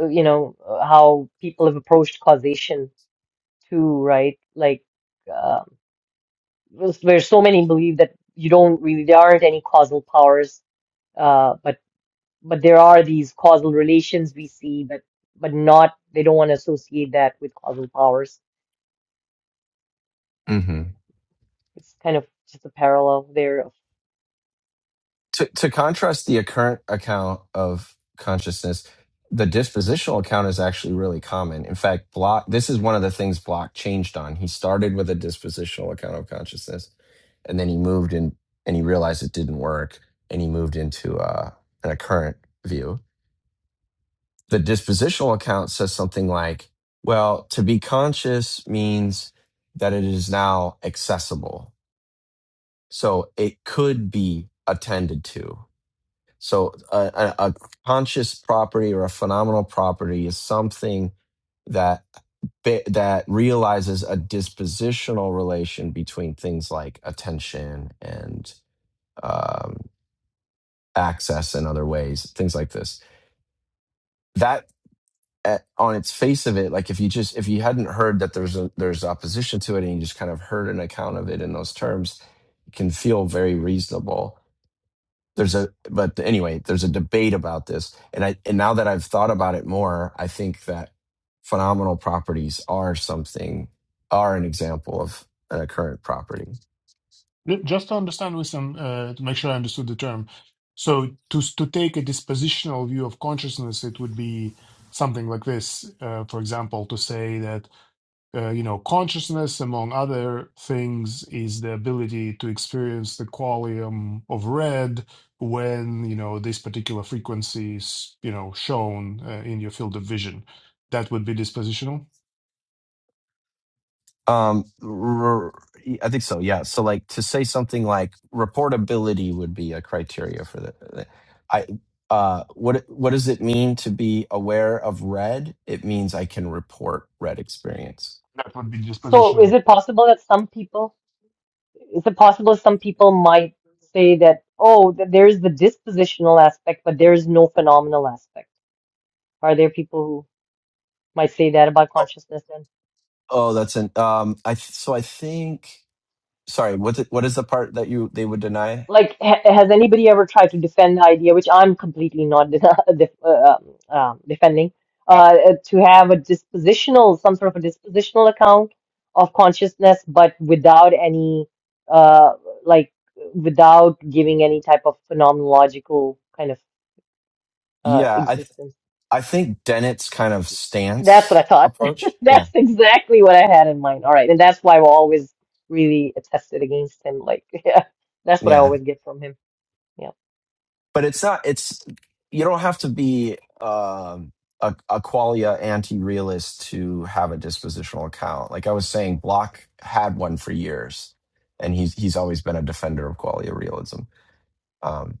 Speaker 1: uh, you know uh, how people have approached causation too, right? Like uh, there's there's so many believe that you don't really there aren't any causal powers, uh, but but there are these causal relations we see, but but not they don't want to associate that with causal powers.
Speaker 3: hmm
Speaker 1: It's kind of just a parallel there.
Speaker 3: To to contrast the current account of consciousness, the dispositional account is actually really common. In fact, Block this is one of the things Block changed on. He started with a dispositional account of consciousness and then he moved in and he realized it didn't work and he moved into uh, a current view the dispositional account says something like, well, to be conscious means that it is now accessible. So it could be attended to. So a, a, a conscious property or a phenomenal property is something that that realizes a dispositional relation between things like attention and um, access and other ways, things like this That. at, on its face of it, like if you just if you hadn't heard that there's a there's opposition to it, and you just kind of heard an account of it in those terms, it can feel very reasonable. There's a but anyway, there's a debate about this, and I and now that I've thought about it more, I think that phenomenal properties are something are an example of a current property.
Speaker 4: Ju- just to understand with some, uh, to make sure I understood the term. So to s- to take a dispositional view of consciousness, it would be something like this. Uh, for example, to say that. uh, you know, consciousness, among other things, is the ability to experience the qualium of red when, you know, this particular frequency is, you know, shown uh, in your field of vision. That would be dispositional.
Speaker 3: Um, r- I think so. Yeah. So like to say something like reportability would be a criteria for the. I uh, what what does it mean to be aware of red? It means I can report red experience.
Speaker 4: That would be
Speaker 1: So,
Speaker 4: dispositional.
Speaker 1: is it possible that some people, is it possible some people might say that, oh, th- there's the dispositional aspect, but there is no phenomenal aspect? Are there people who might say that about
Speaker 3: Oh,
Speaker 1: consciousness
Speaker 3: oh that's an um. I th- so I think. Sorry. What the, what is the part that you they would deny?
Speaker 1: like ha has anybody ever tried to defend the idea, which I'm completely not <laughs> def uh, um, defending, uh, to have a dispositional, some sort of a dispositional account of consciousness, but without any, uh, like, without giving any type of phenomenological kind of uh,
Speaker 3: Yeah. I th-
Speaker 1: existence.
Speaker 3: I think Dennett's kind of
Speaker 1: That's what I
Speaker 3: stance
Speaker 1: thought.
Speaker 3: approach.
Speaker 1: <laughs>
Speaker 3: Yeah.
Speaker 1: That's exactly what I had in mind. All right, and that's why I've always really attested against him. Like, <laughs> yeah, that's what I
Speaker 3: Yeah.
Speaker 1: always get from him. Yeah.
Speaker 3: but it's not it's you don't have to be um a, a qualia anti-realist to have a dispositional account like i was saying block had one for years and he's he's always been a defender of qualia realism um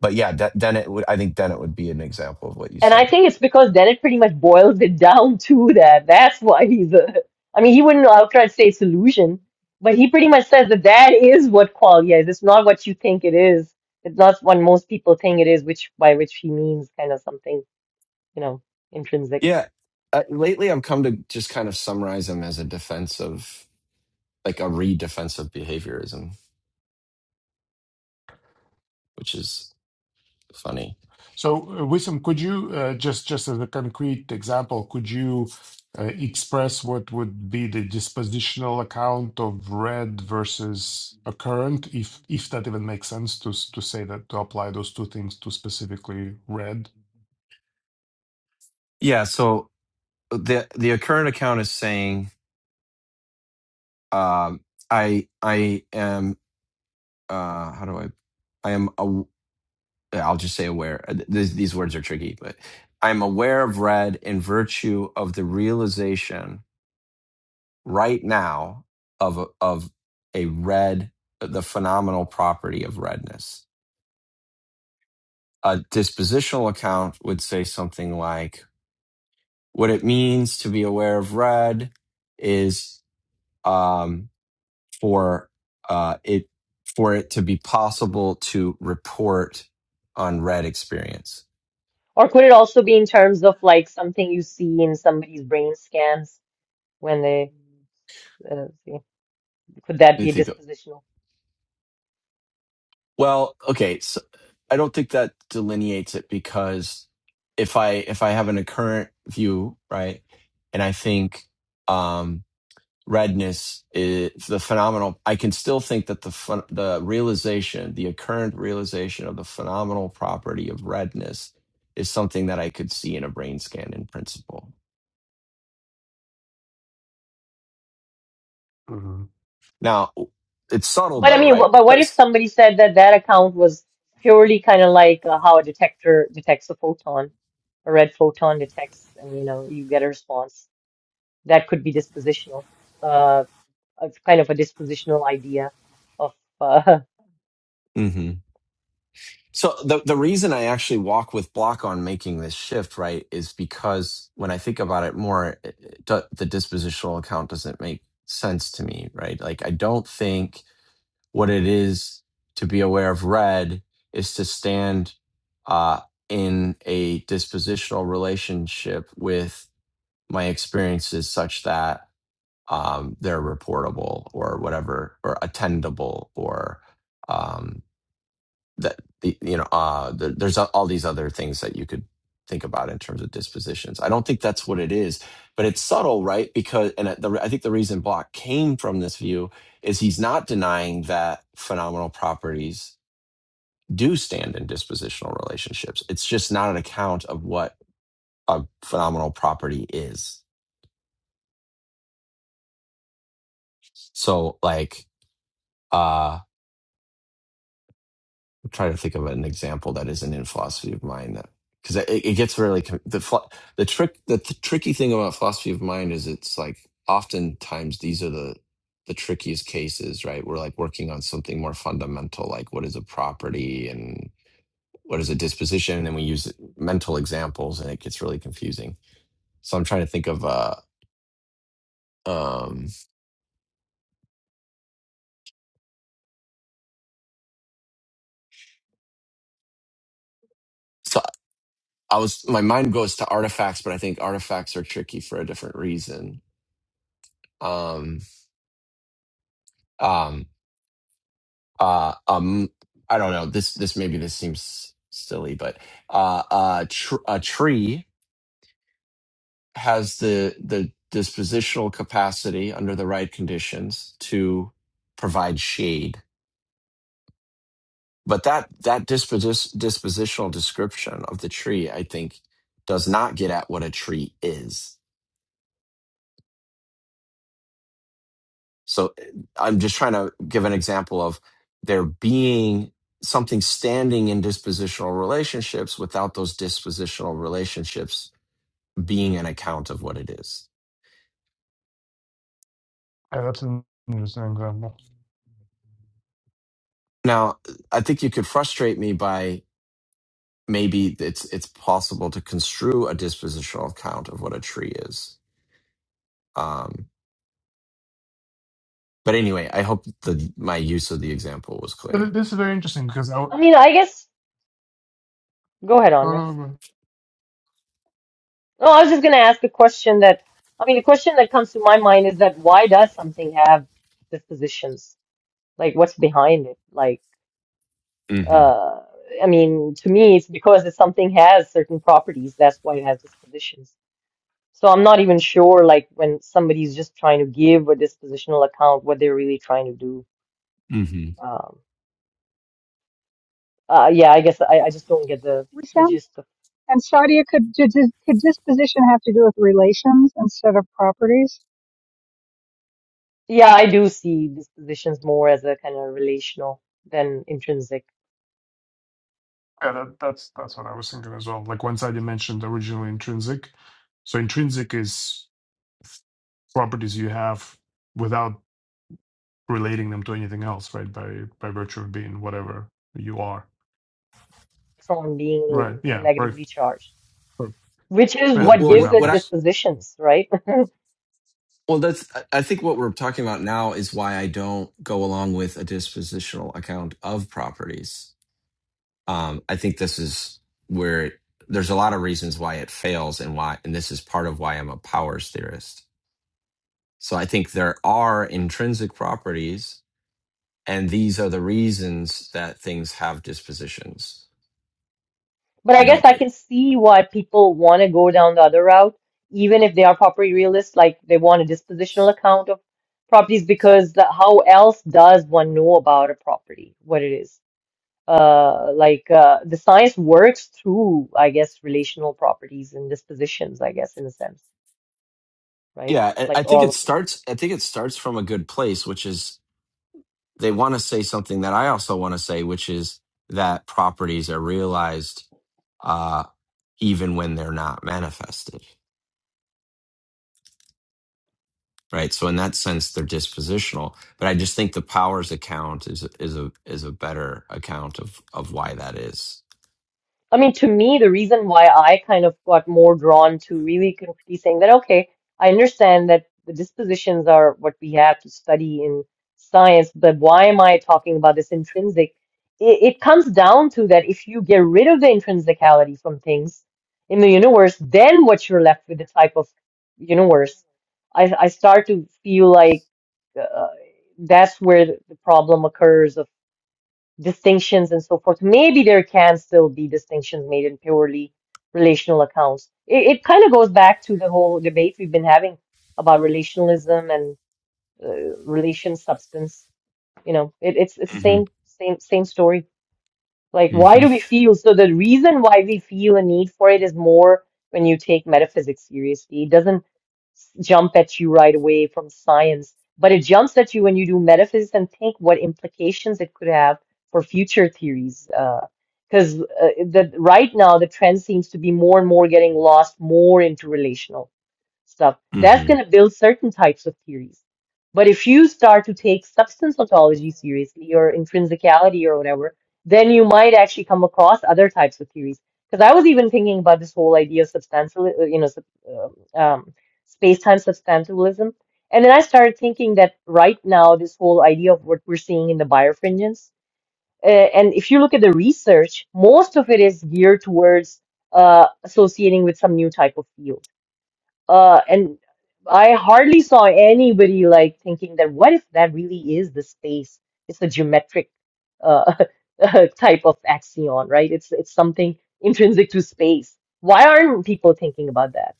Speaker 3: but yeah De- dennett would i think dennett would be an example of what you
Speaker 1: And I
Speaker 3: said
Speaker 1: think it's because then it pretty much boils it down to that. That's why he's a. I mean, he wouldn't outright say solution, but he pretty much says that that is what qualia is. It's not what you think it is. It's not what most people think it is, which by which he means kind of something, you know, intrinsic.
Speaker 3: Yeah. Uh, lately, I've come to just kind of summarize them as a defensive, like a re-defensive behaviorism, which is funny.
Speaker 4: So, uh, Wissam, could you uh, just just as a concrete example, could you uh, express what would be the dispositional account of red versus a current, if if that even makes sense to s- to say that to apply those two things to specifically red?
Speaker 3: Yeah. So uh, the the current account is saying, um, I I am uh, how do I I am aw- I'll just say aware. Uh, th- These, these words are tricky, but I'm aware of red in virtue of the realization right now of a- of a red the phenomenal property of redness a dispositional account would say something like what it means to be aware of red is um, for uh, it for it to be possible to report on red experience
Speaker 1: Or could it also be in terms of like something you see in somebody's brain scans when they, uh, see- could that
Speaker 3: You
Speaker 1: be
Speaker 3: think,
Speaker 1: dispositional?
Speaker 3: well okay so i don't think that delineates it because if i if i have an occurrent view right and i think um, redness is the phenomenal i can still think that the phen- the realization the occurrent realization of the phenomenal property of redness is something that i could see in a brain scan in principle
Speaker 4: Mhm.
Speaker 3: now it's subtle
Speaker 1: But I
Speaker 3: though
Speaker 1: mean, wh-
Speaker 3: right
Speaker 1: but what if
Speaker 3: because
Speaker 1: somebody said that that account was purely kind of like uh, how a detector detects a photon, a red photon detects, and you know, you get a response. That could be dispositional, uh, a kind of a dispositional idea of. Uh,
Speaker 3: hmm so the, the reason i actually walk with block on making this shift right is because when i think about it more it, it do- the dispositional account doesn't make sense to me right like i don't think what it is to be aware of red is to stand uh, in a dispositional relationship with my experiences such that um, they're reportable or whatever, or attendable or um, that the you know uh the, there's all these other things that you could think about in terms of dispositions i don't think that's what it is but it's subtle right because and the, i think the reason block came from this view is he's not denying that phenomenal properties do stand in dispositional relationships it's just not an account of what a phenomenal property is so like uh, I'm trying to think of an example that isn't in philosophy of mind that because it, it gets really com- the phlo- the trick the, th- tricky thing about philosophy of mind is it's like oftentimes these are the the trickiest cases right we're like working on something more fundamental like what is a property and what is a disposition and we use mental examples and it gets really confusing so i'm trying to think of uh um so i was my mind goes to artifacts but i think artifacts are tricky for a different reason um um uh um i don't know this this maybe this seems silly but uh uh tr- a tree has the the dispositional capacity under the right conditions to provide shade but that that disposi- dispositional description of the tree i think does not get at what a tree is so eh, i'm just trying to give an example of there being something standing in dispositional relationships without those dispositional relationships being an account of what it is.
Speaker 4: Yeah, that's an interesting example.
Speaker 3: Now, I think you could frustrate me by maybe it's it's possible to construe a dispositional account of what a tree is. Um, but anyway, I hope the my use of the example was
Speaker 4: But
Speaker 3: clear.
Speaker 4: it- this is very interesting because I
Speaker 1: <laughs>
Speaker 4: w-
Speaker 1: I mean, I guess go ahead,
Speaker 4: no
Speaker 1: Andre.
Speaker 4: no no.
Speaker 1: No, I was just gonna ask a question that. I mean, the question that comes to my mind is that why does something have dispositions? Like, what's behind it? Like.
Speaker 3: hmm
Speaker 1: Uh, I mean, to me, it's because it's something has certain properties. That's why it has dispositions. So I'm not even sure, like when somebody's just trying to give a dispositional account, what they're really trying to do.
Speaker 3: hmm
Speaker 1: Um, uh, yeah, I guess I, I just don't get the the
Speaker 2: Wissam,
Speaker 1: gist of.
Speaker 2: and Sadia, could, could, could disposition have to do with relations instead of properties?
Speaker 1: Yeah, I do see dispositions more as a kind of relational than intrinsic
Speaker 4: Yeah, that, that's that's what I was thinking as well. Like one side you mentioned originally intrinsic, so intrinsic is properties you have without relating them to anything else, right? By by virtue of being whatever you are,
Speaker 1: from being
Speaker 4: right? Yeah, right.
Speaker 1: negatively charged,
Speaker 4: For,
Speaker 1: which is
Speaker 3: What,
Speaker 4: yeah,
Speaker 1: what
Speaker 4: for
Speaker 3: well,
Speaker 1: gives
Speaker 3: what,
Speaker 1: it
Speaker 3: what I
Speaker 4: examples.
Speaker 1: dispositions, right?
Speaker 3: well that's I I think what we're talking about now is why I don't go along with a dispositional account of properties um, I think this is where it, there's a lot of reasons why it fails and why, and this is part of why I'm a powers theorist. So I think there are intrinsic properties, and these are the reasons that things have dispositions.
Speaker 1: But I
Speaker 3: I
Speaker 1: guess
Speaker 3: don't
Speaker 1: I
Speaker 3: think.
Speaker 1: can see why people want to go down the other route, even if they are property realists, like they want a dispositional account of properties, because the, how else does one know about a property, what it is? Uh, like uh, the science works through, I guess, relational properties and dispositions, I guess, in a sense, right?
Speaker 3: Yeah, I
Speaker 1: Like
Speaker 3: I think
Speaker 1: all
Speaker 3: it
Speaker 1: of them.
Speaker 3: starts. I think it starts from a good place, which is they want to say something that I also want to say, which is that properties are realized uh, even when they're not manifested. right? So in that sense, they're dispositional. But I just think the powers account is is a is a better account of of why that is.
Speaker 1: I mean, to me, the reason why I kind of got more drawn to really completely saying that, okay, I understand that the dispositions are what we have to study in science, but why am I talking about this intrinsic? It, it comes down to that if you get rid of the intrinsicality from things in the universe, then what you're left with the type of universe. I, I start to feel like uh, that's where the the problem occurs of distinctions and so forth. Maybe there can still be distinctions made in purely relational accounts. It, it kind of goes back to the whole debate we've been having about relationalism and uh, relation substance. You know, it, it's it's the
Speaker 3: Mm-hmm.
Speaker 1: same same same story. Like, why do
Speaker 3: Mm-hmm.
Speaker 1: we feel? So the reason why we feel a need for it is more when you take metaphysics seriously. It doesn't s- jump at you right away from science, but it jumps at you when you do metaphysics and think what implications it could have for future theories. Because uh, the right now the trend seems to be more and more getting lost more into relational stuff. That's
Speaker 3: Mm-hmm.
Speaker 1: going to build certain types of theories. But if you start to take substance ontology seriously or intrinsicality or whatever, then you might actually come across other types of theories. Because I was even thinking about this whole idea of substantial, uh, you know, sub- uh, um, space-time substantialism. And then I started thinking that right now, this whole idea of what we're seeing in the birefringence, uh, and if you look at the research, most of it is geared towards uh, associating with some new type of field uh, and I hardly saw anybody like thinking that what if that really is the space? It's a geometric uh, <laughs> type of axion, right? It's it's something intrinsic to space. Why aren't people thinking about that?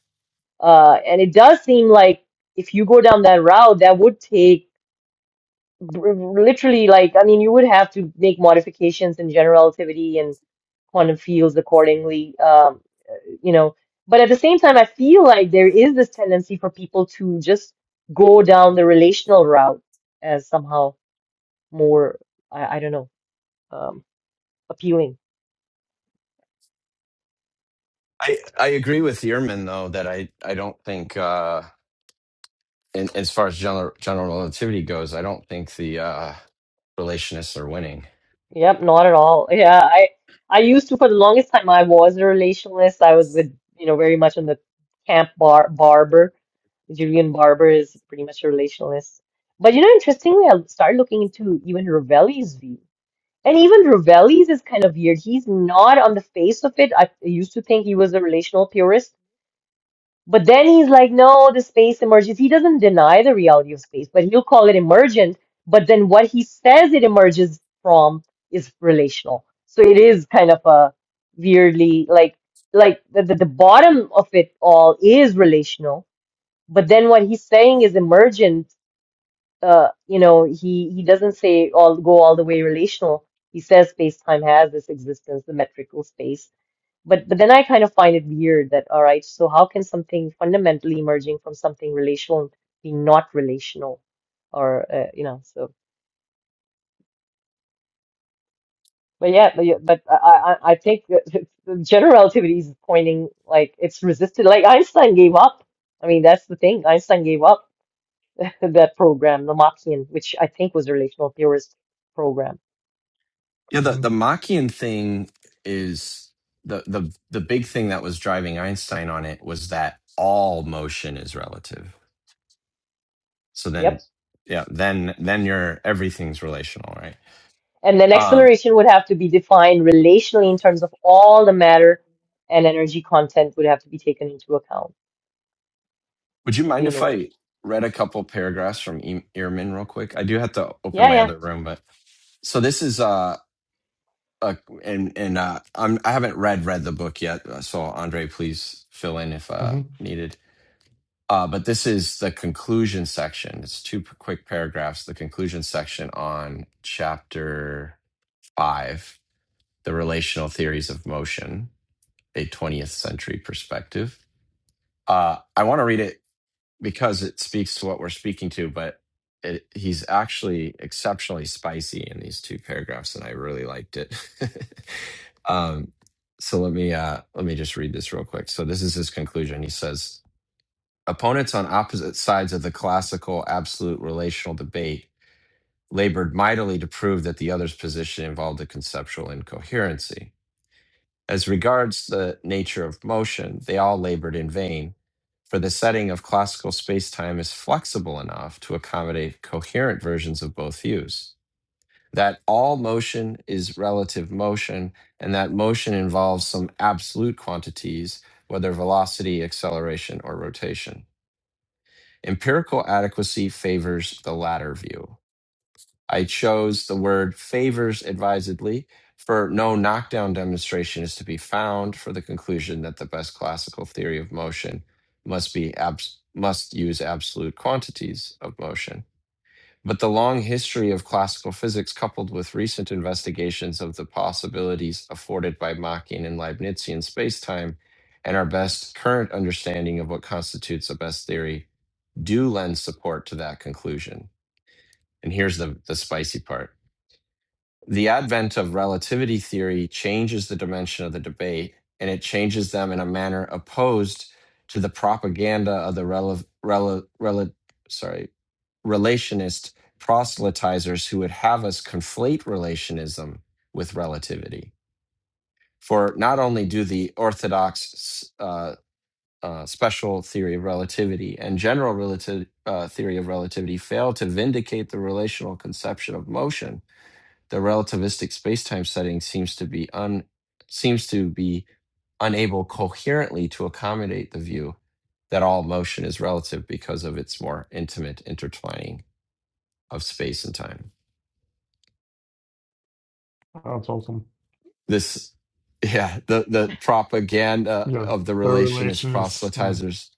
Speaker 1: Uh, and it does seem like if you go down that route, that would take br- literally like I mean, you would have to make modifications in general relativity and quantum fields accordingly. Um, you know. But at the same time, I feel like there is this tendency for people to just go down the relational route as somehow more, I, I don't know, um, appealing.
Speaker 3: I I agree with Ehrman though that I I don't think uh, in, as far as general general relativity goes, I don't think the uh, relationists are winning.
Speaker 1: Yep, not at all. Yeah, I I used to for the longest time I was a relationalist. I was with, you know, very much on the camp bar barber. Julian Barber is pretty much a relationalist. But you know, interestingly, I started looking into even Ravelli's view. And even Ravelli's is kind of weird. He's not on the face of it. I used to think he was a relational purist, but then he's like, no, the space emerges. He doesn't deny the reality of space, but he'll call it emergent. But then what he says it emerges from is relational. So it is kind of a weirdly like like the, the, the bottom of it all is relational, but then what he's saying is emergent uh, you know, he he doesn't say all go all the way relational. He says space-time has this existence, the metrical space. But but then I kind of find it weird that all right, so how can something fundamentally emerging from something relational be not relational, or uh, you know, so. But yeah, but, yeah, but I, I I think that <laughs> the general relativity is pointing like it's resisted. Like Einstein gave up. I mean, that's the thing. Einstein gave up <laughs> that program, the Machian, which I think was a relational theorist program.
Speaker 3: Yeah, the
Speaker 4: hmm
Speaker 3: the Machian thing is the the the big thing that was driving Einstein on it was that all motion is relative So
Speaker 1: Yep.
Speaker 3: then, yeah, then then you're everything's relational, right?
Speaker 1: And then
Speaker 3: Um,
Speaker 1: acceleration would have to be defined relationally in terms of all the matter and energy content would have to be taken into account
Speaker 3: would you
Speaker 1: of the
Speaker 3: mind if
Speaker 1: universe.
Speaker 3: I read a couple paragraphs from e- Ehrman real quick? I do have to open
Speaker 1: Yeah,
Speaker 3: my
Speaker 1: yeah.
Speaker 3: other room, but so this is uh, a and and uh, I'm I haven't read read the book yet, uh, so Andre, please fill in if uh
Speaker 4: hmm
Speaker 3: needed. Uh, but this is the conclusion section. It's two p- quick paragraphs. The conclusion section on chapter five, the relational theories of motion, a 20th century perspective Uh, I want to read it because it speaks to what we're speaking to, but it, he's actually exceptionally spicy in these two paragraphs, and I really liked it. <laughs> um, so let me uh, let me just read this real quick. So this is his conclusion. He says, "Opponents on opposite sides of the classical absolute relational debate labored mightily to prove that the other's position involved a conceptual incoherency." As regards the nature of motion, they all labored in vain, for the setting of classical spacetime is flexible enough to accommodate coherent versions of both views. That all motion is relative motion, and that motion involves some absolute quantities, whether velocity, acceleration, or rotation. Empirical adequacy favors the latter view. I chose the word favors advisedly, for no knockdown demonstration is to be found for the conclusion that the best classical theory of motion must be abs- must use absolute quantities of motion. But the long history of classical physics, coupled with recent investigations of the possibilities afforded by Machian and Leibnizian spacetime, and our best current understanding of what constitutes a best theory, do lend support to that conclusion. And here's the, the spicy part the advent of relativity theory changes the dimension of the debate and it changes them in a manner opposed to the propaganda of the rel- rel- rel- sorry, relationist proselytizers who would have us conflate relationism with relativity. For not only do the orthodox uh, uh, special theory of relativity and general relative, uh, theory of relativity fail to vindicate the relational conception of motion, the relativistic spacetime setting seems to be un seems to be unable coherently to accommodate the view that all motion is relative because of its more intimate intertwining of space and time.
Speaker 4: That's awesome.
Speaker 3: This yeah, the the propaganda
Speaker 4: Yeah,
Speaker 3: of the
Speaker 4: the
Speaker 3: relationist
Speaker 4: relation is mm,
Speaker 3: proselytizers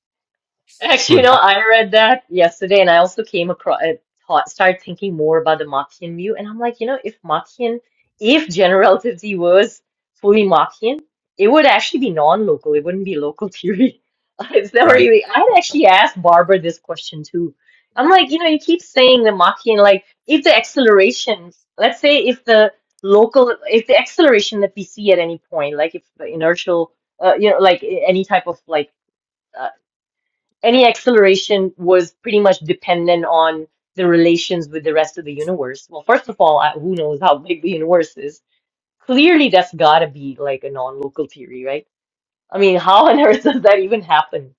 Speaker 3: who
Speaker 1: Actually, you
Speaker 3: would
Speaker 1: know,
Speaker 3: ha-
Speaker 1: I read that yesterday and I also came across, I thought, started thinking more about the Machian view. And I'm like, you know, if Machian, if general relativity was fully Machian, it would actually be non-local. It wouldn't be local theory. <laughs> It's never
Speaker 3: right.
Speaker 1: really, I'd actually asked Barbara this question too. I'm like, you know, you keep saying the Machian, like, if the acceleration, let's say if the local, if the acceleration that we see at any point, like if the inertial, uh, you know, like any type of like, any acceleration was pretty much dependent on the relations with the rest of the universe. Well, first of all, I- who knows how big the universe is? Clearly, that's got to be like a non-local theory, right? I mean, how on <laughs> earth does that even happen?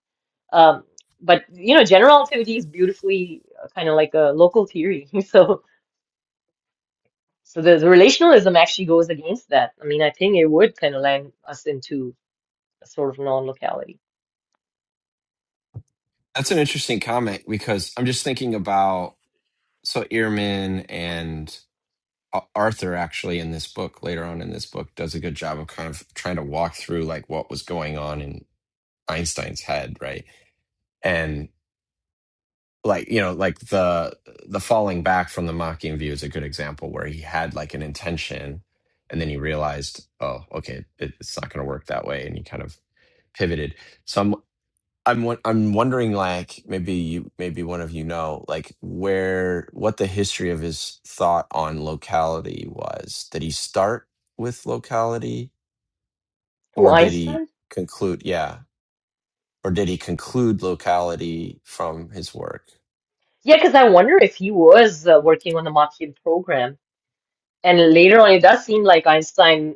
Speaker 1: Um, but you know, general relativity is beautifully kind of like a local theory. <laughs> So, so the, the relationalism actually goes against that. I mean, I think it would kind of land us into a sort of non-locality.
Speaker 3: That's an interesting comment because I'm just thinking about so Ehrman and Arthur actually in this book later on in this book does a good job of kind of trying to walk through like what was going on in Einstein's head, right? And like you know, like the the falling back from the Machian view is a good example where he had like an intention, and then he realized, oh, okay, it, it's not going to work that way, and he kind of pivoted. So. I'm I'm won- I'm wondering like maybe you maybe one of you know like where what the history of his thought on locality was. Did he start with locality
Speaker 1: Who
Speaker 3: or did he
Speaker 1: Einstein?
Speaker 3: conclude yeah or did he conclude locality from his work?
Speaker 1: Yeah, because I wonder if he was uh, working on the Machian program And later on, it does seem like Einstein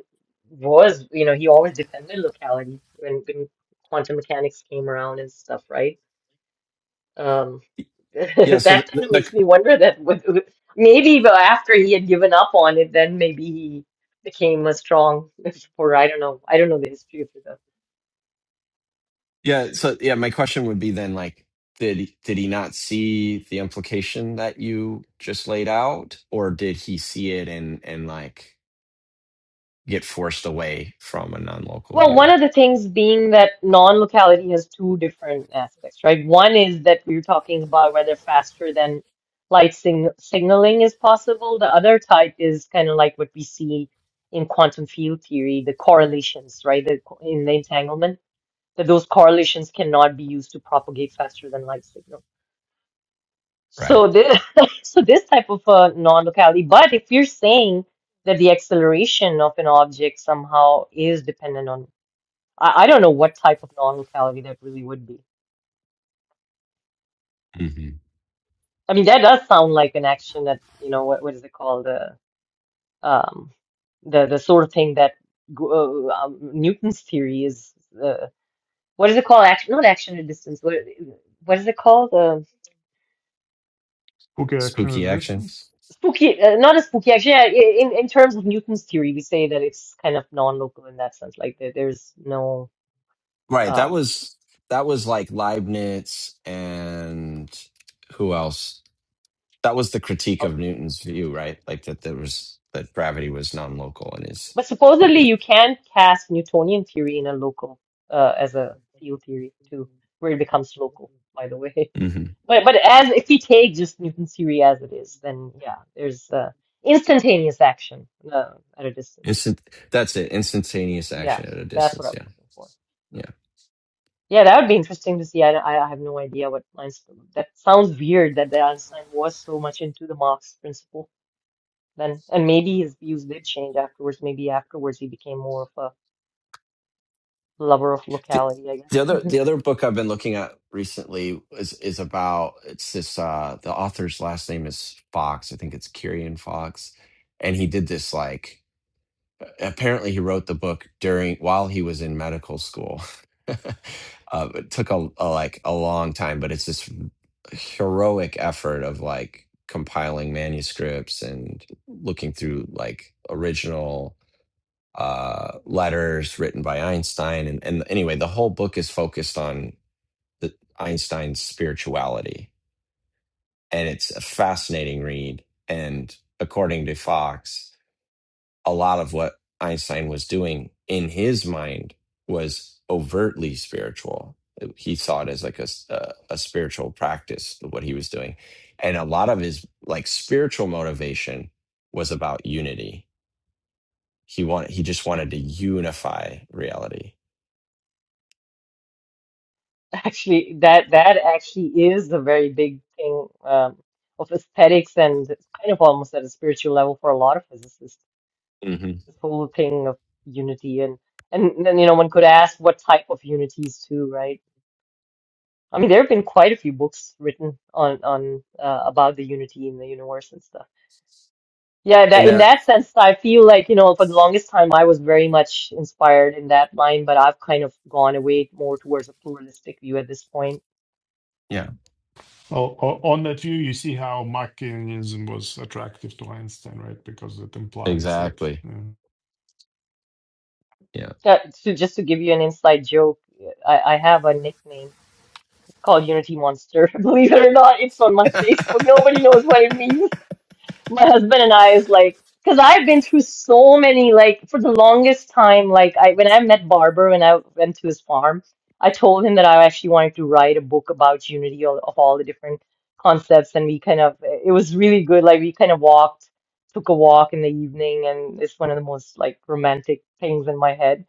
Speaker 1: was, you know, he always defended locality when, when quantum mechanics came around and stuff, right? Um, <laughs>
Speaker 3: Yeah,
Speaker 1: that
Speaker 3: so the,
Speaker 1: kind
Speaker 3: the,
Speaker 1: of
Speaker 3: the
Speaker 1: makes me wonder that with, with- maybe but after he had given up on it, then maybe he became a strong <laughs> supporter. I don't know. I don't know the history of it.
Speaker 3: yeah, so yeah, my question would be then like did he- did he not see the implication that you just laid out or did he see it and and like get forced away from a non-local
Speaker 1: Well,
Speaker 3: view?
Speaker 1: one of the things being that non-locality has two different aspects, right? One is that we're talking about whether faster than light sing signaling is possible. The other type is kind of like what we see in quantum field theory, the correlations, right? The, co- in the entanglement, that those correlations cannot be used to propagate faster than light signal.
Speaker 3: Right.
Speaker 1: So this, <laughs> so this type of uh, non-locality. But if you're saying that the acceleration of an object somehow is dependent on I, I don't know what type of non-locality that really would be.
Speaker 3: hmm
Speaker 1: I mean, that does sound like an action that, you know, what, what is it called? The um, the the sort of thing that go- uh, um, Newton's theory is. Uh, what is it called? Action, not action at distance. What what is it called? Uh,
Speaker 4: okay. Action
Speaker 3: Spooky
Speaker 4: at a
Speaker 3: action.
Speaker 4: distance.
Speaker 1: spooky, uh, not a spooky action. Yeah, i- in in terms of Newton's theory, we say that it's kind of non-local in that sense. Like there, there's no.
Speaker 3: Right. That
Speaker 1: um,
Speaker 3: was that was like Leibniz and who else? That was the critique
Speaker 4: Uh,
Speaker 3: of Newton's view, right? Like that there was that gravity was non-local in his
Speaker 1: But supposedly
Speaker 3: theory.
Speaker 1: you can cast Newtonian theory in a local uh, as a field theory too, where it becomes local, by the way. <laughs>
Speaker 3: hmm
Speaker 1: But but as if we take just Newton's theory as it is, then yeah, there's uh, instantaneous action uh, at a distance.
Speaker 3: Instant. That's it. Instantaneous
Speaker 1: Yeah,
Speaker 3: action at a
Speaker 1: that's what I
Speaker 3: distance.
Speaker 1: was
Speaker 3: Yeah.
Speaker 1: looking for.
Speaker 3: Yeah.
Speaker 1: Yeah, that would be interesting to see. I I I have no idea what Einstein. That sounds weird that the Einstein was so much into the Marx principle then, and maybe his views did change afterwards. Maybe afterwards he became more of a lover of
Speaker 3: The,
Speaker 1: locality, I
Speaker 3: the
Speaker 1: guess.
Speaker 3: other the other book I've been looking at recently is is about it's this uh the author's last name is Fox. I think it's Kirian Fox. And he did this like apparently he wrote the book during while he was in medical school. <laughs> uh, it took a, a like a long time, but it's this heroic effort of like compiling manuscripts and looking through like original uh, letters written by Einstein. And, and anyway, the whole book is focused on the Einstein's spirituality, and it's a fascinating read. And according to Fox a lot of what Einstein was doing in his mind was overtly spiritual. He saw it as like a a a spiritual practice, what he was doing. And a lot of his like spiritual motivation was about unity. He wanted, he just wanted to unify reality.
Speaker 1: Actually, that that actually is the very big thing um, of aesthetics and it's kind of almost at a spiritual level for a lot of physicists.
Speaker 3: hmm
Speaker 1: This whole thing of unity and and then you know one could ask what type of unities too, right? I mean, there have been quite a few books written on on uh, about the unity in the universe and stuff. Yeah, that
Speaker 3: And
Speaker 1: in
Speaker 3: that,
Speaker 1: that sense, I feel like you know for the longest time I was very much inspired in that line, but I've kind of gone away more towards a pluralistic view at this point
Speaker 3: yeah,
Speaker 4: o- o- on that view, you see how Machiavellianism was attractive to Einstein, right? Because it implies that.
Speaker 3: exactly.
Speaker 4: yeah.
Speaker 3: Yeah.
Speaker 1: That so just to give you an inside joke, I, I have a nickname. It's called Unity Monster. <laughs> Believe it or not, it's on my <laughs> Facebook. Nobody knows what it means. My husband and I is like, because I've been through so many, like for the longest time, like I when I met Barber when I went to his farm, I told him that I actually wanted to write a book about Unity of, of all the different concepts, and we kind of it was really good. Like we kind of walked, took a walk in the evening, and it's one of the most like romantic things in my head.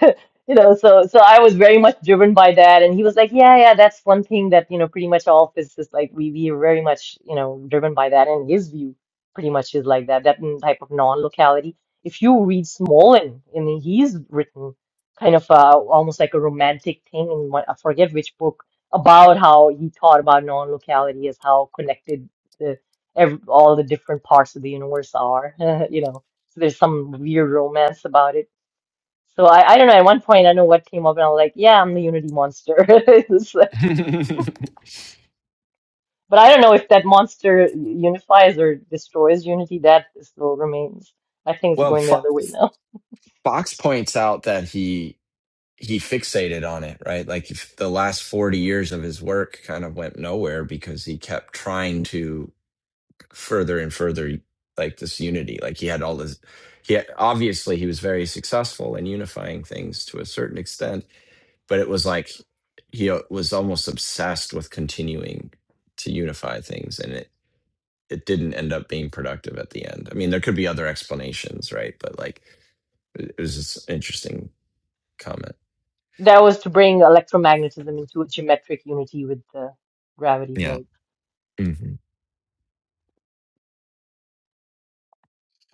Speaker 1: <laughs> you know so so i was very much driven by that and he was like yeah yeah that's one thing that you know pretty much all physicists like we we are very much you know driven by that and his view pretty much is like that that n- type of non-locality if you read Smolin and he's written kind of uh, almost like a romantic thing in one, I forget which book about how he thought about non-locality as how connected the ev all the different parts of the universe are <laughs> you know so there's some weird romance about it so I, I don't know. At one point, I know what came up, and I was like, "Yeah, I'm the Unity monster." <laughs> It's like-
Speaker 3: <laughs>
Speaker 1: but I don't know if that monster unifies or destroys Unity. That still remains. I think it's
Speaker 3: well,
Speaker 1: going the
Speaker 3: Fo-
Speaker 1: other way now.
Speaker 3: Fox points out that he he fixated on it, right? Like if the last 40 years of his work kind of went nowhere because he kept trying to further and further like this unity. Like he had all this, he had, obviously he was very successful in unifying things to a certain extent, but it was like he uh, was almost obsessed with continuing to unify things and it, it didn't end up being productive at the end. I mean, there could be other explanations, right? But like it it was just an interesting comment.
Speaker 1: That was to bring electromagnetism into a geometric unity with the gravity,
Speaker 3: Yeah.
Speaker 1: right?
Speaker 3: hmm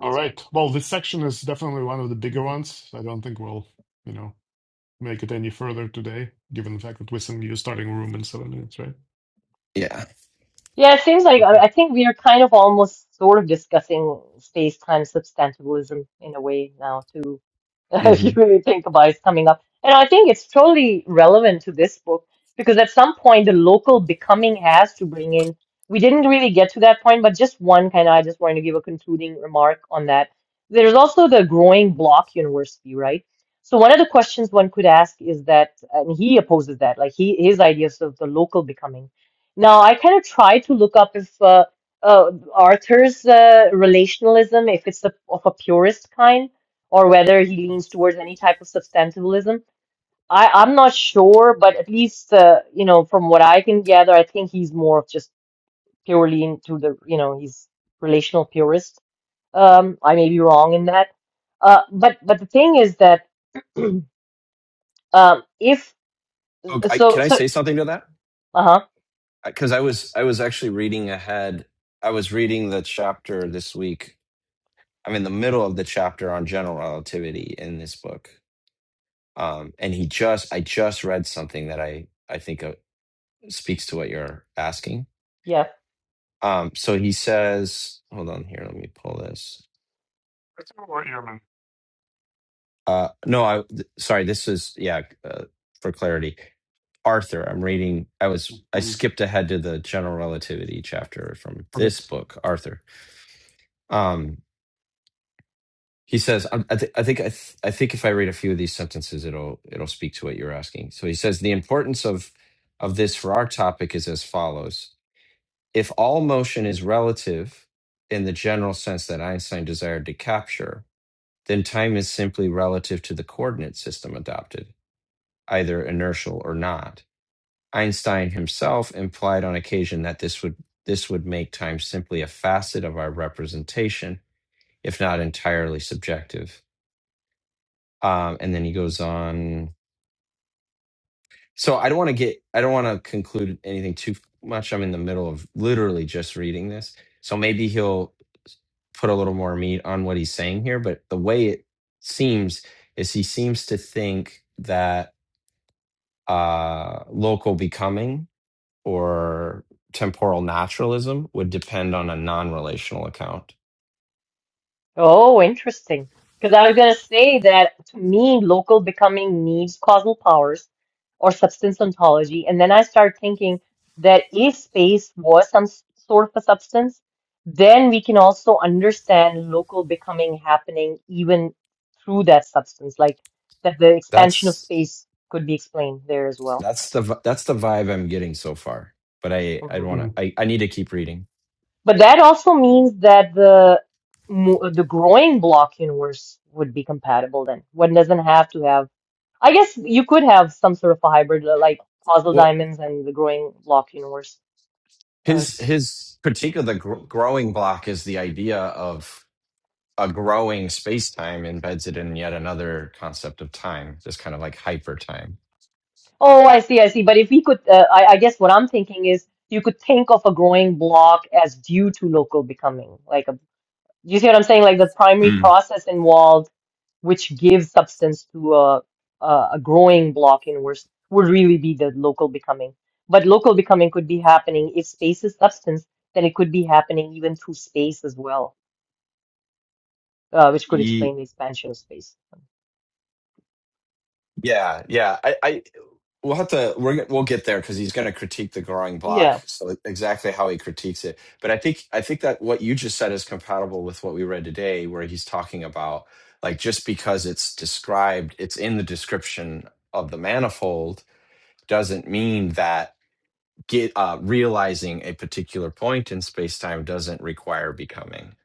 Speaker 4: All right. Well, this section is definitely one of the bigger ones. I don't think we'll, you know, make it any further today, given the fact that we're sending you starting room in seven minutes, right?
Speaker 3: Yeah.
Speaker 1: Yeah, it seems like
Speaker 4: Okay.
Speaker 1: I I think we are kind of almost sort of discussing space-time substantivalism in a way now too, <laughs> if
Speaker 3: hmm
Speaker 1: you really think about it, it's coming up. And I think it's totally relevant to this book because at some point the local becoming has to bring in. We didn't really get to that point, but just one kind of, I just wanted to give a concluding remark on that. There's also the growing block university, right? So one of the questions one could ask is that, and he opposes that, like he his ideas of the local becoming. Now I kind of try to look up if uh, uh, Arthur's uh, relationalism, if it's a, of a purist kind, or whether he leans towards any type of substantivalism. I, I'm not sure, but at least uh, you know from what I can gather, I think he's more of just purely into the you know he's relational purist. Um, I may be wrong in that, uh, but but the thing is that <clears throat> um, if
Speaker 3: Oh, I,
Speaker 1: so
Speaker 3: can I
Speaker 1: so
Speaker 3: say something to that?
Speaker 1: uh-huh
Speaker 3: Because I was I was actually reading ahead. I was reading the chapter this week. I'm in the middle of the chapter on general relativity in this book, um, and he just I just read something that I I think uh, speaks to what you're asking.
Speaker 1: yeah.
Speaker 3: Um, so he says, hold on here, let me pull this.
Speaker 4: That's all right, yeah, man.
Speaker 3: Uh, no, I th- sorry. This is yeah. Uh, for clarity, Arthur. I'm reading. I was I
Speaker 4: Mhm.
Speaker 3: skipped ahead to the general relativity chapter from
Speaker 4: Okay.
Speaker 3: this book, Arthur. Um, he says, I, I, th- I think I, th- I think if I read a few of these sentences, it'll it'll speak to what you're asking. So he says the importance of of this for our topic is as follows: If all motion is relative in the general sense that Einstein desired to capture, then time is simply relative to the coordinate system adopted either inertial or not. Einstein himself implied on occasion that this would this would make time simply a facet of our representation, if not entirely subjective. Um, and then he goes on. So I don't want to get I don't want to conclude anything too much. I'm in the middle of literally just reading this, so maybe he'll put a little more meat on what he's saying here. But the way it seems is he seems to think that uh, local becoming or temporal naturalism would depend on a non-relational account.
Speaker 1: Oh, interesting. Because I was going to say that to me, local becoming needs causal powers or substance ontology. And then I start thinking that if space was some s- sort of a substance, then we can also understand local becoming happening even through that substance, like that the expansion of
Speaker 3: That's
Speaker 1: space could be explained there as well.
Speaker 3: that's the vi- that's the vibe I'm getting so far. But I I
Speaker 1: hmm
Speaker 3: want to
Speaker 4: Mm,
Speaker 3: I, I need to keep reading.
Speaker 1: But that also means that the mo- the growing block universe would be compatible then. One doesn't have to have I guess you could have some sort of a hybrid, uh, like puzzle
Speaker 3: Well,
Speaker 1: diamonds and the growing block universe. Uh,
Speaker 3: his his critique of the gr- growing block is the idea of a growing space time embeds it in yet another concept of time. This kind of like hyper time.
Speaker 1: oh, I see, I see. But if we could, uh, I, I guess what I'm thinking is you could think of a growing block as due to local becoming. Like, a, you see what I'm saying? Like the primary process involved, which gives substance to a a, a growing block universe, would really be the local becoming. But local becoming could be happening if space is substance, then it could be happening even through space as well. uh, which could
Speaker 3: Mm.
Speaker 1: explain the expansion of space.
Speaker 3: Yeah, yeah. I, I we'll have to we're gonna- we'll get there because he's going to critique the growing block.
Speaker 1: Yeah.
Speaker 3: So exactly how he critiques it, but I think I think that what you just said is compatible with what we read today, where he's talking about like just because it's described, it's in the description of the manifold, doesn't mean that get uh, realizing a particular point in space time doesn't require becoming.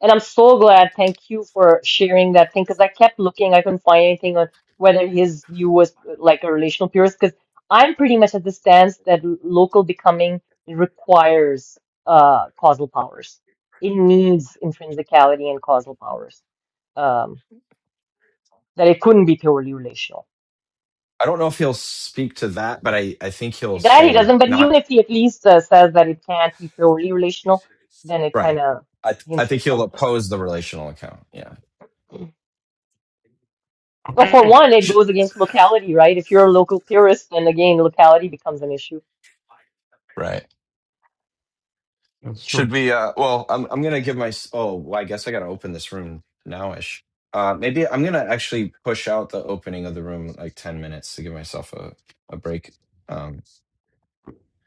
Speaker 1: And I'm so glad. Thank you for sharing that thing because I kept looking. I couldn't find anything on whether his view was uh, like a relational purist because I'm pretty much at the stance that l- local becoming requires uh, causal powers. It needs intrinsicality and causal powers. Um, that it couldn't be purely relational.
Speaker 3: I don't know if he'll speak to that, but I, I think he'll
Speaker 1: That he
Speaker 3: say
Speaker 1: doesn't, but
Speaker 3: not
Speaker 1: even if he at least uh, says that it can't be purely relational, then it kind
Speaker 3: Right.
Speaker 1: of
Speaker 3: I th- I
Speaker 1: hints at
Speaker 3: think he'll
Speaker 1: something.
Speaker 3: oppose the relational account. Yeah.
Speaker 1: Well, for
Speaker 4: Okay,
Speaker 1: one, it
Speaker 3: Sh-
Speaker 1: goes against locality, right? If you're a local purist, then again, locality becomes an issue.
Speaker 3: right.
Speaker 4: that's
Speaker 3: Should
Speaker 4: true.
Speaker 3: we? Uh. Well, I'm I'm gonna give my. s- Oh, well, I guess I gotta open this room nowish. Uh. Maybe I'm gonna actually push out the opening of the room like ten minutes to give myself a a break. Um.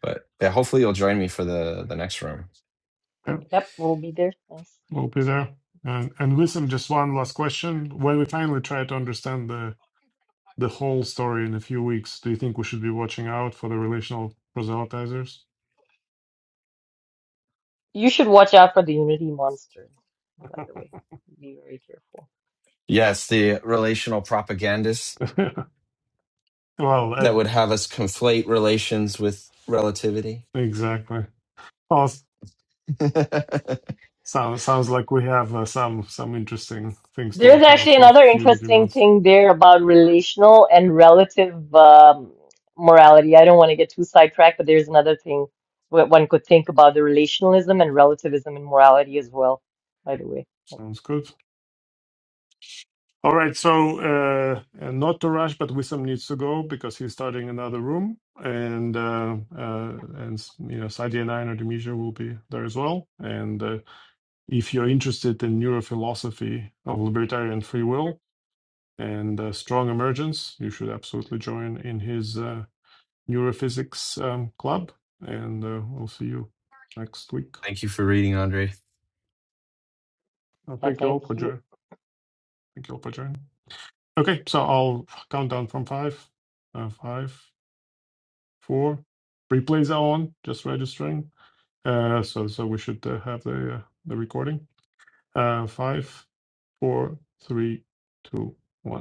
Speaker 3: But yeah, hopefully you'll join me for the the next room.
Speaker 4: Yeah,
Speaker 1: Yep, we'll be there. Thanks.
Speaker 4: we'll be there. And and listen, just one last question. When we finally try to understand the the whole story in a few weeks, do you think we should be watching out for the relational proselytizers?
Speaker 1: You should watch out for the Unity monster, by the way. Be very careful.
Speaker 3: Yes, the relational propagandists
Speaker 4: <laughs> Well,
Speaker 3: that
Speaker 4: I,
Speaker 3: would have us conflate relations with relativity.
Speaker 4: exactly. Well,
Speaker 3: <laughs> Thank
Speaker 4: sounds sounds like we have uh, some some interesting things to
Speaker 1: There's
Speaker 4: watch out
Speaker 1: actually
Speaker 4: for.
Speaker 1: another
Speaker 4: Unity
Speaker 1: interesting
Speaker 4: month
Speaker 1: thing there about relational and relative um, morality. I don't want to get too sidetracked, but there's another thing what one could think about the relationalism and relativism in morality as well, by the way.
Speaker 4: sounds good. All right, so uh, uh, not to rush, but Wisdom needs to go because he's starting another room, and uh, uh, and you know Sadia and I and Artemisia will be there as well. And uh, if you're interested in neurophilosophy of libertarian free will and uh, strong emergence, you should absolutely join in his uh, neurophysics um, club. And uh, we'll see you next week.
Speaker 3: you for reading, Andre.
Speaker 4: Uh,
Speaker 1: Yeah,
Speaker 4: thank you all
Speaker 1: thank
Speaker 4: for
Speaker 1: you.
Speaker 4: joining. Thank you all for joining. Okay, so I'll count down from five. Uh, five. four. Replays are on, just registering. Uh, so so we should uh, have the uh, the recording. Uh, five, four, three, two, one.